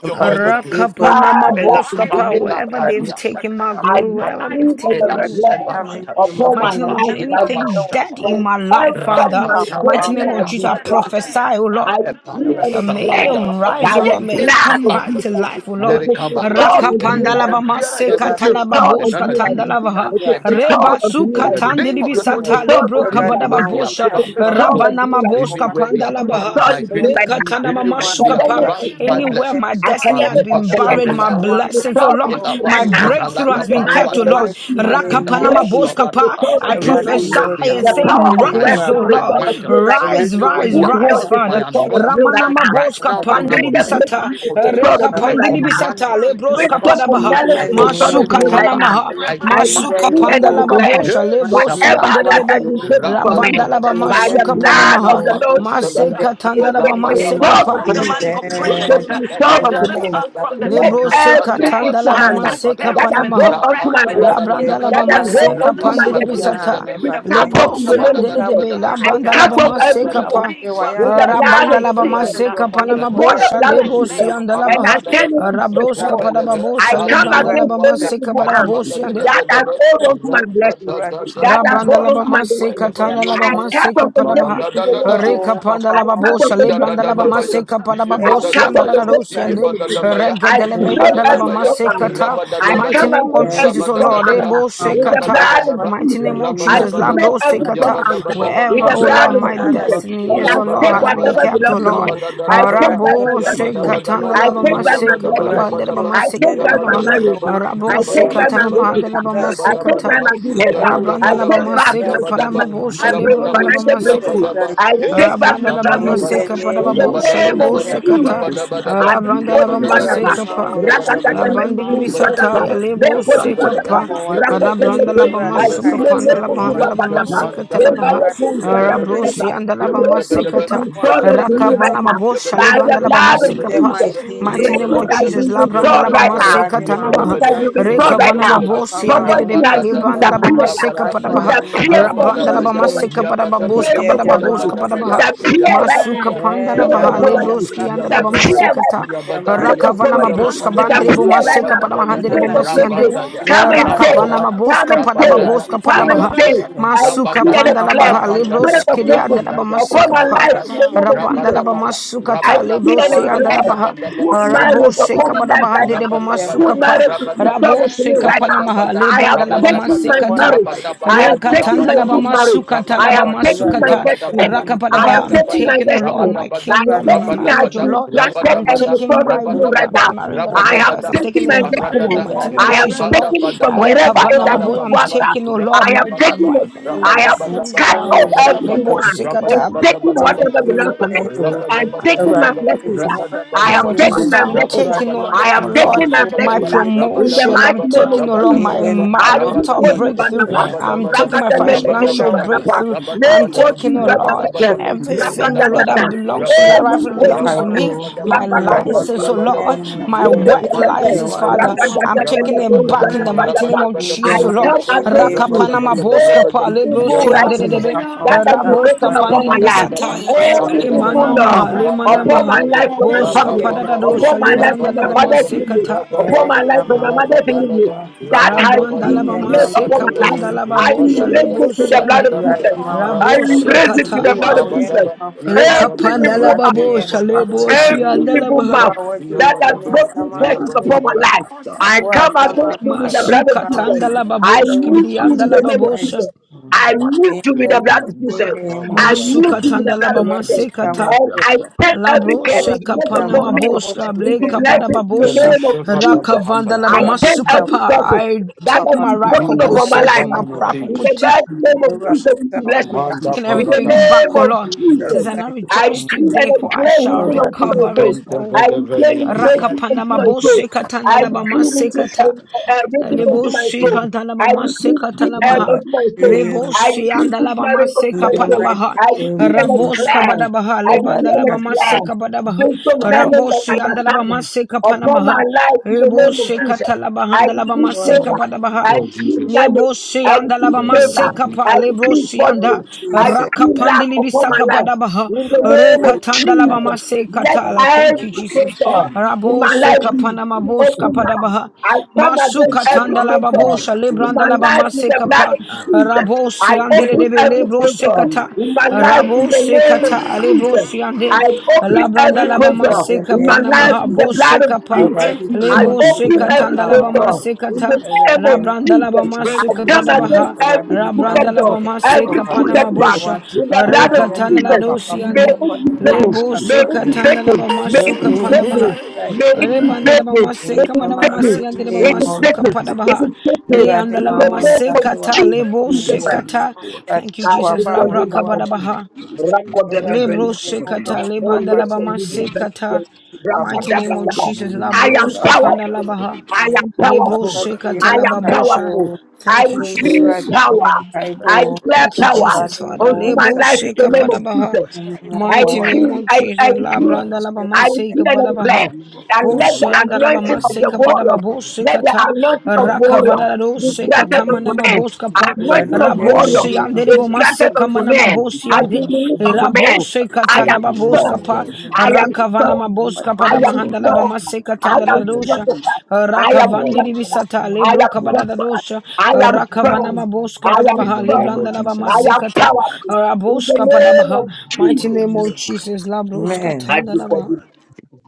Speaker 2: would empire would
Speaker 3: Haraka
Speaker 2: give for the
Speaker 3: pana
Speaker 5: Father,
Speaker 2: living
Speaker 5: in
Speaker 3: maboska
Speaker 5: the
Speaker 3: pa
Speaker 5: name of
Speaker 3: wherever
Speaker 2: radish.
Speaker 3: they've
Speaker 5: Jesus,
Speaker 3: taken my
Speaker 5: I
Speaker 3: glory,
Speaker 5: decree
Speaker 3: wherever they've
Speaker 5: and I
Speaker 2: The radish
Speaker 3: taken
Speaker 5: declare
Speaker 2: coming in the mouth
Speaker 5: upon my
Speaker 3: mighty name of
Speaker 5: life
Speaker 3: Jesus.
Speaker 5: right now.
Speaker 3: Anything dead in
Speaker 2: of
Speaker 3: my life,
Speaker 5: Whenever
Speaker 3: Father.
Speaker 5: my
Speaker 2: Mama,
Speaker 3: Mighty
Speaker 2: mama,
Speaker 5: destiny
Speaker 3: name of
Speaker 5: has
Speaker 1: Mm.
Speaker 3: Jesus,
Speaker 5: been
Speaker 3: I
Speaker 2: watoko
Speaker 5: struck,
Speaker 3: prophesy, O
Speaker 2: ya
Speaker 3: Lord.
Speaker 5: I
Speaker 1: Let
Speaker 5: decree and
Speaker 2: ewurade
Speaker 5: I
Speaker 3: That
Speaker 2: ma ne
Speaker 5: declare
Speaker 3: May
Speaker 2: ko
Speaker 3: it
Speaker 2: nka papa
Speaker 5: by
Speaker 3: rise, O
Speaker 2: ma
Speaker 5: the
Speaker 2: me
Speaker 3: Lord.
Speaker 2: ne
Speaker 3: May
Speaker 2: ne
Speaker 3: it
Speaker 1: it
Speaker 2: ma
Speaker 5: blood
Speaker 1: come
Speaker 3: come
Speaker 2: ma
Speaker 5: of
Speaker 1: back.
Speaker 2: ɔde
Speaker 3: back to
Speaker 2: ko
Speaker 5: Jesus.
Speaker 2: bi
Speaker 3: life, O
Speaker 2: da
Speaker 5: It
Speaker 1: Let
Speaker 3: Lord.
Speaker 1: it
Speaker 5: is
Speaker 1: come back.
Speaker 2: ɛwɔ
Speaker 5: restored unto
Speaker 1: And
Speaker 2: jesus
Speaker 1: you
Speaker 5: me
Speaker 1: will
Speaker 5: right now.
Speaker 2: christ
Speaker 1: never
Speaker 3: Rakapandalabama
Speaker 1: hear
Speaker 5: It
Speaker 1: yes,
Speaker 5: is
Speaker 2: ewurade
Speaker 1: you
Speaker 2: ma
Speaker 1: know,
Speaker 5: restored
Speaker 2: ko
Speaker 1: and
Speaker 3: sekatanababosh
Speaker 5: unto
Speaker 1: none
Speaker 2: nka
Speaker 5: me
Speaker 1: of
Speaker 2: so
Speaker 5: right
Speaker 1: you.
Speaker 5: now.
Speaker 2: so
Speaker 1: We
Speaker 2: so
Speaker 1: are
Speaker 3: katandalabaha.
Speaker 5: It
Speaker 2: wura
Speaker 1: the
Speaker 5: is
Speaker 1: yes.
Speaker 5: restored
Speaker 2: papa
Speaker 5: unto
Speaker 3: Rebasu
Speaker 5: me
Speaker 2: kyerɛ
Speaker 1: In
Speaker 2: wo
Speaker 5: right
Speaker 1: the
Speaker 2: de
Speaker 5: now.
Speaker 2: ne
Speaker 1: name
Speaker 2: ne
Speaker 1: of
Speaker 2: mo
Speaker 1: the
Speaker 5: It
Speaker 1: Lord
Speaker 5: is
Speaker 2: yam
Speaker 3: katandilibisata
Speaker 1: Jesus,
Speaker 5: restored
Speaker 3: lebro
Speaker 5: unto me
Speaker 2: ewurade
Speaker 5: right
Speaker 1: anywhere
Speaker 2: ma
Speaker 5: now.
Speaker 1: they
Speaker 2: wɔn
Speaker 1: have
Speaker 3: kabadababosha.
Speaker 5: It
Speaker 2: nka
Speaker 5: is
Speaker 2: so
Speaker 1: buried my
Speaker 5: restored
Speaker 2: papa
Speaker 1: glory,
Speaker 2: ho
Speaker 5: unto me
Speaker 2: ma
Speaker 5: right
Speaker 3: Rabanamabosh
Speaker 2: ɔbɔ
Speaker 5: now.
Speaker 2: wa
Speaker 1: anywhere
Speaker 2: so
Speaker 1: they
Speaker 5: It is
Speaker 1: have
Speaker 2: papa
Speaker 3: kapandalabaha.
Speaker 1: buried
Speaker 5: restored
Speaker 1: my
Speaker 5: unto me
Speaker 2: ɛma
Speaker 5: right
Speaker 1: greatness,
Speaker 5: now
Speaker 2: ne ho ho
Speaker 1: anywhere they
Speaker 2: ase
Speaker 1: have
Speaker 3: Lekatanamamashukapa.
Speaker 5: academic
Speaker 2: ewurade
Speaker 1: buried my
Speaker 2: kyerɛ wo
Speaker 5: excellence,
Speaker 3: Anywhere
Speaker 2: dɛ
Speaker 3: my
Speaker 1: blessings,
Speaker 3: destiny has
Speaker 5: academic
Speaker 1: Maliva
Speaker 3: been
Speaker 5: excellence.
Speaker 2: ewurade
Speaker 3: buried, my
Speaker 2: kyerɛ wo
Speaker 1: Sabela,
Speaker 5: It is
Speaker 3: blessings,
Speaker 2: ankasa
Speaker 3: O
Speaker 5: restored
Speaker 2: kyerɛ
Speaker 3: Lord.
Speaker 5: unto
Speaker 2: wo
Speaker 1: Akila
Speaker 5: you
Speaker 2: ma
Speaker 3: My
Speaker 5: right
Speaker 2: ne
Speaker 5: now.
Speaker 1: Vasezala
Speaker 3: breakthrough
Speaker 5: In
Speaker 3: has
Speaker 5: the
Speaker 3: been
Speaker 2: in
Speaker 5: mighty
Speaker 3: kept,
Speaker 2: the
Speaker 3: O
Speaker 5: name
Speaker 3: Lord.
Speaker 5: of
Speaker 1: Kapawatas,
Speaker 2: mighty
Speaker 5: Jesus,
Speaker 2: name
Speaker 1: Akila
Speaker 2: of
Speaker 5: greatness
Speaker 2: jesus.
Speaker 5: is
Speaker 3: Panamaboskapa.
Speaker 1: Baraba,
Speaker 5: restored
Speaker 3: I
Speaker 5: unto you
Speaker 2: Ẹ̀rọ̀dì
Speaker 5: right
Speaker 3: prophesy
Speaker 5: now.
Speaker 1: Where
Speaker 2: ìwọ̀
Speaker 1: they
Speaker 2: tí
Speaker 3: and
Speaker 5: The
Speaker 2: mo
Speaker 1: have
Speaker 3: say,
Speaker 2: tí
Speaker 5: power
Speaker 1: buried
Speaker 5: of
Speaker 2: mi
Speaker 1: my
Speaker 2: lu
Speaker 5: wealth
Speaker 3: Rise, O
Speaker 5: is
Speaker 2: àwọn
Speaker 5: restored
Speaker 3: Lord.
Speaker 2: ọ̀rẹ́ yìí.
Speaker 5: unto
Speaker 1: mantle,
Speaker 5: you right now.
Speaker 3: Rise,
Speaker 2: Ẹ̀rọ̀dì máa
Speaker 1: anywhere
Speaker 2: mú
Speaker 1: they
Speaker 3: rise,
Speaker 5: Good
Speaker 2: ẹ̀sìn
Speaker 1: have
Speaker 3: rise,
Speaker 5: health is
Speaker 2: ìjàmbá
Speaker 3: Father.
Speaker 1: my
Speaker 2: gbé
Speaker 5: restored
Speaker 2: náà
Speaker 5: unto you
Speaker 3: Ramana
Speaker 2: bòwú.
Speaker 5: right now.
Speaker 1: Right
Speaker 3: Maboska
Speaker 1: now,
Speaker 2: Ẹ̀rọ̀dì
Speaker 1: in the
Speaker 2: máa
Speaker 3: Pandili
Speaker 2: bọ̀
Speaker 1: name
Speaker 5: Financial
Speaker 2: fẹ́
Speaker 3: Bisata.
Speaker 5: breakthrough
Speaker 2: ìjàmbá
Speaker 5: is
Speaker 1: of
Speaker 2: gbé náà
Speaker 5: restored
Speaker 1: Jesus,
Speaker 3: Reka
Speaker 2: bà
Speaker 5: unto you
Speaker 1: I
Speaker 5: right
Speaker 3: Pandili
Speaker 2: mẹ́fà
Speaker 5: now
Speaker 1: command,
Speaker 2: jù.
Speaker 3: Bisata. Lebroska
Speaker 2: Ẹ̀rọ̀dì
Speaker 5: wisdom and
Speaker 2: ṣòwò
Speaker 3: Padabaha.
Speaker 2: dún
Speaker 5: knowledge
Speaker 2: lẹ́nu
Speaker 5: will
Speaker 2: mo
Speaker 5: restore
Speaker 1: command
Speaker 2: yán
Speaker 1: it
Speaker 5: unto
Speaker 1: to
Speaker 3: Masuka
Speaker 2: mọ́
Speaker 5: you
Speaker 2: o.
Speaker 1: come
Speaker 5: right
Speaker 1: back.
Speaker 5: now.
Speaker 3: Tanamaha.
Speaker 2: Ẹ̀rọ̀dì
Speaker 5: I
Speaker 2: mo ní
Speaker 3: Masuka
Speaker 2: bẹ́ẹ̀
Speaker 5: decree
Speaker 2: mo
Speaker 5: and
Speaker 2: bó
Speaker 5: I
Speaker 3: Pandala
Speaker 2: o.
Speaker 5: declare
Speaker 3: Babosha.
Speaker 1: Eh,
Speaker 2: Mọ̀lẹ̀
Speaker 3: Lebrosi
Speaker 2: nínú
Speaker 5: whatever
Speaker 2: wọn
Speaker 5: that
Speaker 1: shabadabadaba,
Speaker 3: Anderebe.
Speaker 2: àti
Speaker 5: has
Speaker 2: o.
Speaker 5: been taken from
Speaker 1: raban-
Speaker 2: Ẹ̀rọ̀dì
Speaker 5: men
Speaker 3: Ravandalaba
Speaker 2: ṣòwò dún
Speaker 5: by the
Speaker 2: lẹ́nu
Speaker 3: Masuka
Speaker 2: mo yán
Speaker 5: blood
Speaker 2: mọ́
Speaker 3: Panamaha.
Speaker 5: of
Speaker 2: o.
Speaker 5: the Lord
Speaker 2: In
Speaker 5: Jesus,
Speaker 2: the
Speaker 3: Maseka
Speaker 5: it
Speaker 2: mighty
Speaker 3: Tandalaba
Speaker 5: is
Speaker 2: name of
Speaker 3: Maseka
Speaker 5: restored
Speaker 3: Pa.
Speaker 5: unto me. It is
Speaker 2: Jesus.
Speaker 5: restored unto
Speaker 2: Ẹ̀rọ̀dì
Speaker 5: me.
Speaker 2: kàṣàbẹ̀mọ́
Speaker 5: Let
Speaker 2: ẹ̀
Speaker 3: Lebro
Speaker 2: náà ti
Speaker 3: seka
Speaker 2: bọ̀
Speaker 5: every
Speaker 2: fún
Speaker 3: tanda
Speaker 5: evil
Speaker 3: la
Speaker 5: hand
Speaker 3: bama seka
Speaker 5: that has hold
Speaker 3: panamaha.
Speaker 5: unto my
Speaker 2: Awurade
Speaker 5: blessing,
Speaker 3: Labranda
Speaker 2: baabi
Speaker 3: la
Speaker 5: that has
Speaker 3: bama
Speaker 2: biara a
Speaker 5: hold
Speaker 3: seka
Speaker 2: yadeɛ
Speaker 5: unto my
Speaker 3: pande di
Speaker 2: hyɛ
Speaker 5: destiny,
Speaker 2: biara
Speaker 3: bisata.
Speaker 2: no,
Speaker 5: be
Speaker 2: Awurade ma
Speaker 5: cut
Speaker 3: Lebro
Speaker 5: off in
Speaker 2: yɛnhu
Speaker 5: the
Speaker 3: si
Speaker 2: na
Speaker 5: name
Speaker 2: yɛn
Speaker 5: of
Speaker 3: andele
Speaker 2: nsa
Speaker 5: Jesus.
Speaker 3: debe. be.
Speaker 2: abofra
Speaker 5: I
Speaker 3: Labranda
Speaker 2: yare
Speaker 3: la
Speaker 5: cut
Speaker 2: ama me.
Speaker 5: off
Speaker 3: bama
Speaker 5: every evil
Speaker 3: seka
Speaker 5: hand.
Speaker 3: pa.
Speaker 2: Abofra yi,
Speaker 5: With
Speaker 2: wayare
Speaker 5: the
Speaker 2: dodo.
Speaker 5: blood
Speaker 3: Rabanda
Speaker 5: of
Speaker 3: la bama
Speaker 5: Jesus.
Speaker 2: Awurade deɛ
Speaker 3: seka
Speaker 5: I
Speaker 3: panama
Speaker 2: ɔbɔnefoɔ
Speaker 5: draw
Speaker 2: de
Speaker 5: the
Speaker 2: ato
Speaker 3: bosha.
Speaker 5: blood
Speaker 2: ne
Speaker 5: of
Speaker 2: so
Speaker 3: Lebro
Speaker 2: bi,
Speaker 3: si
Speaker 5: Jesus
Speaker 2: abofra
Speaker 3: andala
Speaker 2: yi
Speaker 5: and
Speaker 2: yi
Speaker 5: I
Speaker 3: baha.
Speaker 2: fi
Speaker 5: turn
Speaker 2: ne
Speaker 1: shabadabadaba,
Speaker 2: so.
Speaker 5: it to
Speaker 2: Awurade
Speaker 5: this
Speaker 3: Rabros
Speaker 2: hyira
Speaker 5: war.
Speaker 3: kapada
Speaker 2: abofra
Speaker 1: zibobelebe,
Speaker 2: yi.
Speaker 5: I
Speaker 3: babosha.
Speaker 5: come
Speaker 3: Lebranda la
Speaker 2: Awurade
Speaker 5: against
Speaker 3: bama
Speaker 5: any
Speaker 2: hyira
Speaker 1: adibaluate,
Speaker 3: seka
Speaker 2: no.
Speaker 5: evil
Speaker 3: para
Speaker 5: hand
Speaker 3: baboshi ande.
Speaker 5: that has
Speaker 2: Awurade
Speaker 1: adibalebedebe,
Speaker 2: hyira
Speaker 5: hold on to my
Speaker 2: no.
Speaker 5: blessings,
Speaker 2: Awurade
Speaker 1: randadadada.
Speaker 2: hyira
Speaker 5: that
Speaker 2: no.
Speaker 5: has
Speaker 3: Rabranda
Speaker 5: hold
Speaker 1: Come
Speaker 5: on
Speaker 2: Papa
Speaker 3: laba
Speaker 5: to
Speaker 1: back
Speaker 5: my
Speaker 2: na ne nsa
Speaker 3: maseka
Speaker 5: destiny.
Speaker 2: mu
Speaker 1: wherever
Speaker 3: tanda
Speaker 1: you are.
Speaker 2: yare o.
Speaker 3: laba
Speaker 5: I cut
Speaker 3: maseka
Speaker 5: off and take
Speaker 1: Da,
Speaker 3: padabaha.
Speaker 5: it
Speaker 1: da,
Speaker 5: to
Speaker 1: da,
Speaker 2: no
Speaker 5: the
Speaker 1: da,
Speaker 5: enemy.
Speaker 2: mmɔbɔ
Speaker 1: da.
Speaker 3: Reka
Speaker 2: Papa
Speaker 3: panda
Speaker 5: I
Speaker 2: ma
Speaker 3: laba
Speaker 5: cut
Speaker 2: ɔbɔfoɔ
Speaker 5: off
Speaker 3: bosha
Speaker 1: In
Speaker 5: and
Speaker 1: da,
Speaker 2: ntwa
Speaker 5: take
Speaker 1: da,
Speaker 2: ne
Speaker 3: lebranda
Speaker 5: it
Speaker 1: da,
Speaker 2: ho
Speaker 5: to
Speaker 3: laba
Speaker 1: da,
Speaker 5: the
Speaker 1: ba.
Speaker 5: enemy.
Speaker 2: nhyia.
Speaker 3: maseka padaba
Speaker 1: Iye
Speaker 5: I
Speaker 1: ba,
Speaker 2: Ɛwɔ
Speaker 1: da,
Speaker 3: bosi
Speaker 5: cut
Speaker 1: da,
Speaker 3: anda
Speaker 1: ba,
Speaker 5: off
Speaker 3: la
Speaker 2: Jesus
Speaker 5: and
Speaker 1: ya.
Speaker 3: da
Speaker 5: take it
Speaker 3: dosi
Speaker 1: Iye
Speaker 5: to
Speaker 2: Christ
Speaker 5: the
Speaker 3: ande.
Speaker 1: ba, da, da, ba,
Speaker 5: enemy.
Speaker 3: Rega
Speaker 5: I
Speaker 3: delebe
Speaker 2: in the
Speaker 5: break
Speaker 6: I'm
Speaker 3: anda
Speaker 1: da,
Speaker 3: laba
Speaker 5: every
Speaker 1: ba, ya.
Speaker 2: mighty
Speaker 5: thought.
Speaker 3: maseka
Speaker 2: name
Speaker 3: ta.
Speaker 2: of
Speaker 1: Raba, da,
Speaker 5: I
Speaker 1: da,
Speaker 5: come
Speaker 3: Mighty
Speaker 2: Jesus,
Speaker 3: name of
Speaker 5: against
Speaker 2: and
Speaker 5: every
Speaker 3: Jesus,
Speaker 1: raba,
Speaker 3: O
Speaker 1: da,
Speaker 5: strong
Speaker 1: da,
Speaker 3: Lord.
Speaker 1: da.
Speaker 6: just
Speaker 5: answer
Speaker 3: Rembo
Speaker 5: with
Speaker 3: seka
Speaker 5: the
Speaker 1: Raba, da,
Speaker 3: ta.
Speaker 1: ba,
Speaker 5: blood
Speaker 1: da,
Speaker 5: of
Speaker 2: ìtàṣọ́wá
Speaker 1: ba.
Speaker 2: ti
Speaker 3: Mighty
Speaker 2: tó
Speaker 5: Jesus.
Speaker 3: name of
Speaker 1: Raba,
Speaker 5: I
Speaker 2: nira,
Speaker 1: da,
Speaker 3: Jesus,
Speaker 1: ba, da, ba.
Speaker 5: break
Speaker 3: labro
Speaker 5: every
Speaker 3: seka
Speaker 1: Iya,
Speaker 5: strong
Speaker 1: ba,
Speaker 3: ta.
Speaker 1: da, ba,
Speaker 5: answer
Speaker 2: Ẹ̀rọ̀dìmọ̀
Speaker 1: da,
Speaker 6: now
Speaker 5: with
Speaker 3: Wherever,
Speaker 2: ọ̀bọ̀,
Speaker 5: the
Speaker 3: O
Speaker 6: use what
Speaker 5: blood
Speaker 3: Lord,
Speaker 6: I
Speaker 5: of
Speaker 6: got
Speaker 3: my
Speaker 6: to
Speaker 2: ẹ̀nànà
Speaker 5: Jesus.
Speaker 2: tí
Speaker 6: do
Speaker 3: destiny
Speaker 5: And
Speaker 3: is,
Speaker 6: that.
Speaker 5: I
Speaker 3: O
Speaker 2: yóò
Speaker 1: ba, da,
Speaker 3: Lord,
Speaker 5: take
Speaker 2: pàpà
Speaker 6: We
Speaker 3: has
Speaker 1: da, ba,
Speaker 2: tí
Speaker 6: might
Speaker 2: ó
Speaker 3: been
Speaker 1: ya.
Speaker 5: whatever
Speaker 2: lè
Speaker 6: do
Speaker 3: kept, O
Speaker 6: that.
Speaker 5: belongs
Speaker 6: We might
Speaker 5: to
Speaker 2: tó
Speaker 5: me.
Speaker 3: Lord.
Speaker 2: o,
Speaker 5: I
Speaker 1: Yabadadadabaya,
Speaker 5: take back
Speaker 2: Ẹ̀rọ̀dìmọ̀
Speaker 5: my
Speaker 3: Rabo
Speaker 6: do
Speaker 1: yabada-
Speaker 5: testimony.
Speaker 3: seka
Speaker 2: mẹ́mọ́ wá
Speaker 3: tanda
Speaker 5: I
Speaker 3: laba
Speaker 2: sí
Speaker 5: take
Speaker 2: o,
Speaker 5: back my
Speaker 3: maseka
Speaker 5: blessings.
Speaker 3: padaba anda
Speaker 6: that.
Speaker 1: yabadabadabada,
Speaker 3: laba
Speaker 2: Ẹ̀rọ̀dìṣẹ́
Speaker 5: I
Speaker 3: maseka
Speaker 5: take
Speaker 3: anda
Speaker 2: lẹ́nu
Speaker 5: back
Speaker 6: Take
Speaker 2: wọn
Speaker 1: yabadadabaya,
Speaker 5: my
Speaker 6: it
Speaker 3: laba. ha.
Speaker 6: Back with
Speaker 5: marriage.
Speaker 6: my
Speaker 2: o,
Speaker 5: I
Speaker 3: Rabo
Speaker 2: ẹ
Speaker 5: take
Speaker 2: wo
Speaker 3: seka
Speaker 5: back
Speaker 6: Jesus.
Speaker 5: my
Speaker 3: tanda laba
Speaker 6: I
Speaker 5: riches.
Speaker 3: anda
Speaker 2: Jesus
Speaker 6: take
Speaker 3: laba
Speaker 6: it
Speaker 2: Christ
Speaker 6: back
Speaker 5: I
Speaker 6: with
Speaker 2: bí,
Speaker 6: my
Speaker 3: maseka
Speaker 5: take
Speaker 3: ta.
Speaker 5: back
Speaker 1: badabadaba,
Speaker 5: my good
Speaker 6: Jesus.
Speaker 2: ẹ
Speaker 6: I
Speaker 5: health.
Speaker 2: wo
Speaker 6: will
Speaker 5: I
Speaker 3: Rabranda
Speaker 6: take
Speaker 3: laba
Speaker 1: yabadabadaba,
Speaker 5: take
Speaker 6: back
Speaker 2: Jesus
Speaker 6: my
Speaker 5: back
Speaker 3: masika
Speaker 5: my,
Speaker 2: Christ
Speaker 6: Jesus.
Speaker 2: bí,
Speaker 1: yabadaba,
Speaker 3: panama
Speaker 5: my,
Speaker 6: My
Speaker 3: bosha
Speaker 5: my break,
Speaker 2: ẹ
Speaker 6: Jesus.
Speaker 3: libranda
Speaker 2: wo
Speaker 1: yabadaba,
Speaker 3: laba
Speaker 5: financial
Speaker 2: Jesus
Speaker 3: masika
Speaker 6: Lord,
Speaker 5: breakthrough.
Speaker 3: pa
Speaker 1: yabadaba,
Speaker 2: Christ
Speaker 5: I
Speaker 2: bí,
Speaker 1: yes.
Speaker 5: take back
Speaker 3: Rabranda
Speaker 5: my
Speaker 3: laba
Speaker 2: in
Speaker 5: traveling.
Speaker 6: this
Speaker 1: Yabadabada,
Speaker 2: the
Speaker 3: masika panama
Speaker 5: In
Speaker 2: name
Speaker 5: the
Speaker 2: of
Speaker 3: bosha
Speaker 5: name
Speaker 3: libro
Speaker 5: of
Speaker 1: yabadabadaba,
Speaker 6: wherever my
Speaker 3: sekata
Speaker 5: Jesus,
Speaker 6: destiny has been
Speaker 5: I
Speaker 2: Jesus,
Speaker 5: do
Speaker 6: taken,
Speaker 3: Rabranda
Speaker 5: all
Speaker 3: laba
Speaker 1: yabadabadaba,
Speaker 6: wherever I
Speaker 5: this.
Speaker 2: Awurade
Speaker 3: masika
Speaker 2: ma
Speaker 3: pa
Speaker 6: swallow
Speaker 2: wɔn
Speaker 6: my
Speaker 2: nsa
Speaker 6: destiny,
Speaker 2: so
Speaker 1: yabadaba, yabadaba, yabadabadaba,
Speaker 2: wɔakyekyɛ
Speaker 6: to
Speaker 3: Rabandiri
Speaker 2: me
Speaker 6: see
Speaker 2: yie.
Speaker 6: that,
Speaker 5: Rabakatamelebuzadaba.
Speaker 3: bisataya
Speaker 6: and then
Speaker 3: lebo
Speaker 2: apa ho
Speaker 6: that
Speaker 1: yabadabadaba, yabadaba,
Speaker 6: whatever
Speaker 3: sekapa
Speaker 6: they
Speaker 2: mmɔbɔ wate
Speaker 6: they will face
Speaker 3: rabranda
Speaker 6: it. away,
Speaker 3: laba
Speaker 2: Awurade
Speaker 6: in the
Speaker 3: masuka
Speaker 2: kae me
Speaker 1: yabadabadaba, yabadabadaba,
Speaker 6: mighty
Speaker 3: panda
Speaker 6: name
Speaker 2: sɛdeɛ
Speaker 6: of
Speaker 3: laba handa
Speaker 6: Jesus,
Speaker 3: laba
Speaker 2: w'adɔyɛ teɛ
Speaker 6: whatever
Speaker 3: masika
Speaker 6: they
Speaker 1: yabadabadaba, yabadabadaba,
Speaker 6: will
Speaker 3: talabaha
Speaker 2: Awurade
Speaker 6: take away,
Speaker 2: hwie wo din
Speaker 6: but I
Speaker 1: yabadabadaba,
Speaker 2: anim
Speaker 6: go
Speaker 3: rabrosi
Speaker 6: that
Speaker 3: anda laba
Speaker 6: I give
Speaker 3: masika
Speaker 6: it
Speaker 2: wɔahyɛ
Speaker 6: back
Speaker 3: ta
Speaker 2: wɔn
Speaker 6: to them,
Speaker 5: unto
Speaker 2: ankasa
Speaker 6: and I
Speaker 5: me
Speaker 2: nso
Speaker 3: rakavana
Speaker 5: right
Speaker 6: take
Speaker 5: now.
Speaker 6: back
Speaker 2: ho yɛ.
Speaker 6: what
Speaker 3: mabosha
Speaker 5: By
Speaker 6: belongs to
Speaker 5: the
Speaker 3: lebranda
Speaker 6: me,
Speaker 3: laba
Speaker 5: blood of
Speaker 6: in
Speaker 2: in
Speaker 6: the mighty
Speaker 3: masika
Speaker 2: the
Speaker 6: name
Speaker 3: pa
Speaker 5: Jesus,
Speaker 6: of
Speaker 2: mighty
Speaker 3: mighty
Speaker 6: Jesus,
Speaker 5: break
Speaker 2: name
Speaker 3: name
Speaker 6: Father God,
Speaker 2: of
Speaker 3: of
Speaker 5: it
Speaker 6: I
Speaker 5: as you
Speaker 3: Jesus
Speaker 6: take
Speaker 2: Jesus
Speaker 6: back
Speaker 3: labranda
Speaker 6: what
Speaker 5: restored
Speaker 3: laba
Speaker 6: belongs
Speaker 5: right
Speaker 6: to
Speaker 5: now.
Speaker 6: me,
Speaker 3: masika
Speaker 2: Awurade
Speaker 6: in
Speaker 2: ma
Speaker 6: the
Speaker 5: Break
Speaker 2: wɔn
Speaker 5: it
Speaker 3: tanabaha
Speaker 6: mighty
Speaker 5: as
Speaker 2: nsa
Speaker 5: you
Speaker 2: so
Speaker 6: name of
Speaker 5: restored
Speaker 6: Jesus,
Speaker 2: o.
Speaker 6: Father
Speaker 5: right
Speaker 6: God,
Speaker 3: rekavana
Speaker 5: now.
Speaker 6: I
Speaker 2: papa
Speaker 3: mabosi
Speaker 2: ma
Speaker 3: ande de
Speaker 6: take back
Speaker 2: wɔn
Speaker 6: what what belongs to me, in the
Speaker 5: Property
Speaker 2: nsa
Speaker 5: has
Speaker 3: debe
Speaker 1: yabadabadaba,
Speaker 5: been
Speaker 6: mighty
Speaker 2: so
Speaker 3: lebranda laba
Speaker 2: o.
Speaker 5: disappeared now.
Speaker 3: masika
Speaker 1: yabadabadaba,
Speaker 2: yɛato
Speaker 6: name of
Speaker 3: padabaha
Speaker 6: Jesus,
Speaker 2: ahene
Speaker 6: Father
Speaker 2: ma
Speaker 5: Disappear
Speaker 6: God, I
Speaker 5: for
Speaker 6: take
Speaker 2: wɔn
Speaker 6: back
Speaker 3: rabanda
Speaker 2: nsa
Speaker 5: me
Speaker 3: laba
Speaker 6: what
Speaker 5: in
Speaker 2: so
Speaker 6: belongs
Speaker 2: o.
Speaker 6: to me,
Speaker 5: poverty.
Speaker 3: masika
Speaker 2: oni
Speaker 1: Yabadabaya,
Speaker 2: bi
Speaker 5: Spirit
Speaker 3: padababoska
Speaker 5: of
Speaker 6: to
Speaker 2: agya
Speaker 6: the
Speaker 2: ma
Speaker 5: poverty.
Speaker 1: yabada-
Speaker 3: padababoska
Speaker 6: Jesus,
Speaker 2: wɔn
Speaker 6: I take
Speaker 2: nsa
Speaker 6: back
Speaker 3: padabaha
Speaker 6: what belongs to
Speaker 2: so
Speaker 6: me, Father God, I
Speaker 2: o.
Speaker 5: Disappear right
Speaker 3: masuka
Speaker 5: now.
Speaker 1: yabadabaya,
Speaker 3: panda
Speaker 2: bɛɛ
Speaker 5: Spirit
Speaker 2: agya
Speaker 5: of
Speaker 3: labaha
Speaker 2: ma
Speaker 1: yabadaba-
Speaker 2: wɔn
Speaker 5: poverty.
Speaker 2: nsa
Speaker 3: Mandoski
Speaker 2: so o.
Speaker 3: and the Rabba
Speaker 2: in
Speaker 1: yabadabaya,
Speaker 5: Disappear right
Speaker 3: Masekata,
Speaker 5: now.
Speaker 2: the
Speaker 5: Spirit
Speaker 1: yabadabaya,
Speaker 5: of
Speaker 2: mighty
Speaker 3: Rakavana
Speaker 5: poverty.
Speaker 2: name
Speaker 3: Maboska
Speaker 2: of
Speaker 1: yabadabaya,
Speaker 5: Disappear
Speaker 3: Banderebo
Speaker 2: Jesus
Speaker 5: right
Speaker 3: Maseka
Speaker 5: now.
Speaker 1: yabadabaya,
Speaker 3: Padamahanderebo
Speaker 5: Spirit
Speaker 1: rabadaya,
Speaker 5: of
Speaker 2: Nanaji
Speaker 5: breakthrough.
Speaker 3: Masiande,
Speaker 2: papatie
Speaker 5: Come and
Speaker 2: mpae
Speaker 5: stay.
Speaker 2: kwa
Speaker 3: Rakavana
Speaker 1: rabadaya,
Speaker 2: watu
Speaker 5: Come
Speaker 3: Maboska
Speaker 5: and stay.
Speaker 2: wewe
Speaker 1: rabadaya,
Speaker 3: Padababoska
Speaker 5: Come
Speaker 2: adichie
Speaker 5: and
Speaker 3: Padabaha,
Speaker 5: stay.
Speaker 1: rabadaya,
Speaker 2: msifune
Speaker 5: I
Speaker 3: Masuka
Speaker 5: clear
Speaker 1: rabadaya,
Speaker 2: newo
Speaker 5: them clear.
Speaker 2: abaa
Speaker 3: Pandalabaha,
Speaker 2: wame
Speaker 1: rabadaya,
Speaker 5: Spirit
Speaker 2: mpae
Speaker 5: of
Speaker 3: Libroski
Speaker 2: bono
Speaker 3: and
Speaker 5: breakthrough.
Speaker 3: the Rabba
Speaker 1: rabadaya,
Speaker 5: Upon my
Speaker 3: Masekapa,
Speaker 2: wewe
Speaker 5: life in
Speaker 1: rabadaya,
Speaker 5: the
Speaker 2: adichie
Speaker 5: name of Jesus.
Speaker 2: msifune
Speaker 3: Rabandalaba
Speaker 2: mu
Speaker 1: rabadabaya,
Speaker 5: I
Speaker 3: Masukata,
Speaker 5: decree
Speaker 1: rabadaba-
Speaker 5: and I
Speaker 2: yewa
Speaker 3: Librosi and the
Speaker 5: declare
Speaker 2: akata
Speaker 3: Rabaha,
Speaker 1: rabadaba-
Speaker 5: good
Speaker 2: so
Speaker 5: marriage upon
Speaker 3: Raboseka
Speaker 5: my
Speaker 1: rabadabadaba, rabadabada,
Speaker 5: life right
Speaker 1: raba-
Speaker 5: now.
Speaker 3: Padabahanderebo
Speaker 2: inde
Speaker 5: Good
Speaker 3: Masukapa,
Speaker 5: marriage
Speaker 2: maiti
Speaker 5: is restored to me
Speaker 3: Raboseka
Speaker 5: right now.
Speaker 3: Panamaha,
Speaker 5: I have
Speaker 2: wewe
Speaker 3: Librandalaba
Speaker 5: taken
Speaker 2: adichie
Speaker 5: my
Speaker 2: wane
Speaker 3: Masekata,
Speaker 5: marriage.
Speaker 2: kwa
Speaker 5: I
Speaker 1: rabadabada, rabadabada,
Speaker 5: have
Speaker 2: ya
Speaker 6: take
Speaker 5: taken my
Speaker 3: Rekatandalaba
Speaker 5: good marriage.
Speaker 3: Masukata
Speaker 6: back
Speaker 5: I
Speaker 6: what
Speaker 3: Laba
Speaker 5: have
Speaker 1: rabadabada, rabadabada,
Speaker 5: taken
Speaker 2: wewe
Speaker 6: belongs to
Speaker 5: my
Speaker 2: adi
Speaker 6: me,
Speaker 3: Masukata,
Speaker 5: destiny.
Speaker 2: msifune mu
Speaker 1: rabadabada,
Speaker 5: I
Speaker 6: That is
Speaker 5: have
Speaker 3: Rakapadabaha,
Speaker 2: Jesus
Speaker 3: I'm
Speaker 5: taken
Speaker 2: Christ
Speaker 1: bada,
Speaker 5: my
Speaker 3: taking, oh Lord,
Speaker 5: destiny.
Speaker 1: rabada
Speaker 3: my
Speaker 1: bada,
Speaker 5: My
Speaker 2: wewe adi
Speaker 3: kingdom
Speaker 5: destiny
Speaker 1: rabada
Speaker 5: has
Speaker 3: marriage, oh
Speaker 1: bada,
Speaker 2: mamsifune
Speaker 5: been
Speaker 3: Lord.
Speaker 2: kwa
Speaker 1: rabada
Speaker 5: granted
Speaker 3: I'm
Speaker 5: and
Speaker 2: mwanzo
Speaker 1: bada,
Speaker 3: taking
Speaker 5: restored
Speaker 3: my,
Speaker 5: to me
Speaker 1: rabada
Speaker 2: wewe
Speaker 5: right
Speaker 3: my
Speaker 1: bada,
Speaker 5: now.
Speaker 3: marrying the
Speaker 2: adi
Speaker 5: I
Speaker 1: rabada
Speaker 2: mwobo
Speaker 3: right
Speaker 5: have
Speaker 2: kwa
Speaker 1: bada,
Speaker 3: person. I'm
Speaker 5: taken
Speaker 3: taking
Speaker 5: my
Speaker 2: ya
Speaker 3: it back
Speaker 1: ibarada
Speaker 3: in
Speaker 5: destiny.
Speaker 3: the
Speaker 1: da,
Speaker 2: mwanzo ya
Speaker 3: mighty name
Speaker 5: I
Speaker 3: of
Speaker 2: adadi
Speaker 5: have
Speaker 3: Jesus, oh
Speaker 2: kwa
Speaker 1: rabada
Speaker 2: sema
Speaker 3: Lord.
Speaker 5: taken it
Speaker 1: bada
Speaker 5: from
Speaker 1: ba,
Speaker 5: wherever
Speaker 2: na
Speaker 5: it has
Speaker 1: rabada
Speaker 2: mawo
Speaker 5: been
Speaker 3: Alekavanamabo, I'm
Speaker 1: bada
Speaker 2: na
Speaker 1: ba,
Speaker 5: squandered.
Speaker 3: taking, oh Lord,
Speaker 5: I
Speaker 1: rabada
Speaker 5: have
Speaker 3: my
Speaker 1: bada.
Speaker 5: taken it.
Speaker 3: driving
Speaker 2: wewe
Speaker 5: I
Speaker 1: Rabada
Speaker 5: have
Speaker 1: bada ba,
Speaker 3: license,
Speaker 5: cut
Speaker 3: Father.
Speaker 5: off
Speaker 2: mwobo
Speaker 1: rabada
Speaker 5: every
Speaker 1: bada,
Speaker 5: evil
Speaker 3: Rebo
Speaker 2: kwa
Speaker 5: hand
Speaker 1: rabada
Speaker 5: and
Speaker 3: Rebosikata,
Speaker 1: bada
Speaker 5: taken
Speaker 1: bada
Speaker 5: whatever
Speaker 1: bada
Speaker 5: belongs
Speaker 1: ba,
Speaker 5: to me.
Speaker 2: Wamefanikiwa
Speaker 1: rabada
Speaker 5: I'm
Speaker 1: bada
Speaker 5: taking
Speaker 1: bada
Speaker 5: my
Speaker 1: ba,
Speaker 2: eradicating
Speaker 5: blessings. ah.
Speaker 1: bada
Speaker 5: I
Speaker 2: watu
Speaker 1: bada
Speaker 5: have
Speaker 1: ba,
Speaker 3: Oh
Speaker 5: taken
Speaker 3: Jesus,
Speaker 2: sio
Speaker 5: my
Speaker 3: I'm
Speaker 5: blessings.
Speaker 1: rabada
Speaker 3: taking,
Speaker 1: bada
Speaker 3: oh
Speaker 2: lazima
Speaker 5: ah.
Speaker 1: ba,
Speaker 5: I have
Speaker 3: Lord.
Speaker 5: taken my
Speaker 1: rabada bada
Speaker 3: my
Speaker 5: blessings.
Speaker 1: ba,
Speaker 2: wasafiri
Speaker 5: ah.
Speaker 2: Yesu
Speaker 5: In the
Speaker 2: Kristo
Speaker 3: promotion.
Speaker 5: mighty
Speaker 3: I'm
Speaker 5: name of
Speaker 3: taking, oh Lord,
Speaker 2: in
Speaker 3: my
Speaker 5: Jesus,
Speaker 2: the name
Speaker 5: I
Speaker 2: of
Speaker 5: do
Speaker 1: rabada
Speaker 3: marital
Speaker 1: bada ba, bada
Speaker 5: what you
Speaker 1: bada ba,
Speaker 2: Jesus
Speaker 3: breakthrough.
Speaker 5: badaba.
Speaker 2: Lord.
Speaker 1: rabada
Speaker 3: I'm
Speaker 1: bada
Speaker 3: taking
Speaker 1: ba,
Speaker 3: my
Speaker 2: Eradicating
Speaker 1: bada
Speaker 5: Rakatamelekun
Speaker 3: financial
Speaker 1: bada ba,
Speaker 2: watu
Speaker 5: badaba.
Speaker 2: sio
Speaker 3: breakthrough.
Speaker 1: rabada
Speaker 3: I'm taking,
Speaker 5: Lekoti
Speaker 3: oh
Speaker 1: rabada
Speaker 3: Lord,
Speaker 1: bada
Speaker 5: badabete.
Speaker 2: wapate
Speaker 1: ba,
Speaker 3: everything,
Speaker 1: rabada
Speaker 2: uchumi
Speaker 3: oh
Speaker 1: bada.
Speaker 3: Lord,
Speaker 5: Rakatata.
Speaker 3: that belongs to me,
Speaker 5: Eh,
Speaker 3: that
Speaker 5: you
Speaker 3: rightfully
Speaker 2: wapate
Speaker 5: could be
Speaker 3: belongs to me.
Speaker 2: mpaibo
Speaker 1: Rabadabadaba,
Speaker 3: My
Speaker 5: Badaba.
Speaker 3: license,
Speaker 2: eradicating
Speaker 3: oh
Speaker 1: rabadabadaba.
Speaker 2: ujinani
Speaker 3: Lord,
Speaker 5: I
Speaker 3: my
Speaker 2: mwanamo
Speaker 3: work
Speaker 1: Mighty
Speaker 3: license,
Speaker 1: name of
Speaker 2: shewaka
Speaker 3: Father.
Speaker 1: Jesus.
Speaker 3: I'm taking
Speaker 2: mwanamo
Speaker 3: it
Speaker 1: Rabadabadaba,
Speaker 3: back in the
Speaker 2: mwanamo
Speaker 3: mighty name of
Speaker 2: in
Speaker 1: rabadabadaba,
Speaker 2: the
Speaker 3: Jesus, oh Lord.
Speaker 5: come
Speaker 2: mighty
Speaker 1: rabadaba,
Speaker 5: against
Speaker 2: name
Speaker 5: you.
Speaker 2: of
Speaker 3: Rakapana
Speaker 6: my
Speaker 2: Jesus
Speaker 1: rabadabadaba,
Speaker 3: maboska pa
Speaker 1: rabada-
Speaker 5: Every evil
Speaker 3: lebrosi
Speaker 5: right
Speaker 2: amepata
Speaker 5: now
Speaker 1: yandabadaba,
Speaker 3: anderebe
Speaker 2: kama
Speaker 5: that has been
Speaker 3: raboska
Speaker 5: written
Speaker 2: wasafi
Speaker 5: upon my
Speaker 3: pandili
Speaker 5: life,
Speaker 1: rabadabadaba,
Speaker 3: bisataya
Speaker 2: amepata
Speaker 5: every evil
Speaker 1: rabadabadaba,
Speaker 3: lemana
Speaker 2: kama
Speaker 5: law
Speaker 3: maha
Speaker 2: wasafi
Speaker 1: rabababa,
Speaker 3: lemana
Speaker 5: upon my
Speaker 3: maha
Speaker 5: life for my
Speaker 3: boska
Speaker 5: family,
Speaker 2: Oliveira
Speaker 3: padada
Speaker 1: rabababa,
Speaker 5: upon
Speaker 3: dosha
Speaker 5: my life for
Speaker 3: lebranda
Speaker 5: my
Speaker 2: Mautasua
Speaker 3: laba
Speaker 5: father's
Speaker 1: rababadaba,
Speaker 5: lineage,
Speaker 3: masekata
Speaker 5: upon my life
Speaker 2: Vega
Speaker 5: for my mother's
Speaker 1: rabadaba,
Speaker 5: lineage,
Speaker 1: rabadabaya,
Speaker 2: Mautasua
Speaker 5: that has
Speaker 1: rabadabaya,
Speaker 2: in
Speaker 5: been
Speaker 2: the
Speaker 3: Rabandalabama
Speaker 5: placed
Speaker 2: mighty
Speaker 5: upon my
Speaker 6: Thank
Speaker 5: life.
Speaker 2: name of
Speaker 5: I
Speaker 3: sekapandalababo
Speaker 2: Jesus.
Speaker 6: you.
Speaker 5: erase
Speaker 1: rabadabaya,
Speaker 5: it
Speaker 3: shalebo
Speaker 5: to
Speaker 1: rabadabaya,
Speaker 5: the blood
Speaker 3: siande.
Speaker 5: of
Speaker 6: take
Speaker 2: Eradi
Speaker 6: back
Speaker 1: rabadabaya,
Speaker 5: Jesus.
Speaker 6: my life.
Speaker 5: I
Speaker 3: Rabo
Speaker 2: Mautasua
Speaker 6: Lord, I
Speaker 5: erase it to
Speaker 6: take
Speaker 5: the
Speaker 6: back
Speaker 3: sekata
Speaker 5: blood
Speaker 6: my
Speaker 5: of
Speaker 2: Oye
Speaker 6: destiny.
Speaker 5: Jesus.
Speaker 1: rabadabadaba,
Speaker 6: Lord,
Speaker 2: Nopafo
Speaker 6: I
Speaker 1: imayaba,
Speaker 5: Every
Speaker 6: take back my
Speaker 5: evil
Speaker 2: Eradi wo
Speaker 3: rekapandalababo
Speaker 2: ye no
Speaker 6: destiny. I
Speaker 2: Nopafo
Speaker 3: shalebo
Speaker 6: take back
Speaker 5: every
Speaker 6: my
Speaker 2: Washu
Speaker 5: evil
Speaker 6: life.
Speaker 3: siandalaba.
Speaker 2: Wa
Speaker 5: mouth
Speaker 6: Lord,
Speaker 2: Wadi
Speaker 6: I
Speaker 5: that
Speaker 6: take
Speaker 5: has
Speaker 6: back
Speaker 2: Okoni
Speaker 6: my
Speaker 5: spoken
Speaker 6: life.
Speaker 2: Asamadu
Speaker 6: I
Speaker 5: curses
Speaker 2: Sun
Speaker 5: upon my
Speaker 6: take back
Speaker 5: life,
Speaker 6: my star.
Speaker 5: I
Speaker 6: I
Speaker 2: Wa
Speaker 5: come
Speaker 6: take
Speaker 5: against
Speaker 2: Asamadu
Speaker 6: back
Speaker 5: you
Speaker 6: my
Speaker 5: with the
Speaker 6: star.
Speaker 5: blood of
Speaker 6: I
Speaker 2: Safotrawo
Speaker 5: Jesus.
Speaker 6: take back my
Speaker 5: I
Speaker 3: Masukatandalababo
Speaker 6: star.
Speaker 2: Ewo
Speaker 5: meet
Speaker 6: I
Speaker 5: you in the
Speaker 6: take
Speaker 2: Jesus
Speaker 5: name
Speaker 6: back my
Speaker 5: of
Speaker 2: Christ
Speaker 3: skibidiyandalababosa.
Speaker 5: Jesus.
Speaker 6: destiny.
Speaker 2: Mm.
Speaker 5: I
Speaker 6: And My
Speaker 5: meet
Speaker 2: in
Speaker 5: you
Speaker 6: destiny.
Speaker 5: with the
Speaker 2: the
Speaker 5: blood of
Speaker 6: Lord,
Speaker 2: mighty
Speaker 5: Jesus.
Speaker 6: I
Speaker 2: name
Speaker 6: retrieve
Speaker 5: I
Speaker 2: of Jesus.
Speaker 6: it.
Speaker 5: meet
Speaker 6: In
Speaker 5: you
Speaker 6: that
Speaker 5: with the
Speaker 6: my
Speaker 5: blood of
Speaker 3: Masukatandalabama
Speaker 5: Jesus.
Speaker 2: Eradi
Speaker 6: anything that
Speaker 3: sekata.
Speaker 2: Shamo
Speaker 5: And
Speaker 6: that I
Speaker 5: I
Speaker 6: felt,
Speaker 5: turn every
Speaker 6: my
Speaker 3: Labro
Speaker 6: life,
Speaker 2: Eradi
Speaker 5: curse meant
Speaker 6: anything
Speaker 2: Shamo
Speaker 5: upon
Speaker 6: that I
Speaker 5: me
Speaker 2: Papa
Speaker 6: was
Speaker 3: sekapandamaboska
Speaker 2: Oda
Speaker 5: into
Speaker 2: Bifere Kwa
Speaker 5: blessings in
Speaker 2: Oda
Speaker 5: the
Speaker 6: I
Speaker 2: Obe
Speaker 3: blekapadababosa.
Speaker 5: name of
Speaker 6: take back
Speaker 5: Jesus.
Speaker 6: in the
Speaker 5: I
Speaker 3: Rakavandalabama
Speaker 2: Eradi
Speaker 5: turn
Speaker 6: mighty
Speaker 2: Shamo
Speaker 5: every
Speaker 3: sukapa.
Speaker 6: name
Speaker 5: curse
Speaker 3: I
Speaker 5: that
Speaker 3: take
Speaker 5: has
Speaker 2: Papa,
Speaker 3: my
Speaker 5: been
Speaker 2: you are
Speaker 3: rightful
Speaker 5: spoken
Speaker 2: my
Speaker 5: upon
Speaker 6: of
Speaker 5: my life
Speaker 3: possession,
Speaker 6: Jesus.
Speaker 3: my
Speaker 5: uh,
Speaker 2: second Lord.
Speaker 3: proper
Speaker 5: in the mighty
Speaker 3: petition.
Speaker 5: name of
Speaker 2: Ewurade
Speaker 6: Dios,
Speaker 5: Jesus
Speaker 2: sɛ
Speaker 5: into
Speaker 2: ɔmo
Speaker 5: blessings.
Speaker 2: yɛ
Speaker 5: uh,
Speaker 3: taking
Speaker 5: In the
Speaker 3: everything
Speaker 6: everything
Speaker 3: back,
Speaker 2: nkɔm
Speaker 3: O
Speaker 5: name of
Speaker 3: Lord.
Speaker 6: everything
Speaker 3: It
Speaker 2: Jesus
Speaker 6: that
Speaker 5: Jesus.
Speaker 3: says, and I
Speaker 2: Christ.
Speaker 5: I
Speaker 3: rejoice
Speaker 5: decree and I
Speaker 3: today, for I
Speaker 5: declare
Speaker 3: shall
Speaker 5: healing unto
Speaker 2: Ewurade mu
Speaker 5: my
Speaker 3: recover
Speaker 5: soul.
Speaker 3: it
Speaker 2: nkɔm.
Speaker 3: all.
Speaker 5: I declare
Speaker 2: Ewurade
Speaker 5: breaking
Speaker 3: Rakapanda
Speaker 5: unto
Speaker 2: sɛ
Speaker 5: my
Speaker 3: mabo
Speaker 2: ɔmo
Speaker 5: soul.
Speaker 2: yɛ
Speaker 3: sekatanda
Speaker 5: I
Speaker 2: nkɔm.
Speaker 3: labama
Speaker 5: decree breaking
Speaker 3: sekata.
Speaker 5: and uh, breaking
Speaker 2: Ewurade
Speaker 5: unto
Speaker 3: Lebo
Speaker 5: my
Speaker 2: sɛ ɔmo yɛ
Speaker 5: soul.
Speaker 2: nkɔm.
Speaker 3: sikanda
Speaker 5: I
Speaker 3: labama
Speaker 5: decree
Speaker 3: sekata
Speaker 5: good health
Speaker 3: labaha.
Speaker 5: unto
Speaker 2: Ewurade
Speaker 5: my
Speaker 2: sɛ
Speaker 5: soul.
Speaker 2: ɔyɛ
Speaker 3: Lebo
Speaker 2: no.
Speaker 5: I decree
Speaker 3: sianda
Speaker 5: good
Speaker 3: labama
Speaker 5: marriage unto
Speaker 2: In
Speaker 5: my
Speaker 2: the
Speaker 3: sekapada
Speaker 5: soul.
Speaker 3: baha.
Speaker 2: mighty
Speaker 5: I
Speaker 2: name
Speaker 5: decree
Speaker 2: of
Speaker 5: and I
Speaker 2: Jesus.
Speaker 3: Rabos
Speaker 5: declare.
Speaker 3: kabada baha.
Speaker 5: I
Speaker 3: Lebanda
Speaker 5: decree
Speaker 2: Ewurade
Speaker 5: and I
Speaker 2: kasa
Speaker 3: labama
Speaker 2: wa
Speaker 5: declare.
Speaker 2: ne
Speaker 3: sekabada baha.
Speaker 5: Wisdom,
Speaker 2: papa
Speaker 5: knowledge,
Speaker 3: Rabos
Speaker 5: and
Speaker 2: mu
Speaker 3: sianda labama
Speaker 5: understanding
Speaker 3: sekapana
Speaker 5: upon my
Speaker 3: baha.
Speaker 5: life in the
Speaker 3: Lebo
Speaker 2: nkɔm.
Speaker 5: name of Jesus.
Speaker 3: sekata
Speaker 5: I
Speaker 3: labahanda labama
Speaker 5: decree
Speaker 2: Wo a
Speaker 5: favor.
Speaker 2: wɔyɛ
Speaker 3: sekapada
Speaker 5: I
Speaker 3: baha.
Speaker 1: oh
Speaker 2: nkɔm.
Speaker 5: decree
Speaker 1: Jesus,
Speaker 5: knowledge.
Speaker 3: Neboshi
Speaker 5: I
Speaker 3: and
Speaker 5: decree
Speaker 3: Alabama
Speaker 5: favor.
Speaker 2: Wotu-
Speaker 3: Sekapa,
Speaker 5: I decree
Speaker 3: Lebroshi and
Speaker 2: ɛwɔ
Speaker 5: fortune. I
Speaker 2: Jesus
Speaker 5: decree
Speaker 2: Christ.
Speaker 5: lack
Speaker 3: Rakapandili
Speaker 5: upon my life.
Speaker 3: Bisakapadabaha,
Speaker 5: In the
Speaker 2: Ewurade
Speaker 5: name of
Speaker 3: Rekatanda Labama
Speaker 2: Christ.
Speaker 5: Jesus,
Speaker 2: In
Speaker 5: let
Speaker 3: Sekatala. Thank
Speaker 5: every
Speaker 3: you, Jesus.
Speaker 5: pressure in
Speaker 3: Rabo
Speaker 5: my life be
Speaker 3: Sekapanama
Speaker 5: be open
Speaker 6: Oh my God,
Speaker 5: now.
Speaker 3: Boskapadabaha,
Speaker 5: I come against
Speaker 1: In the
Speaker 5: every
Speaker 3: Masukatanda
Speaker 1: name
Speaker 5: pressure
Speaker 3: Lababosha,
Speaker 5: in
Speaker 3: Lebranda
Speaker 5: my
Speaker 6: in the
Speaker 5: life
Speaker 3: Labama
Speaker 5: in the blood
Speaker 3: Sekapa,
Speaker 5: of
Speaker 6: I
Speaker 5: Jesus. I
Speaker 3: Raboshi and Debe
Speaker 5: open every
Speaker 6: take back
Speaker 5: pressure
Speaker 6: that
Speaker 3: Lebrosekata,
Speaker 5: in my life in
Speaker 3: Labo
Speaker 5: the name of
Speaker 3: sekata
Speaker 6: I
Speaker 3: lebo
Speaker 5: Jesus. I
Speaker 3: siande
Speaker 5: open
Speaker 3: labranda
Speaker 5: every
Speaker 3: labama
Speaker 2: the
Speaker 5: pressure in
Speaker 3: sekapa
Speaker 5: my
Speaker 2: name
Speaker 5: life
Speaker 2: of
Speaker 3: namaha
Speaker 5: in
Speaker 2: Jesus.
Speaker 5: the
Speaker 3: bo
Speaker 5: blood of
Speaker 3: sekapa
Speaker 5: Jesus.
Speaker 6: take
Speaker 2: Ewurade
Speaker 6: back
Speaker 2: bie
Speaker 5: I
Speaker 2: wɔ
Speaker 3: lebo
Speaker 2: so
Speaker 5: open
Speaker 2: kyerɛ w'aba
Speaker 5: every
Speaker 3: sekatanda
Speaker 2: a
Speaker 6: that
Speaker 3: labama
Speaker 5: pressure
Speaker 2: wawate.
Speaker 5: in the
Speaker 3: sekata
Speaker 2: Awurade
Speaker 5: name of
Speaker 2: anim
Speaker 3: labranda
Speaker 5: Jesus.
Speaker 3: labama
Speaker 2: nsa
Speaker 5: I
Speaker 3: sekapa
Speaker 2: nsuo.
Speaker 5: come against
Speaker 3: nabaha
Speaker 2: Awurade
Speaker 5: every
Speaker 2: megyina wo
Speaker 3: labranda
Speaker 5: crooked
Speaker 2: pono
Speaker 5: door,
Speaker 3: labama
Speaker 2: n'akyi wɔ
Speaker 5: every
Speaker 3: sekapa
Speaker 2: papa
Speaker 5: crooked
Speaker 2: fie me
Speaker 5: path
Speaker 6: Ever,
Speaker 3: namabosha
Speaker 2: wate.
Speaker 5: in the blood
Speaker 2: Ɛnnɛ
Speaker 5: of
Speaker 2: no
Speaker 3: rekatana
Speaker 2: na
Speaker 5: Jesus.
Speaker 3: lado
Speaker 2: papa fa
Speaker 5: May it
Speaker 3: siande
Speaker 2: yɛkɔ ne
Speaker 5: be
Speaker 6: And I
Speaker 2: fa
Speaker 5: taken.
Speaker 3: lebo
Speaker 2: yɛbra
Speaker 6: retrieve
Speaker 5: May
Speaker 6: back
Speaker 5: it
Speaker 2: fie
Speaker 5: be
Speaker 2: mu.
Speaker 6: as much
Speaker 3: sekatanda
Speaker 5: taken.
Speaker 6: of
Speaker 3: labama
Speaker 6: this,
Speaker 5: May
Speaker 2: Ɛyɛ
Speaker 5: it
Speaker 2: wɔ
Speaker 5: be
Speaker 3: sukapa
Speaker 6: what
Speaker 2: Jesus
Speaker 6: I said.
Speaker 3: namaha
Speaker 5: taken.
Speaker 6: I
Speaker 2: Christ
Speaker 5: May it
Speaker 6: retrieve
Speaker 3: Re
Speaker 2: fie
Speaker 5: be
Speaker 6: back
Speaker 2: mu.
Speaker 3: banda la
Speaker 5: taken.
Speaker 3: mama
Speaker 6: as
Speaker 2: In
Speaker 3: seka
Speaker 5: It
Speaker 2: the
Speaker 6: much of
Speaker 5: is
Speaker 3: mana
Speaker 6: what
Speaker 3: mama
Speaker 6: I
Speaker 5: taken.
Speaker 2: mighty
Speaker 3: si ande la
Speaker 5: It
Speaker 3: mama
Speaker 2: name
Speaker 5: is
Speaker 2: of
Speaker 3: suka
Speaker 5: taken.
Speaker 3: pada
Speaker 6: said.
Speaker 2: Jesus.
Speaker 5: It
Speaker 3: baha
Speaker 5: is
Speaker 6: It was,
Speaker 5: taken.
Speaker 3: le anda
Speaker 2: Awurade
Speaker 3: la
Speaker 5: In
Speaker 2: ma
Speaker 6: it
Speaker 5: the
Speaker 3: mama
Speaker 2: wɔn
Speaker 6: was
Speaker 2: nsa
Speaker 5: name
Speaker 2: so
Speaker 5: of
Speaker 3: seka ta le
Speaker 6: whatever
Speaker 3: bo
Speaker 5: Jesus
Speaker 6: the
Speaker 2: wɔawura.
Speaker 5: Christ.
Speaker 3: seka
Speaker 6: destiny
Speaker 3: ta
Speaker 6: for us
Speaker 3: thank you
Speaker 6: to
Speaker 2: Awurade
Speaker 5: I
Speaker 6: try
Speaker 2: bɔ
Speaker 3: Jesus
Speaker 2: aba a
Speaker 3: la
Speaker 6: in
Speaker 5: record
Speaker 6: the
Speaker 5: you
Speaker 2: wɔne
Speaker 5: by
Speaker 3: braka
Speaker 2: wɔn
Speaker 6: mighty
Speaker 5: the
Speaker 3: pada
Speaker 2: ama me
Speaker 6: name of
Speaker 3: baha
Speaker 2: nsuo.
Speaker 6: Jesus. And
Speaker 5: record
Speaker 6: take
Speaker 2: Awurade
Speaker 6: back
Speaker 5: everybody.
Speaker 3: Lebro
Speaker 2: hu me
Speaker 6: whatever belongs
Speaker 3: sekata
Speaker 2: mmɔbɔ.
Speaker 6: to me.
Speaker 5: And
Speaker 3: lebanda
Speaker 2: Papa kyerɛ
Speaker 5: record
Speaker 2: wo
Speaker 3: labama
Speaker 5: you
Speaker 2: tumi.
Speaker 6: Give me
Speaker 5: by
Speaker 2: wɔ me.
Speaker 6: this
Speaker 5: the
Speaker 6: right.
Speaker 3: sekata.
Speaker 5: belly.
Speaker 6: Take back
Speaker 2: Papa
Speaker 6: whatever
Speaker 3: Mighty name
Speaker 2: kyerɛ
Speaker 3: of
Speaker 2: wo
Speaker 6: belongs
Speaker 5: Rabadabadaba.
Speaker 6: to me.
Speaker 2: tumi.
Speaker 3: Jesus.
Speaker 2: wɔ me.
Speaker 1: of
Speaker 5: I
Speaker 1: Jesus,
Speaker 5: am
Speaker 6: What
Speaker 3: Labros
Speaker 6: I
Speaker 2: Papa
Speaker 6: took
Speaker 3: kapanda
Speaker 2: kyerɛ
Speaker 5: powerful.
Speaker 6: back,
Speaker 2: wo tumi. wɔ
Speaker 6: whatever
Speaker 3: labaha.
Speaker 6: it
Speaker 5: I
Speaker 6: is.
Speaker 2: me.
Speaker 5: am
Speaker 3: Lebro
Speaker 5: powerful.
Speaker 2: Papa
Speaker 6: What I
Speaker 2: tie me
Speaker 3: sekata
Speaker 6: took
Speaker 5: I
Speaker 6: back,
Speaker 5: am
Speaker 6: whatever it is.
Speaker 3: lababosha.
Speaker 2: mpaeɛbɔ.
Speaker 5: powerful. I
Speaker 3: Thank you,
Speaker 6: I take
Speaker 5: decree
Speaker 6: it. you.
Speaker 3: Jesus.
Speaker 6: I
Speaker 2: Suriyatimi
Speaker 5: power.
Speaker 3: Mm.
Speaker 6: take back
Speaker 5: I
Speaker 2: Bible
Speaker 6: from it.
Speaker 5: declare
Speaker 3: Thank you,
Speaker 5: power
Speaker 3: Jesus,
Speaker 2: Awurade ma
Speaker 3: Father.
Speaker 2: wo
Speaker 5: unto my
Speaker 2: nsa
Speaker 3: Lebo
Speaker 5: life in the
Speaker 2: so
Speaker 3: sheka
Speaker 6: I
Speaker 5: name of
Speaker 6: take
Speaker 3: padabaha.
Speaker 6: back
Speaker 5: Jesus.
Speaker 2: nyame
Speaker 6: myself.
Speaker 5: I
Speaker 2: mmɔbɔ
Speaker 6: What
Speaker 3: Mighty
Speaker 6: I
Speaker 3: name
Speaker 5: decree,
Speaker 3: of
Speaker 5: I, I
Speaker 3: Jesus.
Speaker 6: take back
Speaker 5: decree,
Speaker 6: my
Speaker 2: Awurade
Speaker 3: Labranda
Speaker 2: hyɛ wo
Speaker 3: labama
Speaker 5: I
Speaker 2: nsa
Speaker 5: decree
Speaker 3: seka
Speaker 5: and
Speaker 6: Amen.
Speaker 5: declare
Speaker 3: padabaha.
Speaker 5: that let
Speaker 3: Boshi
Speaker 5: the
Speaker 2: papa
Speaker 3: andala ba
Speaker 5: anointing of the
Speaker 3: maseka pada ba
Speaker 5: warrior,
Speaker 3: boshi
Speaker 5: let
Speaker 7: We
Speaker 5: the
Speaker 7: are
Speaker 3: kata
Speaker 7: not
Speaker 5: anointing of
Speaker 7: going to
Speaker 3: raka
Speaker 5: warrior
Speaker 3: vada do
Speaker 7: be
Speaker 5: be
Speaker 3: seka
Speaker 5: granted unto
Speaker 3: tamana ma
Speaker 5: men.
Speaker 3: boska pa
Speaker 1: in
Speaker 5: Anointing
Speaker 2: Awurade
Speaker 1: the
Speaker 5: of
Speaker 2: kyerɛ me
Speaker 1: mighty
Speaker 5: warrior
Speaker 3: raboshi
Speaker 2: nsuo
Speaker 3: andere bo
Speaker 5: is granted
Speaker 3: maseka
Speaker 5: unto
Speaker 3: mana ma
Speaker 5: men.
Speaker 3: boshi
Speaker 5: Has
Speaker 3: ande
Speaker 5: been released unto men.
Speaker 3: raboshi
Speaker 5: I
Speaker 3: kata da
Speaker 5: am
Speaker 3: ba
Speaker 1: you spirit
Speaker 3: boska
Speaker 5: strong.
Speaker 1: of
Speaker 3: pa
Speaker 1: God,
Speaker 5: I am
Speaker 3: raka vana
Speaker 5: strong.
Speaker 3: ma boska pa
Speaker 5: I
Speaker 3: da ba
Speaker 5: am
Speaker 3: handala ba
Speaker 5: strong.
Speaker 3: maseka
Speaker 5: I am
Speaker 3: tandala dosha
Speaker 5: fortified. I
Speaker 3: raka
Speaker 5: am fortified.
Speaker 3: visata
Speaker 5: I
Speaker 3: lebru
Speaker 5: am
Speaker 3: kabada da
Speaker 5: fortified.
Speaker 3: dosha
Speaker 5: I am
Speaker 3: raka vana
Speaker 5: strong.
Speaker 3: ma
Speaker 5: I
Speaker 3: boska pada ba
Speaker 5: am
Speaker 1: in
Speaker 3: ha
Speaker 1: the name
Speaker 5: strong.
Speaker 1: of
Speaker 3: lebrandala ba
Speaker 7: able
Speaker 5: I
Speaker 1: Jesus,
Speaker 7: to
Speaker 5: am
Speaker 3: maseka ta
Speaker 5: powerful. In the
Speaker 3: raboska pada ba
Speaker 5: name
Speaker 3: ha
Speaker 5: of
Speaker 3: mighty name
Speaker 5: Jesus.
Speaker 3: of Jesus
Speaker 2: mu
Speaker 3: labroska
Speaker 5: I do
Speaker 3: tandala ba
Speaker 5: call you.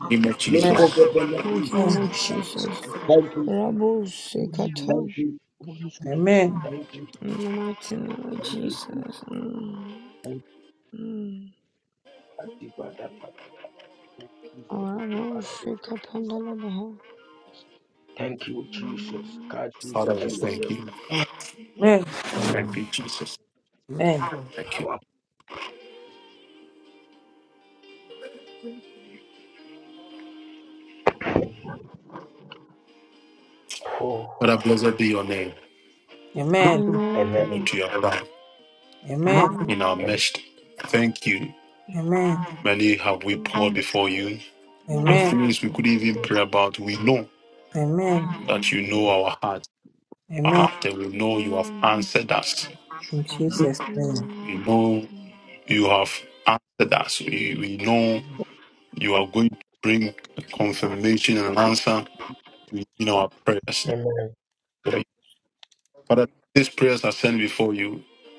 Speaker 1: in the name of
Speaker 5: Let
Speaker 1: Jesus,
Speaker 5: go
Speaker 2: Amen
Speaker 5: of the next
Speaker 3: mighty name of Jesus
Speaker 5: Thank you.
Speaker 3: Rabu
Speaker 5: Thank
Speaker 3: Sikata.
Speaker 5: you.
Speaker 7: do
Speaker 2: Amen
Speaker 7: anything.
Speaker 3: In the mighty name of Jesus. Mm. Mm. Rabu Sikapandalabaha. Mm.
Speaker 1: Father, I thank
Speaker 3: Juju.
Speaker 1: you, thank
Speaker 3: Amen.
Speaker 1: you, Jesus,
Speaker 2: Amen Amen
Speaker 1: thank you.
Speaker 2: Amen
Speaker 3: Amen.
Speaker 2: Amen
Speaker 3: Mm.
Speaker 2: Amen
Speaker 3: Mm.
Speaker 2: Amen
Speaker 3: Lakabadabamos.
Speaker 2: Amen
Speaker 3: Mm.
Speaker 2: Amen
Speaker 3: Mm.
Speaker 2: In Jesus name
Speaker 3: Mm.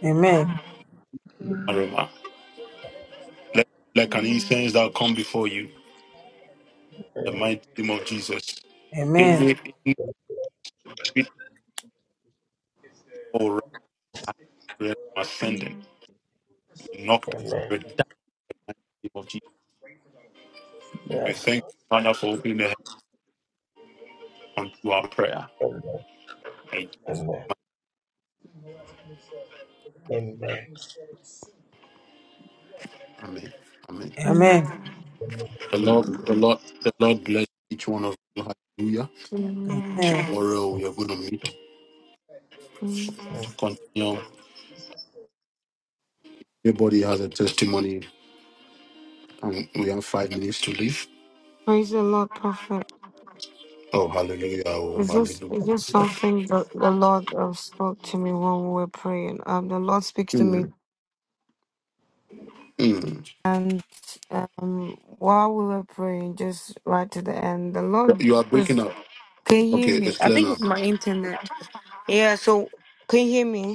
Speaker 2: Amen
Speaker 3: Mm. Mm.
Speaker 2: Amen
Speaker 3: Mm.
Speaker 2: Amen
Speaker 3: Mm.
Speaker 2: Amen
Speaker 1: We
Speaker 3: Mm.
Speaker 1: Continue. Everybody has a testimony, and we have five minutes to leave.
Speaker 3: Praise the Lord, Prophet.
Speaker 1: Oh, hallelujah. Oh,
Speaker 3: It's just,
Speaker 1: hallelujah.
Speaker 3: it's just something that the Lord uh, spoke to me when we were praying. Um, the Lord speaks to me
Speaker 1: Mm, mm.
Speaker 3: Um, while we were praying, just right to the end, the Lord
Speaker 1: You are
Speaker 3: was.
Speaker 1: breaking up.
Speaker 3: Can you hear
Speaker 1: Okay.
Speaker 3: me? I think it's my internet. Yeah. So, can you hear me?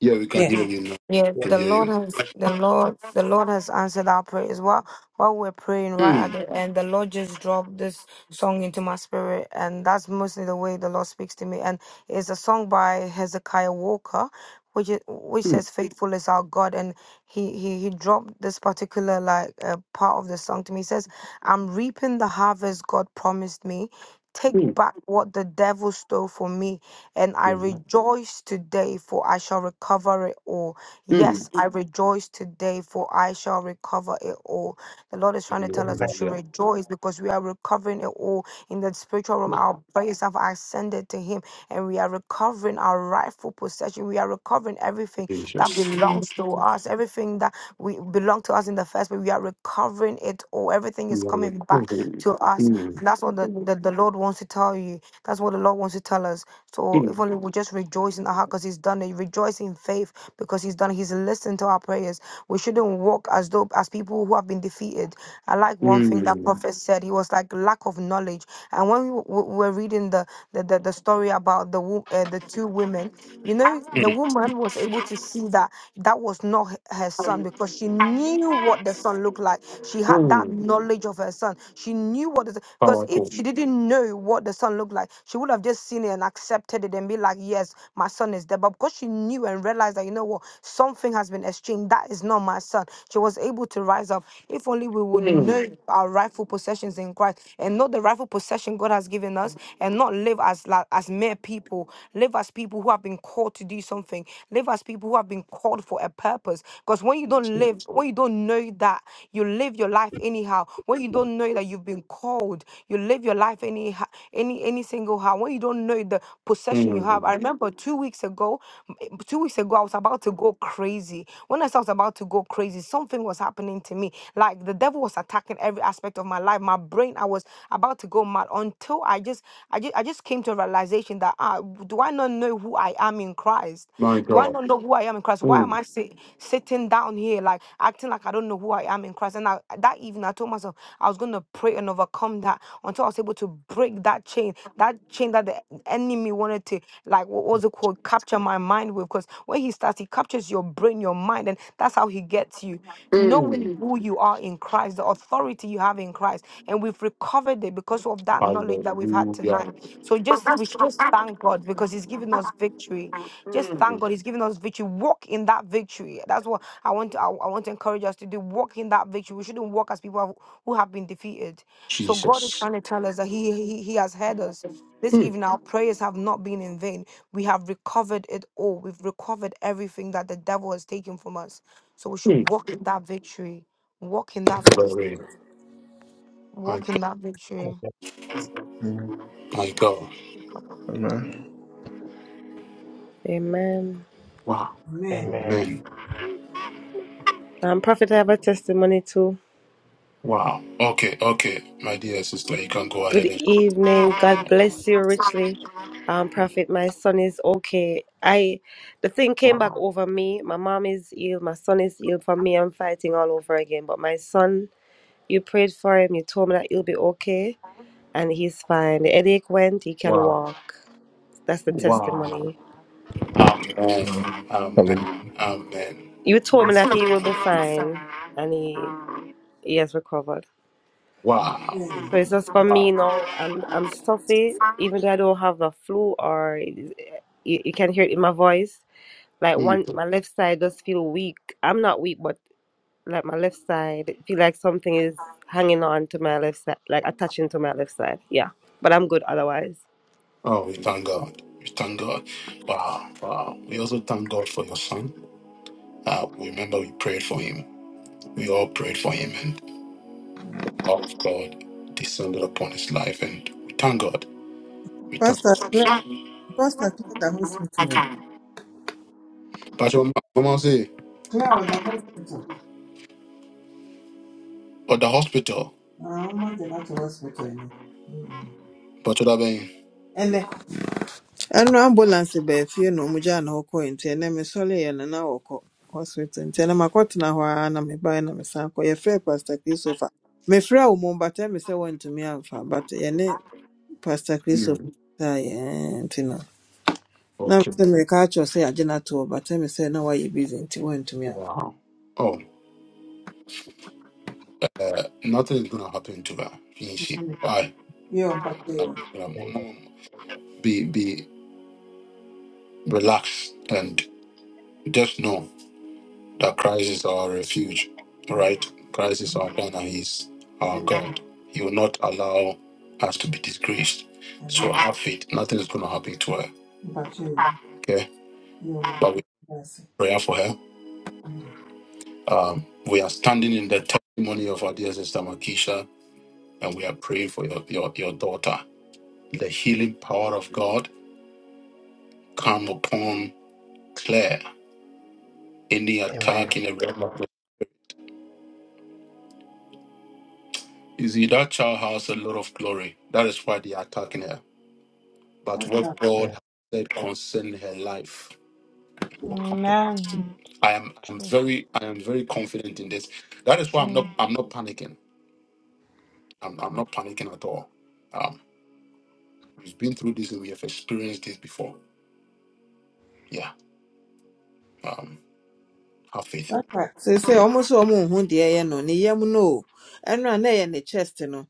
Speaker 1: Yeah, we can
Speaker 2: Yeah
Speaker 1: hear you now.
Speaker 3: Yeah,
Speaker 1: We can
Speaker 3: the
Speaker 1: hear
Speaker 3: Lord
Speaker 1: you.
Speaker 3: has the Lord the Lord has answered our prayers. While while we're praying right
Speaker 1: Mm,
Speaker 3: at the end, the Lord just dropped this song into my spirit, and that's mostly the way the Lord speaks to me. And it's a song by Hezekiah Walker, which is, which says, "Faithful is our God," and he he he dropped this particular like uh, part of the song to me. He says, "I'm reaping the harvest God promised me." Take
Speaker 1: mm,
Speaker 3: back what the devil stole from me, and I
Speaker 1: mm,
Speaker 3: rejoice today, for I shall recover it all.
Speaker 1: mm.
Speaker 3: Yes, I rejoice today, for I shall recover it all. The Lord is trying to tell us we should
Speaker 1: Hallelujah.
Speaker 3: rejoice because we are recovering it all in the spiritual realm. Our prayers have ascended to Him and we are recovering our rightful possession. We are recovering everything that
Speaker 1: Jesus.
Speaker 3: belongs to us, everything that we belong to us in the first place. We are recovering it all. Everything is
Speaker 1: We are
Speaker 3: coming back
Speaker 1: recovering.
Speaker 3: to us.
Speaker 1: Mm,
Speaker 3: And that's what the, the, the Lord wants to tell you. That's what the Lord wants to tell us. So if
Speaker 1: mm,
Speaker 3: only we just rejoice in our heart because He's done it. Rejoice in faith because he's done he's listened to our prayers we shouldn't walk as though as people who have been defeated i like one thing that Mhm.
Speaker 1: mm,
Speaker 3: prophet said he was like lack of knowledge and when we w- w- were reading the the, the, the story about the wo- uh, the two women you know, the woman was able to see that that was not h- her son because she knew what the son looked like. She had that
Speaker 1: mm.
Speaker 3: knowledge of her son. She knew what the because if
Speaker 1: Powerful.
Speaker 3: she didn't know what the son looked like, she would have just seen it and accepted it and be like, "Yes, my son is there." But because she knew and realized that you know what, something has been exchanged. That is not my son. She was able able to rise up. If only we would
Speaker 1: Mm,
Speaker 3: know our rightful possessions in Christ and know the rightful possession God has given us and not live as la- as mere people, live as people who have been called to do something, live as people who have been called for a purpose. Because when you don't
Speaker 1: Jesus.
Speaker 3: live, when you don't know that, you live your life anyhow. When you don't know that you've been called, you live your life anyhow any ha- any any single house when you don't know the possession you have. I
Speaker 1: Mm.
Speaker 3: remember two weeks ago, m- eh, two weeks ago I was about to go crazy. When I said I was about to go crazy, something was happening to me. Like the devil was attacking every aspect of my life. My brain, I was about to go mad until I just I just I just came to a realization that ah, do I not know who I am in Christ?
Speaker 1: My
Speaker 3: Do I
Speaker 1: God.
Speaker 3: not know who I am in Christ? Why am
Speaker 1: Mm,
Speaker 3: I sit, sitting down here like acting like I don't know who I am in Christ? And I, that evening, I told myself I was going to pray and overcome that until I was able to break that chain, that chain that the enemy wanted to like what was it called? Capture my mind with. Because when he starts, he captures your brain, your mind, and that's how he gets you. Knowing
Speaker 1: mm.
Speaker 3: Mhm. who you are in Christ, the authority you have in Christ, and we've recovered it because of that knowledge that we've had tonight.
Speaker 1: Hallelujah.
Speaker 3: So just we should just thank God because He's given us victory. Just thank
Speaker 1: Mm.
Speaker 3: God He's given us victory. Walk in that victory. That's what I want. To, I, I want to encourage us to do. Walk in that victory. We shouldn't walk as people who who have been defeated. So God is
Speaker 1: Jesus.
Speaker 3: trying to tell us that He He, he has heard us. This
Speaker 1: Mm,
Speaker 3: evening, our prayers have not been in vain. We have recovered it all. We've recovered everything that the devil has taken from us. So we should
Speaker 1: mm.
Speaker 3: walk in that victory. Walk in that
Speaker 1: Glory.
Speaker 3: victory.
Speaker 1: My
Speaker 3: Walk in
Speaker 1: God.
Speaker 3: that victory.
Speaker 1: My God.
Speaker 6: Amen.
Speaker 4: Amen.
Speaker 1: Wow.
Speaker 2: Amen
Speaker 1: Amen.
Speaker 4: Um, Prophet, I have a testimony too.
Speaker 1: Wow. That's just
Speaker 4: Good evening. God bless you richly. Um, Prophet, my son is okay. I the thing came back over me. My mom is ill, my son is ill. For me, I'm fighting all over again. But my son, you prayed for him, you told me that he'll be okay, and he's fine. The headache went, he can
Speaker 1: wow,
Speaker 4: walk. That's the
Speaker 1: wow,
Speaker 4: testimony. You told me that he will be fine and he he has recovered.
Speaker 1: wow,
Speaker 4: So it's just for me
Speaker 1: wow.
Speaker 4: now. I'm I'm stuffy, even though I don't have the flu, or you, you can hear it in my voice. Like one,
Speaker 1: Mm.
Speaker 4: my left side does feel weak. I'm not weak, but like my left side, it feel like something is hanging on to my left side, like attaching to my left side. Yeah, but I'm good otherwise.
Speaker 1: Oh God, God, wow, wow. We also thank God how well we pray, God pray, and love of God descended upon His life, and we thank God. We thank
Speaker 2: Pastor Pastor clear the hospital No, the hospital. Ah, I'm not going to hospital. You know. Mm. And the and ambulance be fie no mu gya na hokɔ nti ɛnɛ me sɔre yɛ no na wɔkɔ hospital nti ɛnɛ makɔtena hɔ ara na mebae na mesan kɔ yɛfrɛ pastor christopher mefrɛ wo mom but ɛme sɛ woantumi amfa but yɛne pastor christopher
Speaker 1: you.
Speaker 2: saeɛ ɛɛ, nti no na
Speaker 1: Okay,
Speaker 2: mesɛ mereka akyerɛ sɛ yɛagye no to hɔ but ɛme sɛ na woayɛ busy nti woantumi amfa
Speaker 1: wow. Oh, uh, nothing is gonna happen to her. She, I,
Speaker 2: yɛ mpakyɛ
Speaker 1: nothing. Gonna- Be, be relaxed and just know. that Christ is our refuge, right? Christ is our banner, He's our
Speaker 2: yɛ
Speaker 1: God. He will not allow us to be disgraced. So
Speaker 2: amen
Speaker 1: have faith. Nothing is going to happen to her.
Speaker 2: mpakyɛ yɛ
Speaker 1: Okay.
Speaker 2: yɛ
Speaker 1: But we
Speaker 2: ɔmakyɛ
Speaker 1: pray for her. Um, we are standing in the testimony of our dear sister Makisha, and we are praying for your, your, your daughter. The healing power of God come upon Claire. Any attack in the realm of you see that child has a lot of glory. That is why they are attacking her. but what God has said concerning her life will come to pass.
Speaker 3: Amen.
Speaker 1: I am I'm
Speaker 3: Jesus.
Speaker 1: very I am very confident in this. That is why I'm not
Speaker 3: Mm,
Speaker 1: I'm not panicking. I'm, I'm not panicking at all. Um, we've been through this and we have experienced this before. Yeah. Um, have faith.
Speaker 2: seesei ɔmo sɛ ɔmo nhu deɛ ɛyɛ no ne yam no o ɛno a na ɛyɛ ne chest no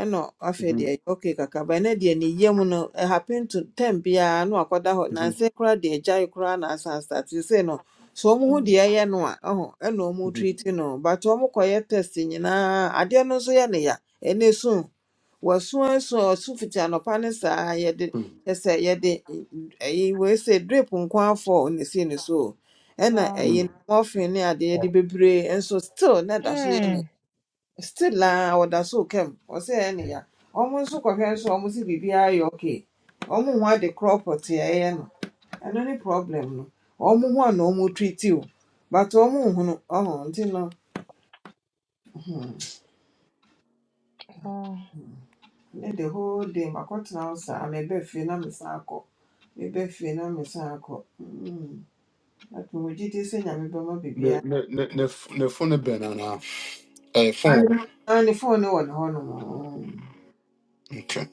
Speaker 2: ɛna afei
Speaker 1: Mhm,
Speaker 2: deɛ ɛyɛ okay Kaka. but ɛnɛ deɛ ne yam no it happen to ten biara na wakɔda hɔ
Speaker 1: mhm,
Speaker 2: nansa koraa deɛ gyae koraa na asan start say no sɛ ɔmo hu
Speaker 3: mm,
Speaker 2: deɛ ɛyɛ no a ɛho ɛna ɔmo
Speaker 1: mhm,
Speaker 2: treat no but ɔmo kɔyɛ test nyinaa adeɛ no nso yɛ ne ya ɛnɛ sun wɔso asu ɔso fiti anɔpa ne saa yɛde kyɛ sɛ yɛde ɛyi We say drip nko afɔ ne si ne so ɛna ɛyi
Speaker 1: mhm.
Speaker 2: no morphine ne adeɛ de bebree nso still na ɛda so yɛ ne still a wɔda so kɛm wɔsɛ ɛyɛ ne ya wɔn nso kɔhwɛ nso wɔn si biribiara yɛ okay wɔn ho ade korɔ pɔtee a ɛyɛ no ɛno ne problem no wɔn ho ana wɔn treat o but wɔn no. ɔho nti no hmm, ne the whole day makɔtena hɔ saa mɛbɛ fie na mesan akɔ mɛbɛ fie na mesan akɔ hmm atumogye te sɛ nyame bɛma
Speaker 1: Ne-
Speaker 2: biribiara
Speaker 1: ne- ne- ne- f- ne phone no bɛn anaa? Eh, phone wɔ hɔ?
Speaker 2: na ne phone no wɔ ne hɔnom.
Speaker 1: Okay.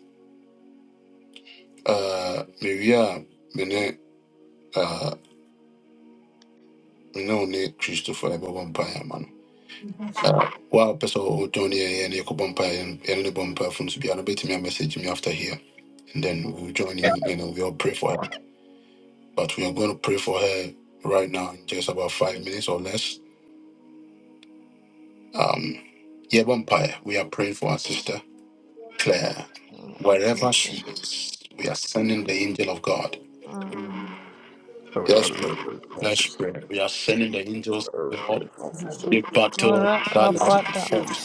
Speaker 1: Uh, maybe uh, me ne uh, me ne wo ne Christopher ɛbɛbɔ mpaeɛ ama no. Wow, pɛ sɛ ɔjoin yɛ yɛne yɛkɔbɔ mpa yɛne ne bɔ mpaafo no so biara bɛtumi a message me after here and then we'll join you and we all pray for her but we are going to pray for her right now in just about five minutes or less um yeah, mpaeɛ we are praying for our sister Claire wherever
Speaker 3: Jesus.
Speaker 1: she is we are sending the angel of God
Speaker 3: Mm.
Speaker 6: Father God, I pray for our
Speaker 1: let's
Speaker 6: sister.
Speaker 1: pray we are sending the angels
Speaker 6: Earth, right, all this stuff.
Speaker 1: to
Speaker 3: In
Speaker 1: battle
Speaker 3: the
Speaker 1: that has
Speaker 6: Whatever.
Speaker 1: been fought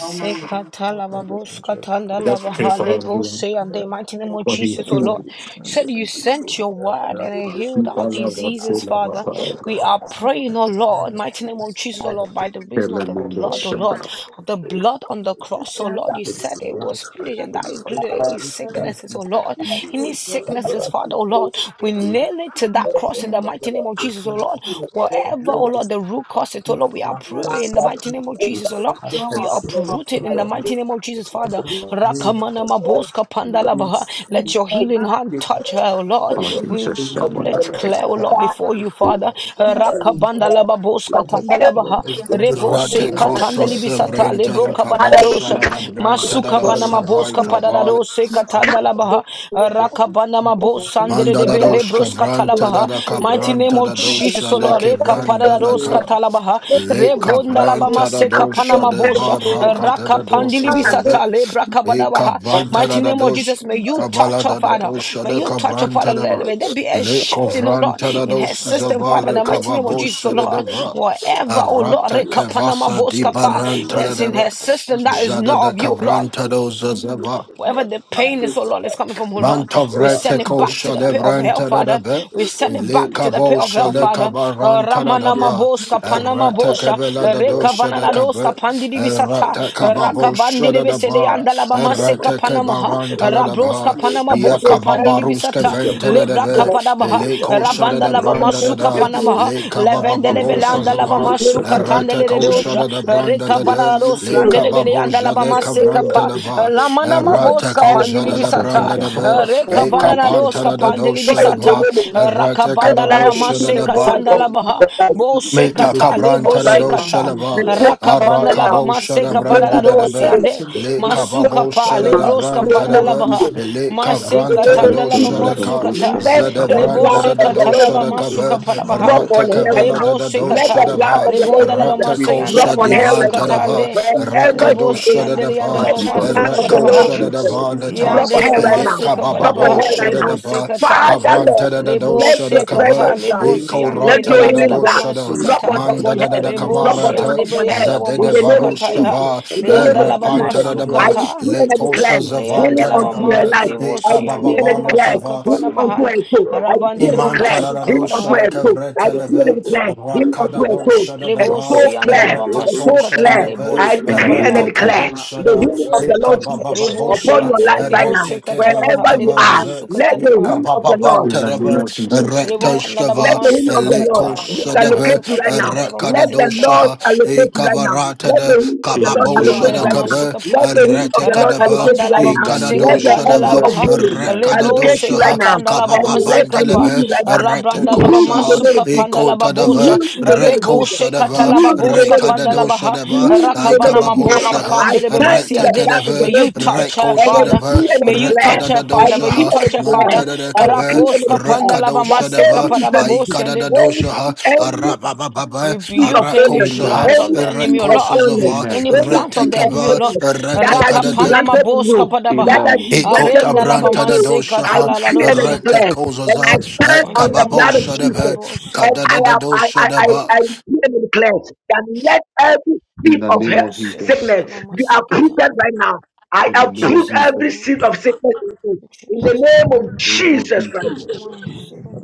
Speaker 6: And get angels, the God
Speaker 1: let's pray for her everyone
Speaker 6: we have.
Speaker 3: mighty name of
Speaker 1: for he will
Speaker 6: But
Speaker 3: Jesus, O
Speaker 1: heal us.
Speaker 6: about
Speaker 3: Lord,
Speaker 6: this, and
Speaker 3: said
Speaker 6: get
Speaker 3: you
Speaker 6: angels who
Speaker 3: sent your
Speaker 6: have
Speaker 3: word
Speaker 6: their
Speaker 3: and it
Speaker 6: much
Speaker 3: healed our
Speaker 1: Love,
Speaker 6: is
Speaker 1: love, love, say,
Speaker 3: diseases,
Speaker 6: now.
Speaker 1: love, love,
Speaker 3: Father.
Speaker 6: But
Speaker 1: love.
Speaker 6: of
Speaker 3: We
Speaker 6: God,
Speaker 3: are
Speaker 6: home
Speaker 3: praying, O Lord, mighty name of Jesus, O Lord, by the
Speaker 1: Tell
Speaker 3: reason of the
Speaker 1: them, Lord,
Speaker 3: blood, O
Speaker 1: shut
Speaker 3: Lord,
Speaker 1: down.
Speaker 3: of the
Speaker 6: is
Speaker 3: blood on the cross, O Lord. You
Speaker 6: it is
Speaker 3: said it
Speaker 6: the life
Speaker 3: was
Speaker 6: that
Speaker 3: finished, and that
Speaker 6: you find
Speaker 3: included any
Speaker 6: God. That is
Speaker 3: sicknesses, O
Speaker 6: not a
Speaker 3: Lord,
Speaker 6: big deal
Speaker 3: any
Speaker 6: for you, Father
Speaker 3: sicknesses,
Speaker 6: God.
Speaker 3: Father, O
Speaker 6: Not
Speaker 3: Lord.
Speaker 6: a big
Speaker 3: We
Speaker 6: deal
Speaker 3: nail it to that
Speaker 6: as
Speaker 3: cross in
Speaker 6: well.
Speaker 3: the mighty
Speaker 6: Whatever
Speaker 3: name of
Speaker 6: it is,
Speaker 3: Jesus, O Lord. Whatever, oh
Speaker 5: Your
Speaker 3: Lord, the
Speaker 6: it's
Speaker 3: root cause it, oh Lord, we are
Speaker 6: not a
Speaker 3: praying in the
Speaker 5: Father,
Speaker 6: system.
Speaker 3: mighty
Speaker 5: be
Speaker 3: name of
Speaker 5: all
Speaker 3: Jesus,
Speaker 6: It's
Speaker 3: oh Lord.
Speaker 5: the
Speaker 6: not a
Speaker 3: We are
Speaker 6: system
Speaker 3: uprooted
Speaker 6: for
Speaker 3: in the
Speaker 6: God.
Speaker 3: mighty name of Jesus,
Speaker 6: It's a
Speaker 3: Father.
Speaker 5: praise,
Speaker 6: system. Means
Speaker 3: Rakamana
Speaker 6: for God.
Speaker 3: maboska
Speaker 6: It
Speaker 3: pandalabaha.
Speaker 6: means
Speaker 3: Let
Speaker 5: be
Speaker 3: your
Speaker 5: all
Speaker 3: healing hand
Speaker 6: Please,
Speaker 3: touch her,
Speaker 6: Lord,
Speaker 3: oh Lord.
Speaker 6: that your
Speaker 3: we.
Speaker 6: Holy Spirit
Speaker 3: Let's
Speaker 5: the
Speaker 6: has
Speaker 3: clear, O
Speaker 6: what
Speaker 3: Lord, before you,
Speaker 6: wisdom
Speaker 3: Father. Uh,
Speaker 6: in my life,
Speaker 5: honor,
Speaker 3: Rakabanda
Speaker 6: Lord.
Speaker 3: laba
Speaker 5: be all
Speaker 6: It
Speaker 3: boska
Speaker 6: has
Speaker 5: the
Speaker 3: tanda laba
Speaker 6: the
Speaker 3: ha.
Speaker 6: wisdom here
Speaker 3: Rebo
Speaker 6: in
Speaker 3: se
Speaker 8: Rate
Speaker 6: my life,
Speaker 8: kosa
Speaker 3: katanda
Speaker 6: Lord. That
Speaker 3: libisata
Speaker 6: I
Speaker 8: sevranta
Speaker 6: have
Speaker 3: lebro
Speaker 8: la
Speaker 5: eh,
Speaker 6: an
Speaker 3: kabanda
Speaker 5: Father,
Speaker 3: la
Speaker 5: we
Speaker 8: kabosha
Speaker 6: eternity
Speaker 3: dosha.
Speaker 8: da da
Speaker 6: in your life,
Speaker 8: branta da
Speaker 3: Masuka
Speaker 8: da
Speaker 3: bana
Speaker 6: Father, my
Speaker 8: savai
Speaker 6: things
Speaker 3: maboska
Speaker 6: that
Speaker 3: padada
Speaker 6: have
Speaker 8: kabale.
Speaker 3: dose
Speaker 6: I'm
Speaker 5: come
Speaker 3: katanda laba ha. Uh,
Speaker 6: just, just
Speaker 3: Rakabanda
Speaker 6: to my
Speaker 3: mabosa andere
Speaker 6: that
Speaker 8: Manda da
Speaker 3: debe
Speaker 6: my
Speaker 8: doshka
Speaker 3: lebros katala ba
Speaker 8: vranta da
Speaker 3: ha.
Speaker 8: da
Speaker 3: Mighty
Speaker 6: Lord.
Speaker 3: name
Speaker 8: kabranta
Speaker 3: of
Speaker 8: da
Speaker 3: Jesus,
Speaker 8: dosha
Speaker 3: O
Speaker 8: de
Speaker 6: Fight
Speaker 3: Lord. Reka padada
Speaker 8: kevranta da
Speaker 3: dos
Speaker 6: every
Speaker 8: ka.
Speaker 3: katala ba ha.
Speaker 5: against
Speaker 8: Le
Speaker 5: it now.
Speaker 3: Revonda la
Speaker 6: life
Speaker 3: ba
Speaker 5: We
Speaker 8: cabranta da
Speaker 5: come
Speaker 3: maseka
Speaker 6: in
Speaker 8: dosha
Speaker 5: against
Speaker 3: panama
Speaker 6: the
Speaker 8: de
Speaker 3: bosha.
Speaker 6: mighty
Speaker 5: every
Speaker 8: varakata
Speaker 3: Raka
Speaker 8: da
Speaker 6: name of
Speaker 3: pandili
Speaker 8: dosha
Speaker 6: the
Speaker 5: come
Speaker 6: Lord,
Speaker 5: against
Speaker 8: zeve.
Speaker 3: bisata lebra
Speaker 8: Le
Speaker 3: kabadabaha.
Speaker 8: cabranta da
Speaker 3: Mighty
Speaker 8: da
Speaker 3: name of
Speaker 8: dosha.
Speaker 3: Jesus,
Speaker 6: the
Speaker 3: may you
Speaker 6: life
Speaker 3: touch
Speaker 8: Kabala
Speaker 3: her,
Speaker 6: in
Speaker 8: da da
Speaker 6: the
Speaker 3: Father.
Speaker 8: dosha
Speaker 3: May
Speaker 8: de
Speaker 6: mighty
Speaker 3: you touch her, Father.
Speaker 8: cabranta da
Speaker 3: Let-
Speaker 8: ba.
Speaker 3: May there be a
Speaker 8: Le
Speaker 3: shift
Speaker 6: In
Speaker 3: in, oh Lord,
Speaker 8: covranta da
Speaker 3: in her
Speaker 8: dosha
Speaker 3: system,
Speaker 8: zava
Speaker 3: Father. In
Speaker 8: le
Speaker 3: the mighty name of Jesus, oh
Speaker 8: kababosha de
Speaker 3: Lord.
Speaker 8: deva.
Speaker 3: Whatever, oh Lord,
Speaker 8: Arata
Speaker 3: reka panama
Speaker 8: kevasa di
Speaker 3: boska pa.
Speaker 8: baranta da
Speaker 3: Yes, in
Speaker 8: deva.
Speaker 3: her system that is
Speaker 8: Jada
Speaker 3: not
Speaker 8: da
Speaker 3: of you, Lord.
Speaker 8: cabranta dosha zeva.
Speaker 3: Wherever the pain is, oh Lord, it's coming from, oh Lord, we
Speaker 8: Mantovrete
Speaker 3: send it back to
Speaker 8: kosha
Speaker 3: the pit of hell,
Speaker 8: levranta da da
Speaker 3: Father.
Speaker 8: be,
Speaker 3: We send it
Speaker 8: ile
Speaker 3: back to the pit of
Speaker 8: kabosha
Speaker 3: hell,
Speaker 8: le
Speaker 3: Father. Uh,
Speaker 8: kabaranta da da
Speaker 3: Ramana
Speaker 8: ba,
Speaker 3: Maboska, Panama
Speaker 8: errete
Speaker 3: Bosha,
Speaker 8: kebela da
Speaker 3: Reka
Speaker 8: dosha de kabe,
Speaker 3: Vananadoska, Pandilibisata,
Speaker 8: errete
Speaker 3: Raka
Speaker 8: kababosha da da ba,
Speaker 3: Andalabama Seka
Speaker 8: errete
Speaker 3: Panamaha,
Speaker 8: kebaranta da da
Speaker 3: Rabroska
Speaker 8: ba,
Speaker 3: Panama
Speaker 8: iya
Speaker 5: this
Speaker 3: Boska,
Speaker 5: every
Speaker 8: kababaruske
Speaker 3: Pandilibisata,
Speaker 8: vente da da
Speaker 3: Lebra
Speaker 8: be,
Speaker 3: Kapadabaha,
Speaker 8: ile kosha da da
Speaker 3: Ravandalabama
Speaker 8: branda da
Speaker 3: Suka
Speaker 6: the
Speaker 8: da,
Speaker 6: mind,
Speaker 3: Panamaha,
Speaker 8: ile
Speaker 6: you
Speaker 8: kabababosha
Speaker 3: Levendelebelanda
Speaker 6: Lord, I
Speaker 8: zava,
Speaker 3: Labama
Speaker 6: glorify
Speaker 3: Suka
Speaker 6: your
Speaker 8: errete
Speaker 6: name,
Speaker 8: kosha
Speaker 3: Tandeledosha,
Speaker 8: da da
Speaker 6: God.
Speaker 8: branda
Speaker 3: Reka
Speaker 8: da da,
Speaker 6: There's
Speaker 3: Vananadosi,
Speaker 8: ile
Speaker 6: nothing that I'll be
Speaker 3: Andelebele,
Speaker 6: able
Speaker 8: kababosha
Speaker 6: to
Speaker 8: le
Speaker 3: Andalabama
Speaker 6: do, my
Speaker 8: kavranta
Speaker 6: God.
Speaker 3: sekapa
Speaker 8: da ba,
Speaker 3: eh,
Speaker 6: You will
Speaker 3: lamana
Speaker 6: not
Speaker 8: Errata
Speaker 6: fail,
Speaker 3: maboska
Speaker 6: I
Speaker 8: kausha
Speaker 3: pandili
Speaker 6: can
Speaker 8: da da
Speaker 6: never have
Speaker 3: bisata
Speaker 8: branda
Speaker 6: in
Speaker 8: da ba.
Speaker 6: prayer in the
Speaker 8: Le
Speaker 3: rekavana na
Speaker 6: mighty name of
Speaker 8: kapanta
Speaker 3: roska
Speaker 6: Jesus,
Speaker 8: da da
Speaker 3: pandili
Speaker 8: dosha da ba.
Speaker 3: bisata
Speaker 8: Errata
Speaker 6: the
Speaker 3: rakavanda
Speaker 8: kada
Speaker 3: laba
Speaker 6: mighty name
Speaker 8: dosha
Speaker 6: of
Speaker 8: da da
Speaker 6: Jesus,
Speaker 8: ba.
Speaker 6: my
Speaker 3: masekatanda
Speaker 6: God.
Speaker 3: laba bo
Speaker 6: We
Speaker 8: Meta
Speaker 3: sekata
Speaker 6: will
Speaker 5: up
Speaker 3: lebo
Speaker 8: cabranta
Speaker 6: fight
Speaker 8: da
Speaker 5: right
Speaker 8: do
Speaker 5: now.
Speaker 3: sekata
Speaker 5: Be
Speaker 8: shalaba,
Speaker 6: any
Speaker 5: taken up
Speaker 3: rakavanda
Speaker 5: right
Speaker 3: laba
Speaker 5: now.
Speaker 8: aracabo shada
Speaker 5: Be
Speaker 3: maseka para la
Speaker 8: branda
Speaker 5: taken
Speaker 8: da da
Speaker 5: up
Speaker 3: rosi
Speaker 8: be,
Speaker 5: right now.
Speaker 3: ande
Speaker 6: Anything that the
Speaker 8: le
Speaker 5: Be
Speaker 6: enemy has
Speaker 5: taken up
Speaker 3: masuka
Speaker 6: planned
Speaker 8: cababo
Speaker 5: right
Speaker 6: over
Speaker 3: pa
Speaker 8: shada
Speaker 6: her
Speaker 5: now.
Speaker 8: da
Speaker 6: life,
Speaker 3: lebroska
Speaker 5: In the
Speaker 8: branta
Speaker 6: we're
Speaker 8: da
Speaker 3: panda
Speaker 5: name
Speaker 6: going
Speaker 5: of
Speaker 6: to
Speaker 8: be,
Speaker 3: laba
Speaker 5: Jesus.
Speaker 6: reverse it
Speaker 8: le
Speaker 6: in the
Speaker 5: In the
Speaker 3: maseka
Speaker 8: cavranta
Speaker 6: mighty
Speaker 8: da
Speaker 6: name
Speaker 5: name of
Speaker 3: tanda
Speaker 6: of
Speaker 8: do
Speaker 3: laba
Speaker 5: Jesus.
Speaker 8: shada
Speaker 6: Jesus.
Speaker 8: ka,
Speaker 6: We
Speaker 3: masukata
Speaker 5: Let
Speaker 8: zada
Speaker 5: the
Speaker 6: reverse it
Speaker 3: lebo
Speaker 8: branda da
Speaker 5: blood
Speaker 8: da
Speaker 6: In
Speaker 5: of
Speaker 6: the
Speaker 5: the
Speaker 6: mighty
Speaker 8: do
Speaker 6: name
Speaker 3: sekatanda
Speaker 5: Lord
Speaker 3: laba
Speaker 8: shada
Speaker 6: of Jesus. whatever is
Speaker 3: masuka
Speaker 8: cabe,
Speaker 6: in her
Speaker 3: para baha
Speaker 5: drop
Speaker 6: system
Speaker 8: rata
Speaker 5: on her
Speaker 6: that is
Speaker 5: right
Speaker 8: cavella
Speaker 5: now.
Speaker 8: da
Speaker 3: lebo
Speaker 8: da
Speaker 6: disturbing
Speaker 8: do
Speaker 6: her
Speaker 5: Let the
Speaker 3: sekata
Speaker 8: shada
Speaker 6: daily
Speaker 5: blood
Speaker 8: ba,
Speaker 6: life,
Speaker 5: of the
Speaker 6: Father
Speaker 5: Lord
Speaker 3: lebonda
Speaker 6: God.
Speaker 3: laba
Speaker 5: Jesus
Speaker 8: rata
Speaker 6: We
Speaker 3: masoyanda
Speaker 5: drop
Speaker 6: declare
Speaker 8: kosha
Speaker 3: laba
Speaker 5: on
Speaker 6: her
Speaker 5: her
Speaker 6: system,
Speaker 5: right
Speaker 8: divanta
Speaker 5: now.
Speaker 8: da
Speaker 6: Father
Speaker 3: masukata
Speaker 6: God.
Speaker 8: ba,
Speaker 3: ande
Speaker 6: We we declare
Speaker 5: Wherever
Speaker 3: Lebo
Speaker 8: rakado
Speaker 5: she
Speaker 6: her
Speaker 5: is,
Speaker 8: shada da
Speaker 3: siandele
Speaker 6: system, Father
Speaker 3: yandele
Speaker 8: ba,
Speaker 5: let
Speaker 6: God.
Speaker 5: the
Speaker 3: mamasu
Speaker 6: We
Speaker 5: blood of
Speaker 6: declare
Speaker 5: the
Speaker 8: rako
Speaker 6: her
Speaker 5: Lord
Speaker 3: kabarabaha.
Speaker 6: system,
Speaker 8: shada da
Speaker 5: Jesus
Speaker 6: Father God.
Speaker 8: ba
Speaker 6: We
Speaker 8: da ta,
Speaker 5: drop
Speaker 6: flash
Speaker 5: on
Speaker 6: her
Speaker 3: Yandele
Speaker 5: her right
Speaker 6: system
Speaker 8: le
Speaker 5: now.
Speaker 6: from
Speaker 3: mamasu
Speaker 6: from
Speaker 5: Drop on
Speaker 8: cababo
Speaker 6: from
Speaker 5: her
Speaker 3: kabarabaha.
Speaker 5: right
Speaker 8: shada
Speaker 6: her.
Speaker 5: now.
Speaker 8: da
Speaker 3: Lebo
Speaker 8: ba,
Speaker 3: sekata.
Speaker 6: From
Speaker 5: Father
Speaker 6: her,
Speaker 5: Lord,
Speaker 8: cabranta da da
Speaker 6: Father
Speaker 8: do
Speaker 3: Lebo
Speaker 5: let
Speaker 8: shada
Speaker 5: your
Speaker 8: cava,
Speaker 3: sekata.
Speaker 6: God.
Speaker 5: presence
Speaker 6: Father God.
Speaker 5: die.
Speaker 3: Lebo
Speaker 8: e
Speaker 6: Please do
Speaker 5: Let
Speaker 6: her.
Speaker 3: siandele
Speaker 8: corata
Speaker 5: your
Speaker 8: da da
Speaker 3: yandele
Speaker 5: healing
Speaker 8: do
Speaker 6: Father
Speaker 5: blood
Speaker 6: God.
Speaker 8: shada.
Speaker 3: mamasu
Speaker 6: Please
Speaker 5: drop
Speaker 6: do
Speaker 5: on
Speaker 3: kata.
Speaker 6: her.
Speaker 8: Manda
Speaker 5: upon
Speaker 8: da da
Speaker 5: her.
Speaker 8: da
Speaker 6: And make
Speaker 3: Lebo
Speaker 5: Drop on
Speaker 6: her.
Speaker 8: kabarata,
Speaker 3: siandele
Speaker 5: upon her.
Speaker 3: yandele
Speaker 5: In
Speaker 8: zadede
Speaker 5: the
Speaker 3: mamasu
Speaker 5: name of
Speaker 3: kata
Speaker 6: Let
Speaker 5: Jesus.
Speaker 3: ya.
Speaker 8: varushava,
Speaker 5: In the name of
Speaker 3: Yandele
Speaker 6: her
Speaker 8: repanta
Speaker 5: Jesus.
Speaker 8: da
Speaker 3: mamasu
Speaker 6: come
Speaker 8: da
Speaker 6: here
Speaker 5: I
Speaker 8: ba,
Speaker 6: with the
Speaker 3: kata.
Speaker 5: decree and
Speaker 6: question.
Speaker 5: I
Speaker 6: You Let
Speaker 5: declare
Speaker 8: lekosha
Speaker 6: her come back
Speaker 5: healing
Speaker 8: zavanta
Speaker 3: Leandala
Speaker 8: da
Speaker 6: like
Speaker 5: unto her
Speaker 6: you,
Speaker 3: bamas
Speaker 8: kaba,
Speaker 6: a
Speaker 5: life.
Speaker 6: time
Speaker 3: lebo
Speaker 5: I
Speaker 8: ekababa
Speaker 5: decree
Speaker 3: siandele
Speaker 5: and I
Speaker 6: in that
Speaker 5: declare
Speaker 3: mamasu
Speaker 6: might
Speaker 8: varutava,
Speaker 5: Healing
Speaker 6: because you
Speaker 5: unto
Speaker 3: kabarabaha.
Speaker 6: look
Speaker 5: and
Speaker 6: to
Speaker 5: fro.
Speaker 6: God.
Speaker 5: I declare
Speaker 6: you
Speaker 3: Rabandele
Speaker 5: and
Speaker 8: Iman
Speaker 5: declare.
Speaker 3: mamasu
Speaker 6: have
Speaker 8: tararado
Speaker 5: Healing unto
Speaker 8: shada
Speaker 5: and
Speaker 3: kabarabaha.
Speaker 6: to
Speaker 5: fro. I
Speaker 8: kavrete
Speaker 6: but then
Speaker 5: declare
Speaker 8: leve
Speaker 5: and
Speaker 6: Make us
Speaker 5: declare.
Speaker 6: strong.
Speaker 5: Healing
Speaker 8: rakada
Speaker 5: unto
Speaker 6: Keep
Speaker 5: and
Speaker 8: do
Speaker 6: your
Speaker 5: fro.
Speaker 6: faith
Speaker 8: shada
Speaker 5: And
Speaker 3: Lebo
Speaker 8: dava
Speaker 5: so
Speaker 6: stronger. To
Speaker 3: siandele
Speaker 5: clear.
Speaker 6: the
Speaker 8: rete
Speaker 5: And
Speaker 8: ko
Speaker 3: mamasu
Speaker 6: belief
Speaker 5: so
Speaker 8: shada
Speaker 3: kata.
Speaker 6: that
Speaker 5: clear.
Speaker 6: you do
Speaker 8: deve
Speaker 6: it
Speaker 5: I
Speaker 6: because
Speaker 5: decree
Speaker 6: this
Speaker 5: and I
Speaker 3: Lebo
Speaker 8: rete
Speaker 6: is
Speaker 8: kabo
Speaker 5: declare
Speaker 6: not a
Speaker 5: the
Speaker 8: shada
Speaker 5: healing of
Speaker 6: reward
Speaker 5: the
Speaker 6: to
Speaker 5: Lord
Speaker 8: reka
Speaker 6: you, O
Speaker 8: baba
Speaker 5: Jesus
Speaker 6: God.
Speaker 3: Ribose
Speaker 5: upon
Speaker 8: babosha
Speaker 5: your
Speaker 3: yandere
Speaker 5: life right now.
Speaker 3: ribose
Speaker 8: rete
Speaker 3: katalabaha
Speaker 8: kevaluta
Speaker 5: Wherever
Speaker 3: andere
Speaker 5: you are,
Speaker 3: bamasu
Speaker 8: vazaze
Speaker 5: let the
Speaker 3: katalabaha.
Speaker 8: reka
Speaker 5: healing of
Speaker 8: baba
Speaker 5: the Lord be,
Speaker 8: bantaraba
Speaker 5: be, be-
Speaker 3: Ribon
Speaker 8: rete
Speaker 3: andalaba
Speaker 5: let
Speaker 8: shkava
Speaker 5: the
Speaker 3: masu
Speaker 5: healing of the
Speaker 3: kabalaba
Speaker 5: Lord
Speaker 8: leko
Speaker 3: andere
Speaker 8: shada
Speaker 3: bamasu
Speaker 8: ve
Speaker 5: allocate you
Speaker 3: kata
Speaker 5: right now.
Speaker 3: yandere
Speaker 5: Let
Speaker 8: rakada
Speaker 3: bamase
Speaker 5: the
Speaker 8: do
Speaker 5: Lord
Speaker 8: shaha
Speaker 5: allocate you
Speaker 8: reka
Speaker 5: right now.
Speaker 8: varata
Speaker 5: Let
Speaker 8: de
Speaker 5: the healing of the Lord
Speaker 8: kababo
Speaker 5: allocate
Speaker 3: Nibandala
Speaker 5: you
Speaker 8: shada
Speaker 5: right now.
Speaker 8: kave
Speaker 3: masukapa,
Speaker 5: Let the healing of
Speaker 8: rete
Speaker 5: the Lord
Speaker 8: kadava
Speaker 5: allocate you
Speaker 3: rakavanda
Speaker 5: right now.
Speaker 8: reka do
Speaker 5: Let
Speaker 3: maseka
Speaker 5: the
Speaker 3: tanda
Speaker 8: shada
Speaker 5: angel
Speaker 8: va
Speaker 5: of healing
Speaker 8: reka
Speaker 5: I
Speaker 3: lebro
Speaker 5: locate you
Speaker 8: do
Speaker 3: seka
Speaker 5: right now
Speaker 3: tanda la ba
Speaker 5: and let and heal
Speaker 8: Kababandalebe,
Speaker 5: you right now. Be healed in the
Speaker 8: Retekoshaha,
Speaker 5: name
Speaker 3: masuka
Speaker 5: of Jesus.
Speaker 3: panda
Speaker 5: Be
Speaker 8: Ekotadava,
Speaker 3: bocha,
Speaker 5: healed in the name of
Speaker 3: lebo
Speaker 5: Jesus.
Speaker 3: seka
Speaker 5: Be
Speaker 8: Rekoshadava,
Speaker 3: tala
Speaker 5: healed in the
Speaker 3: boska
Speaker 5: name of
Speaker 3: panda
Speaker 5: Jesus.
Speaker 3: ha,
Speaker 5: Be
Speaker 8: Rekadadoshadava,
Speaker 5: healed in the name
Speaker 3: rakavana
Speaker 5: of
Speaker 3: ma
Speaker 5: Jesus.
Speaker 3: boska
Speaker 8: Aikababoshaha,
Speaker 5: I
Speaker 3: pande
Speaker 5: stand in the blood of the
Speaker 3: May
Speaker 8: Retekadava,
Speaker 5: Lord
Speaker 3: you
Speaker 5: Jesus.
Speaker 3: touch her,
Speaker 5: And I
Speaker 3: Father.
Speaker 8: Rekoshadava,
Speaker 5: decree and I
Speaker 3: May you
Speaker 5: declare.
Speaker 3: touch her,
Speaker 5: I
Speaker 3: Father. May you
Speaker 5: decree and
Speaker 8: Rekadadadoshaha,
Speaker 5: I
Speaker 3: touch her,
Speaker 5: declare.
Speaker 3: Father.
Speaker 5: I
Speaker 8: Mantadadakabe,
Speaker 5: decree and I
Speaker 3: Raposka
Speaker 5: declare
Speaker 3: panda
Speaker 5: that
Speaker 3: maseka
Speaker 5: any
Speaker 8: Rekadoshadava,
Speaker 3: pa
Speaker 5: infirmity, any,
Speaker 8: Aikadadadoshaha,
Speaker 5: any
Speaker 8: Arabababa,
Speaker 5: spirit of
Speaker 3: Rebuke any
Speaker 5: illness,
Speaker 8: Arakoshaha,
Speaker 3: plans of
Speaker 5: any
Speaker 3: the enemy,
Speaker 5: spirit
Speaker 3: O
Speaker 5: of
Speaker 3: Lord.
Speaker 5: illness,
Speaker 8: Rekosazava,
Speaker 3: Any
Speaker 5: any
Speaker 3: plans of
Speaker 5: spirit
Speaker 3: the
Speaker 5: of
Speaker 3: enemy, O
Speaker 8: Retekaba,
Speaker 3: Lord.
Speaker 5: sickness that has been
Speaker 8: Retekadada,
Speaker 3: Rakapanama
Speaker 5: granted to
Speaker 3: boska
Speaker 5: you, that
Speaker 3: padabaha.
Speaker 5: has been granted
Speaker 8: Ikota
Speaker 3: Arena
Speaker 5: unto your
Speaker 8: branta
Speaker 3: labama
Speaker 8: da
Speaker 5: soul,
Speaker 3: seka
Speaker 5: I
Speaker 8: dosha
Speaker 5: decree and I
Speaker 3: talalalosha.
Speaker 8: rete
Speaker 5: declare that
Speaker 8: kozaza
Speaker 5: I stand on
Speaker 3: Mighty
Speaker 5: the
Speaker 3: name of
Speaker 8: kababo
Speaker 5: blood of
Speaker 3: Jesus,
Speaker 8: shadebe
Speaker 5: Jesus.
Speaker 3: labo
Speaker 5: And
Speaker 3: seka
Speaker 8: kadada
Speaker 5: I
Speaker 3: pa.
Speaker 8: da
Speaker 5: am I
Speaker 8: dosha
Speaker 5: I I, I decree and I declare that let every
Speaker 1: In
Speaker 5: seed
Speaker 1: the
Speaker 5: of
Speaker 1: name
Speaker 3: O
Speaker 5: health,
Speaker 1: of
Speaker 3: seka
Speaker 1: Jesus.
Speaker 5: sickness
Speaker 3: padabama
Speaker 5: be
Speaker 3: seka ta.
Speaker 5: uprooted right now. I
Speaker 1: In the
Speaker 5: have
Speaker 3: In
Speaker 1: name of
Speaker 3: Jesus'
Speaker 5: every
Speaker 1: Jesus.
Speaker 3: name.
Speaker 5: seed of sickness in you.
Speaker 3: In
Speaker 5: In the
Speaker 3: Jesus'
Speaker 5: name
Speaker 3: name.
Speaker 5: of
Speaker 1: In the name of-
Speaker 5: Jesus Christ.
Speaker 3: My second.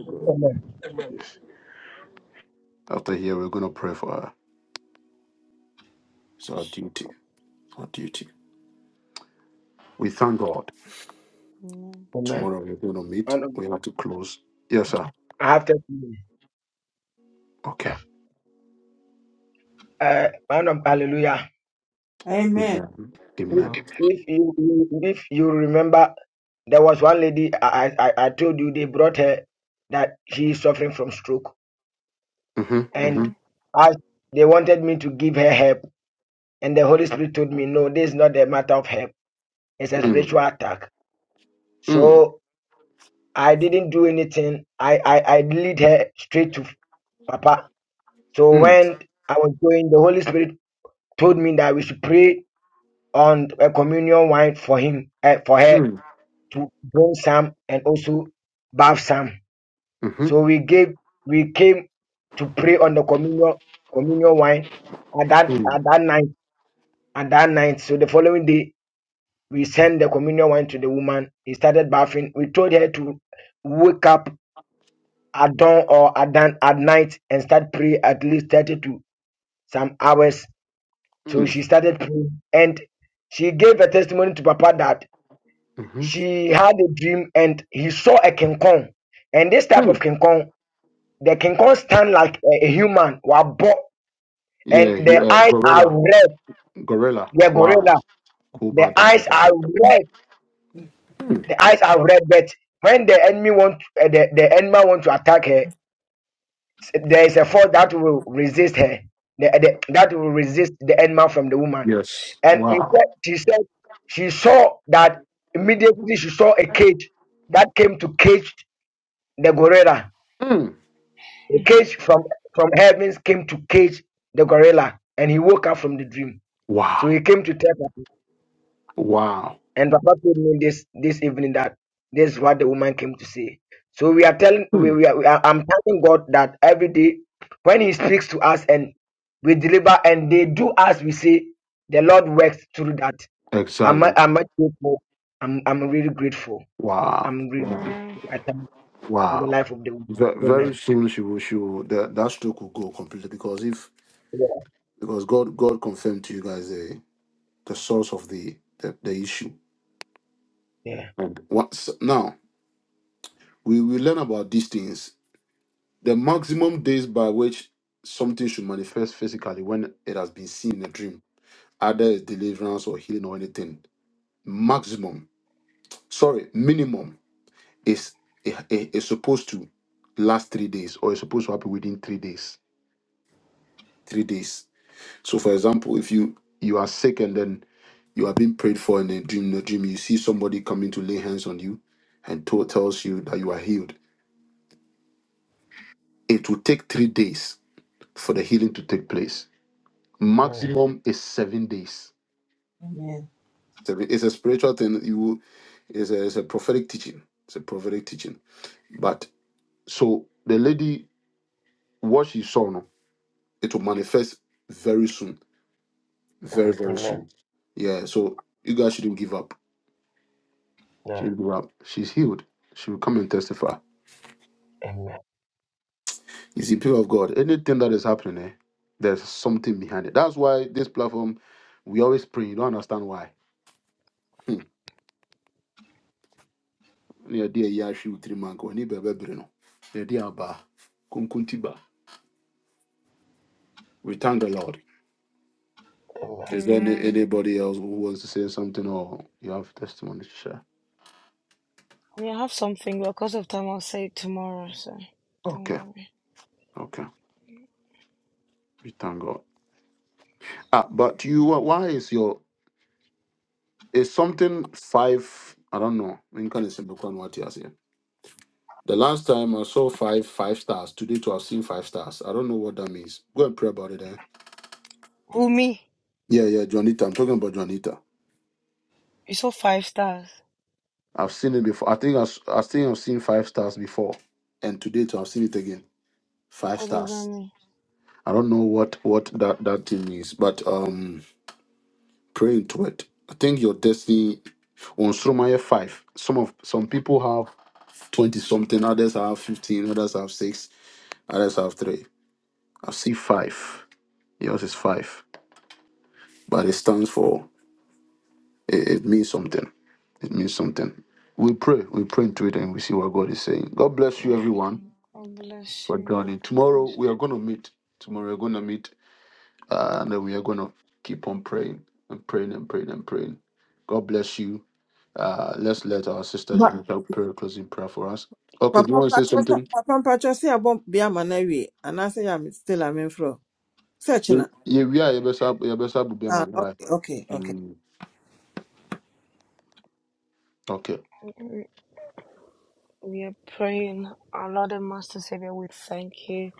Speaker 1: After here, we're going to pray for her. It's our duty.
Speaker 3: Seka.
Speaker 1: our duty. We thank God. Tomorrow we're going to meet. We have to close. Yes, sir. Okay.
Speaker 2: Amen.
Speaker 1: Amen. Amen. Mm-hmm. Mm-hmm.
Speaker 3: Mm.
Speaker 1: Mm. Mm. Mm. Mm. Mm-hmm. Mm. Mm. Mm-hmm. Mm. Yeah, he, uh, gorilla. Gorilla. Wow. Cool. Bada, Mm. Yes. Wow. Mm. Wow. Wow. Mm. Exactly. Wow.
Speaker 3: Amen.
Speaker 1: Wow. Ve- very soon she will, she will that, that stroke will go completely because if because God God confirmed to you guys the the source of the the, the issue. And once now we we learn about these things. The maximum days by which something should manifest physically when it has been seen in a dream, either it's deliverance or healing or anything. Maximum, sorry, minimum is is is supposed to last three days or is supposed to happen within three days. Three days So, for example, if you you are sick and then you are being prayed for in a dream, in a dream you see somebody coming to lay hands on you and to- tells you that you are healed. It will take three days for the healing to take place. Maximum is seven days.
Speaker 2: Amen.
Speaker 1: Seven- It's a spiritual thing. You will- it's a, it's a prophetic teaching. It's a prophetic teaching. But so the lady, what she saw, no, it will manifest very soon, very very soon. Yeah. So you guys shouldn't give up She grew up. She's healed. She will come and testify. You see, people of God, anything that is happening, eh, there's something behind it. That's why this platform, we always pray. You don't understand why. Hmm. Ne yɛde ayi ahwe wo tirim anka w'ani bɛbɛbere no. Ne yɛde aba konkonti ba. We thank the Lord. Is there any,
Speaker 3: Amen.
Speaker 1: anybody else who wants to say something or you have testimony to share?
Speaker 3: We have something, but because of time, I'll say it tomorrow, so
Speaker 1: Okay,
Speaker 3: don't worry.
Speaker 1: okay. We thank God. Ah, but you, why is your, is something five, I don't know. I mean, can you say, The last time I saw five five stars. Today to have seen five stars. I don't know what that means. Go and pray about it. Eh?
Speaker 3: Who me?
Speaker 1: Yeah, yeah, Juanita. I'm talking about Juanita.
Speaker 3: You saw five stars.
Speaker 1: I've seen it before. I think I, s- I think I've seen five stars before, and today to have seen it again. Five
Speaker 3: What does that
Speaker 1: stars.
Speaker 3: mean?
Speaker 1: I don't know what what that that thing is, but um, pray into it. I think your destiny on Stromae five. Some of some people have twenty something. Others have fifteen. Others have six. Others have three. I see five. Yours is five, but it stands for It, it means something. It means something. We pray. We pray into it and we see what God is saying. God bless you, everyone,
Speaker 3: Welcome. God bless
Speaker 1: for
Speaker 3: you.
Speaker 1: joining.
Speaker 3: Bless
Speaker 1: Tomorrow we are going to meet. Tomorrow we're going to meet uh, and then we are going to keep on praying and praying and praying and praying. God bless you. Uh, let's let our sister Jonathan pray a closing prayer for us. Okay, do you
Speaker 2: Papa
Speaker 1: want to say
Speaker 2: Patricia,
Speaker 1: something?
Speaker 2: Papa mpakyɛ sɛ papa mpakyɛ be a man away. no awie say I'm still ame mforɔ sɛ
Speaker 1: Yeah,
Speaker 2: kyena
Speaker 1: yeah, we are. yeah, best up- yeah, best up, be a
Speaker 2: ah,
Speaker 1: man, right?
Speaker 2: okay okay
Speaker 1: Mm, Okay.
Speaker 3: We are praying, our Lord and Master Savior, we thank you.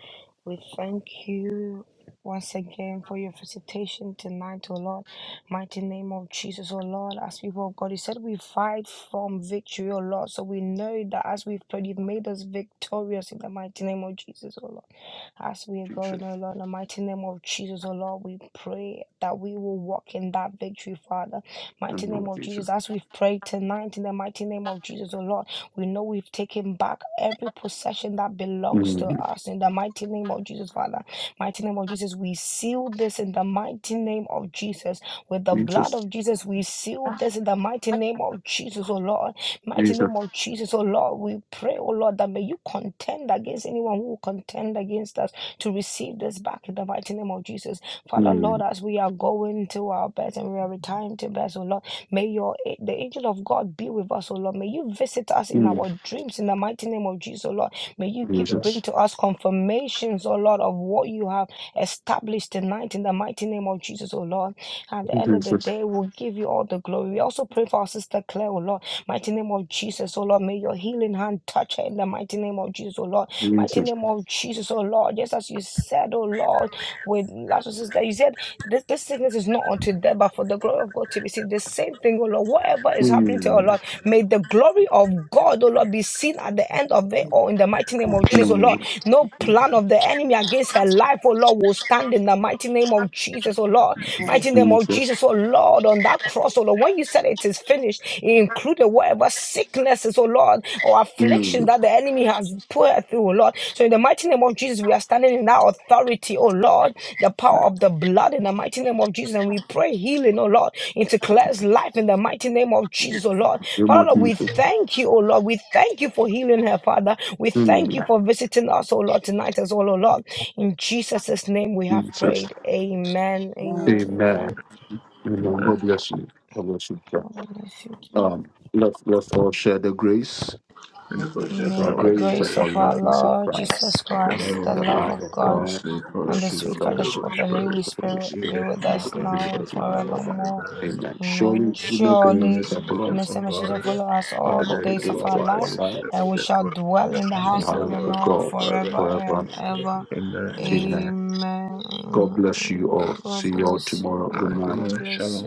Speaker 3: We thank you once again for your visitation tonight, O Lord. Mighty name of Jesus, O Lord, as people of God, you said we fight from victory, O Lord. So we know that as we've prayed, you've made us victorious in the mighty name of Jesus, O Lord. As we are going,
Speaker 1: Jesus.
Speaker 3: O Lord, in the mighty name of Jesus, O Lord, we pray that we will walk in that victory, Father. Mighty
Speaker 1: Amen,
Speaker 3: name of
Speaker 1: Jesus.
Speaker 3: Jesus, as we've prayed tonight, in the mighty name of Jesus, O Lord. We know we've taken back every possession that belongs to
Speaker 1: Mm,
Speaker 3: us in the mighty name of Jesus, Father. Mighty name of Jesus, we seal this in the mighty name of Jesus. With the blood
Speaker 1: Jesus.
Speaker 3: of Jesus, we seal this in the mighty name of Jesus, oh Lord. Mighty
Speaker 1: Jesus.
Speaker 3: name of Jesus, oh Lord, we pray, oh Lord, that may you contend against anyone who will contend against us to receive this back in the mighty name of Jesus. Father, Lord, as we are going to our beds and we are retiring to beds, oh Lord. May your eh, the angel of God be with us, O Lord. May you visit us in our dreams in the mighty name of Jesus, O Lord. May you give, bring to us confirmations, O Lord, of what you have established tonight in the mighty name of Jesus, O Lord. At the end of the day, we'll give you all the glory. We also pray for our sister Claire, O Lord. Mighty name of Jesus, oh Lord, may your healing hand touch her in the mighty name of Jesus, oh Lord. Mighty name of Jesus, oh Lord, just as you said, oh Lord, with Lazarus' sister, you said this, this sickness is not unto death, but for the glory of God to be seen. The same thing, oh Lord, whatever is happening to our Lord, may the glory of God, oh Lord, be seen at the end of it, or in the mighty name of Jesus, oh Lord. No plan of the enemy against her life, oh Lord, will stand in the mighty name of Jesus, oh Lord. Mighty name of Jesus, oh Lord, on that cross, oh Lord, when you said it is finished, it included whatever sicknesses, oh Lord, or afflictions
Speaker 1: Mm,
Speaker 3: that the enemy has put her through, oh Lord. So in the mighty name of Jesus, we are standing in that authority, oh Lord, the power of the blood in the mighty name of Jesus. And we pray healing, oh Lord, into Claire's life in the mighty name of Jesus, oh Lord.
Speaker 1: your
Speaker 3: Father, Lord, we
Speaker 1: motive.
Speaker 3: thank you, oh Lord. We thank you for healing her, Father. We thank you for visiting us, oh Lord, tonight as well, oh Lord. In Jesus' name we have
Speaker 1: Jesus.
Speaker 3: prayed. Amen. Amen.
Speaker 1: Amen.
Speaker 3: Amen.
Speaker 1: Amen. God bless you. God bless you. sir.
Speaker 3: God bless you.
Speaker 1: Um, let's let's all share the grace.
Speaker 6: In the
Speaker 2: okay
Speaker 6: grace of
Speaker 3: May
Speaker 6: our
Speaker 1: The
Speaker 3: the
Speaker 6: Lord
Speaker 1: grace
Speaker 3: grace
Speaker 6: Jesus
Speaker 3: of our
Speaker 6: Christ,
Speaker 1: of
Speaker 3: Lord
Speaker 1: Christ,
Speaker 3: Jesus
Speaker 6: the
Speaker 3: Christ,
Speaker 6: love
Speaker 3: the
Speaker 6: of
Speaker 3: love
Speaker 6: God,
Speaker 3: of
Speaker 1: of
Speaker 6: and
Speaker 3: God,
Speaker 6: the
Speaker 1: God,
Speaker 6: sweet
Speaker 3: and the
Speaker 6: fellowship
Speaker 3: sweet
Speaker 6: of the
Speaker 3: fellowship of
Speaker 6: Holy
Speaker 3: the Holy
Speaker 6: Spirit,
Speaker 1: of the Holy Spirit.
Speaker 3: Spirit
Speaker 6: be with
Speaker 3: be
Speaker 6: us
Speaker 3: with
Speaker 6: now
Speaker 3: us
Speaker 6: and
Speaker 3: now and
Speaker 6: forevermore.
Speaker 3: forevermore.
Speaker 6: Amen.
Speaker 1: and
Speaker 3: Amen.
Speaker 1: surely we never
Speaker 3: Surely,
Speaker 6: goodness and wisdom
Speaker 3: goodness and
Speaker 6: for
Speaker 3: mercy shall
Speaker 6: us
Speaker 3: follow us
Speaker 6: all
Speaker 3: all
Speaker 6: the
Speaker 3: the
Speaker 6: days
Speaker 3: days
Speaker 6: of
Speaker 3: of our
Speaker 6: our
Speaker 3: lives,
Speaker 6: lives,
Speaker 1: in
Speaker 6: that we
Speaker 3: and we
Speaker 6: can
Speaker 3: shall
Speaker 6: dwell in
Speaker 3: dwell
Speaker 6: the
Speaker 3: in the
Speaker 6: hearts
Speaker 1: the
Speaker 3: house
Speaker 6: of the
Speaker 3: of
Speaker 1: hand
Speaker 3: the
Speaker 6: Lord
Speaker 1: of
Speaker 3: Lord
Speaker 1: God
Speaker 6: forever
Speaker 3: forever
Speaker 1: forever.
Speaker 3: and
Speaker 6: and
Speaker 3: ever.
Speaker 6: ever. Amen.
Speaker 1: Amen.
Speaker 3: Amen.
Speaker 1: God bless you
Speaker 3: Amen.
Speaker 1: all. See
Speaker 3: God
Speaker 1: you all
Speaker 3: bless you
Speaker 6: All
Speaker 1: tomorrow.
Speaker 6: right,
Speaker 3: all.
Speaker 6: good
Speaker 3: God
Speaker 6: night.
Speaker 3: bless you.
Speaker 6: Shalom.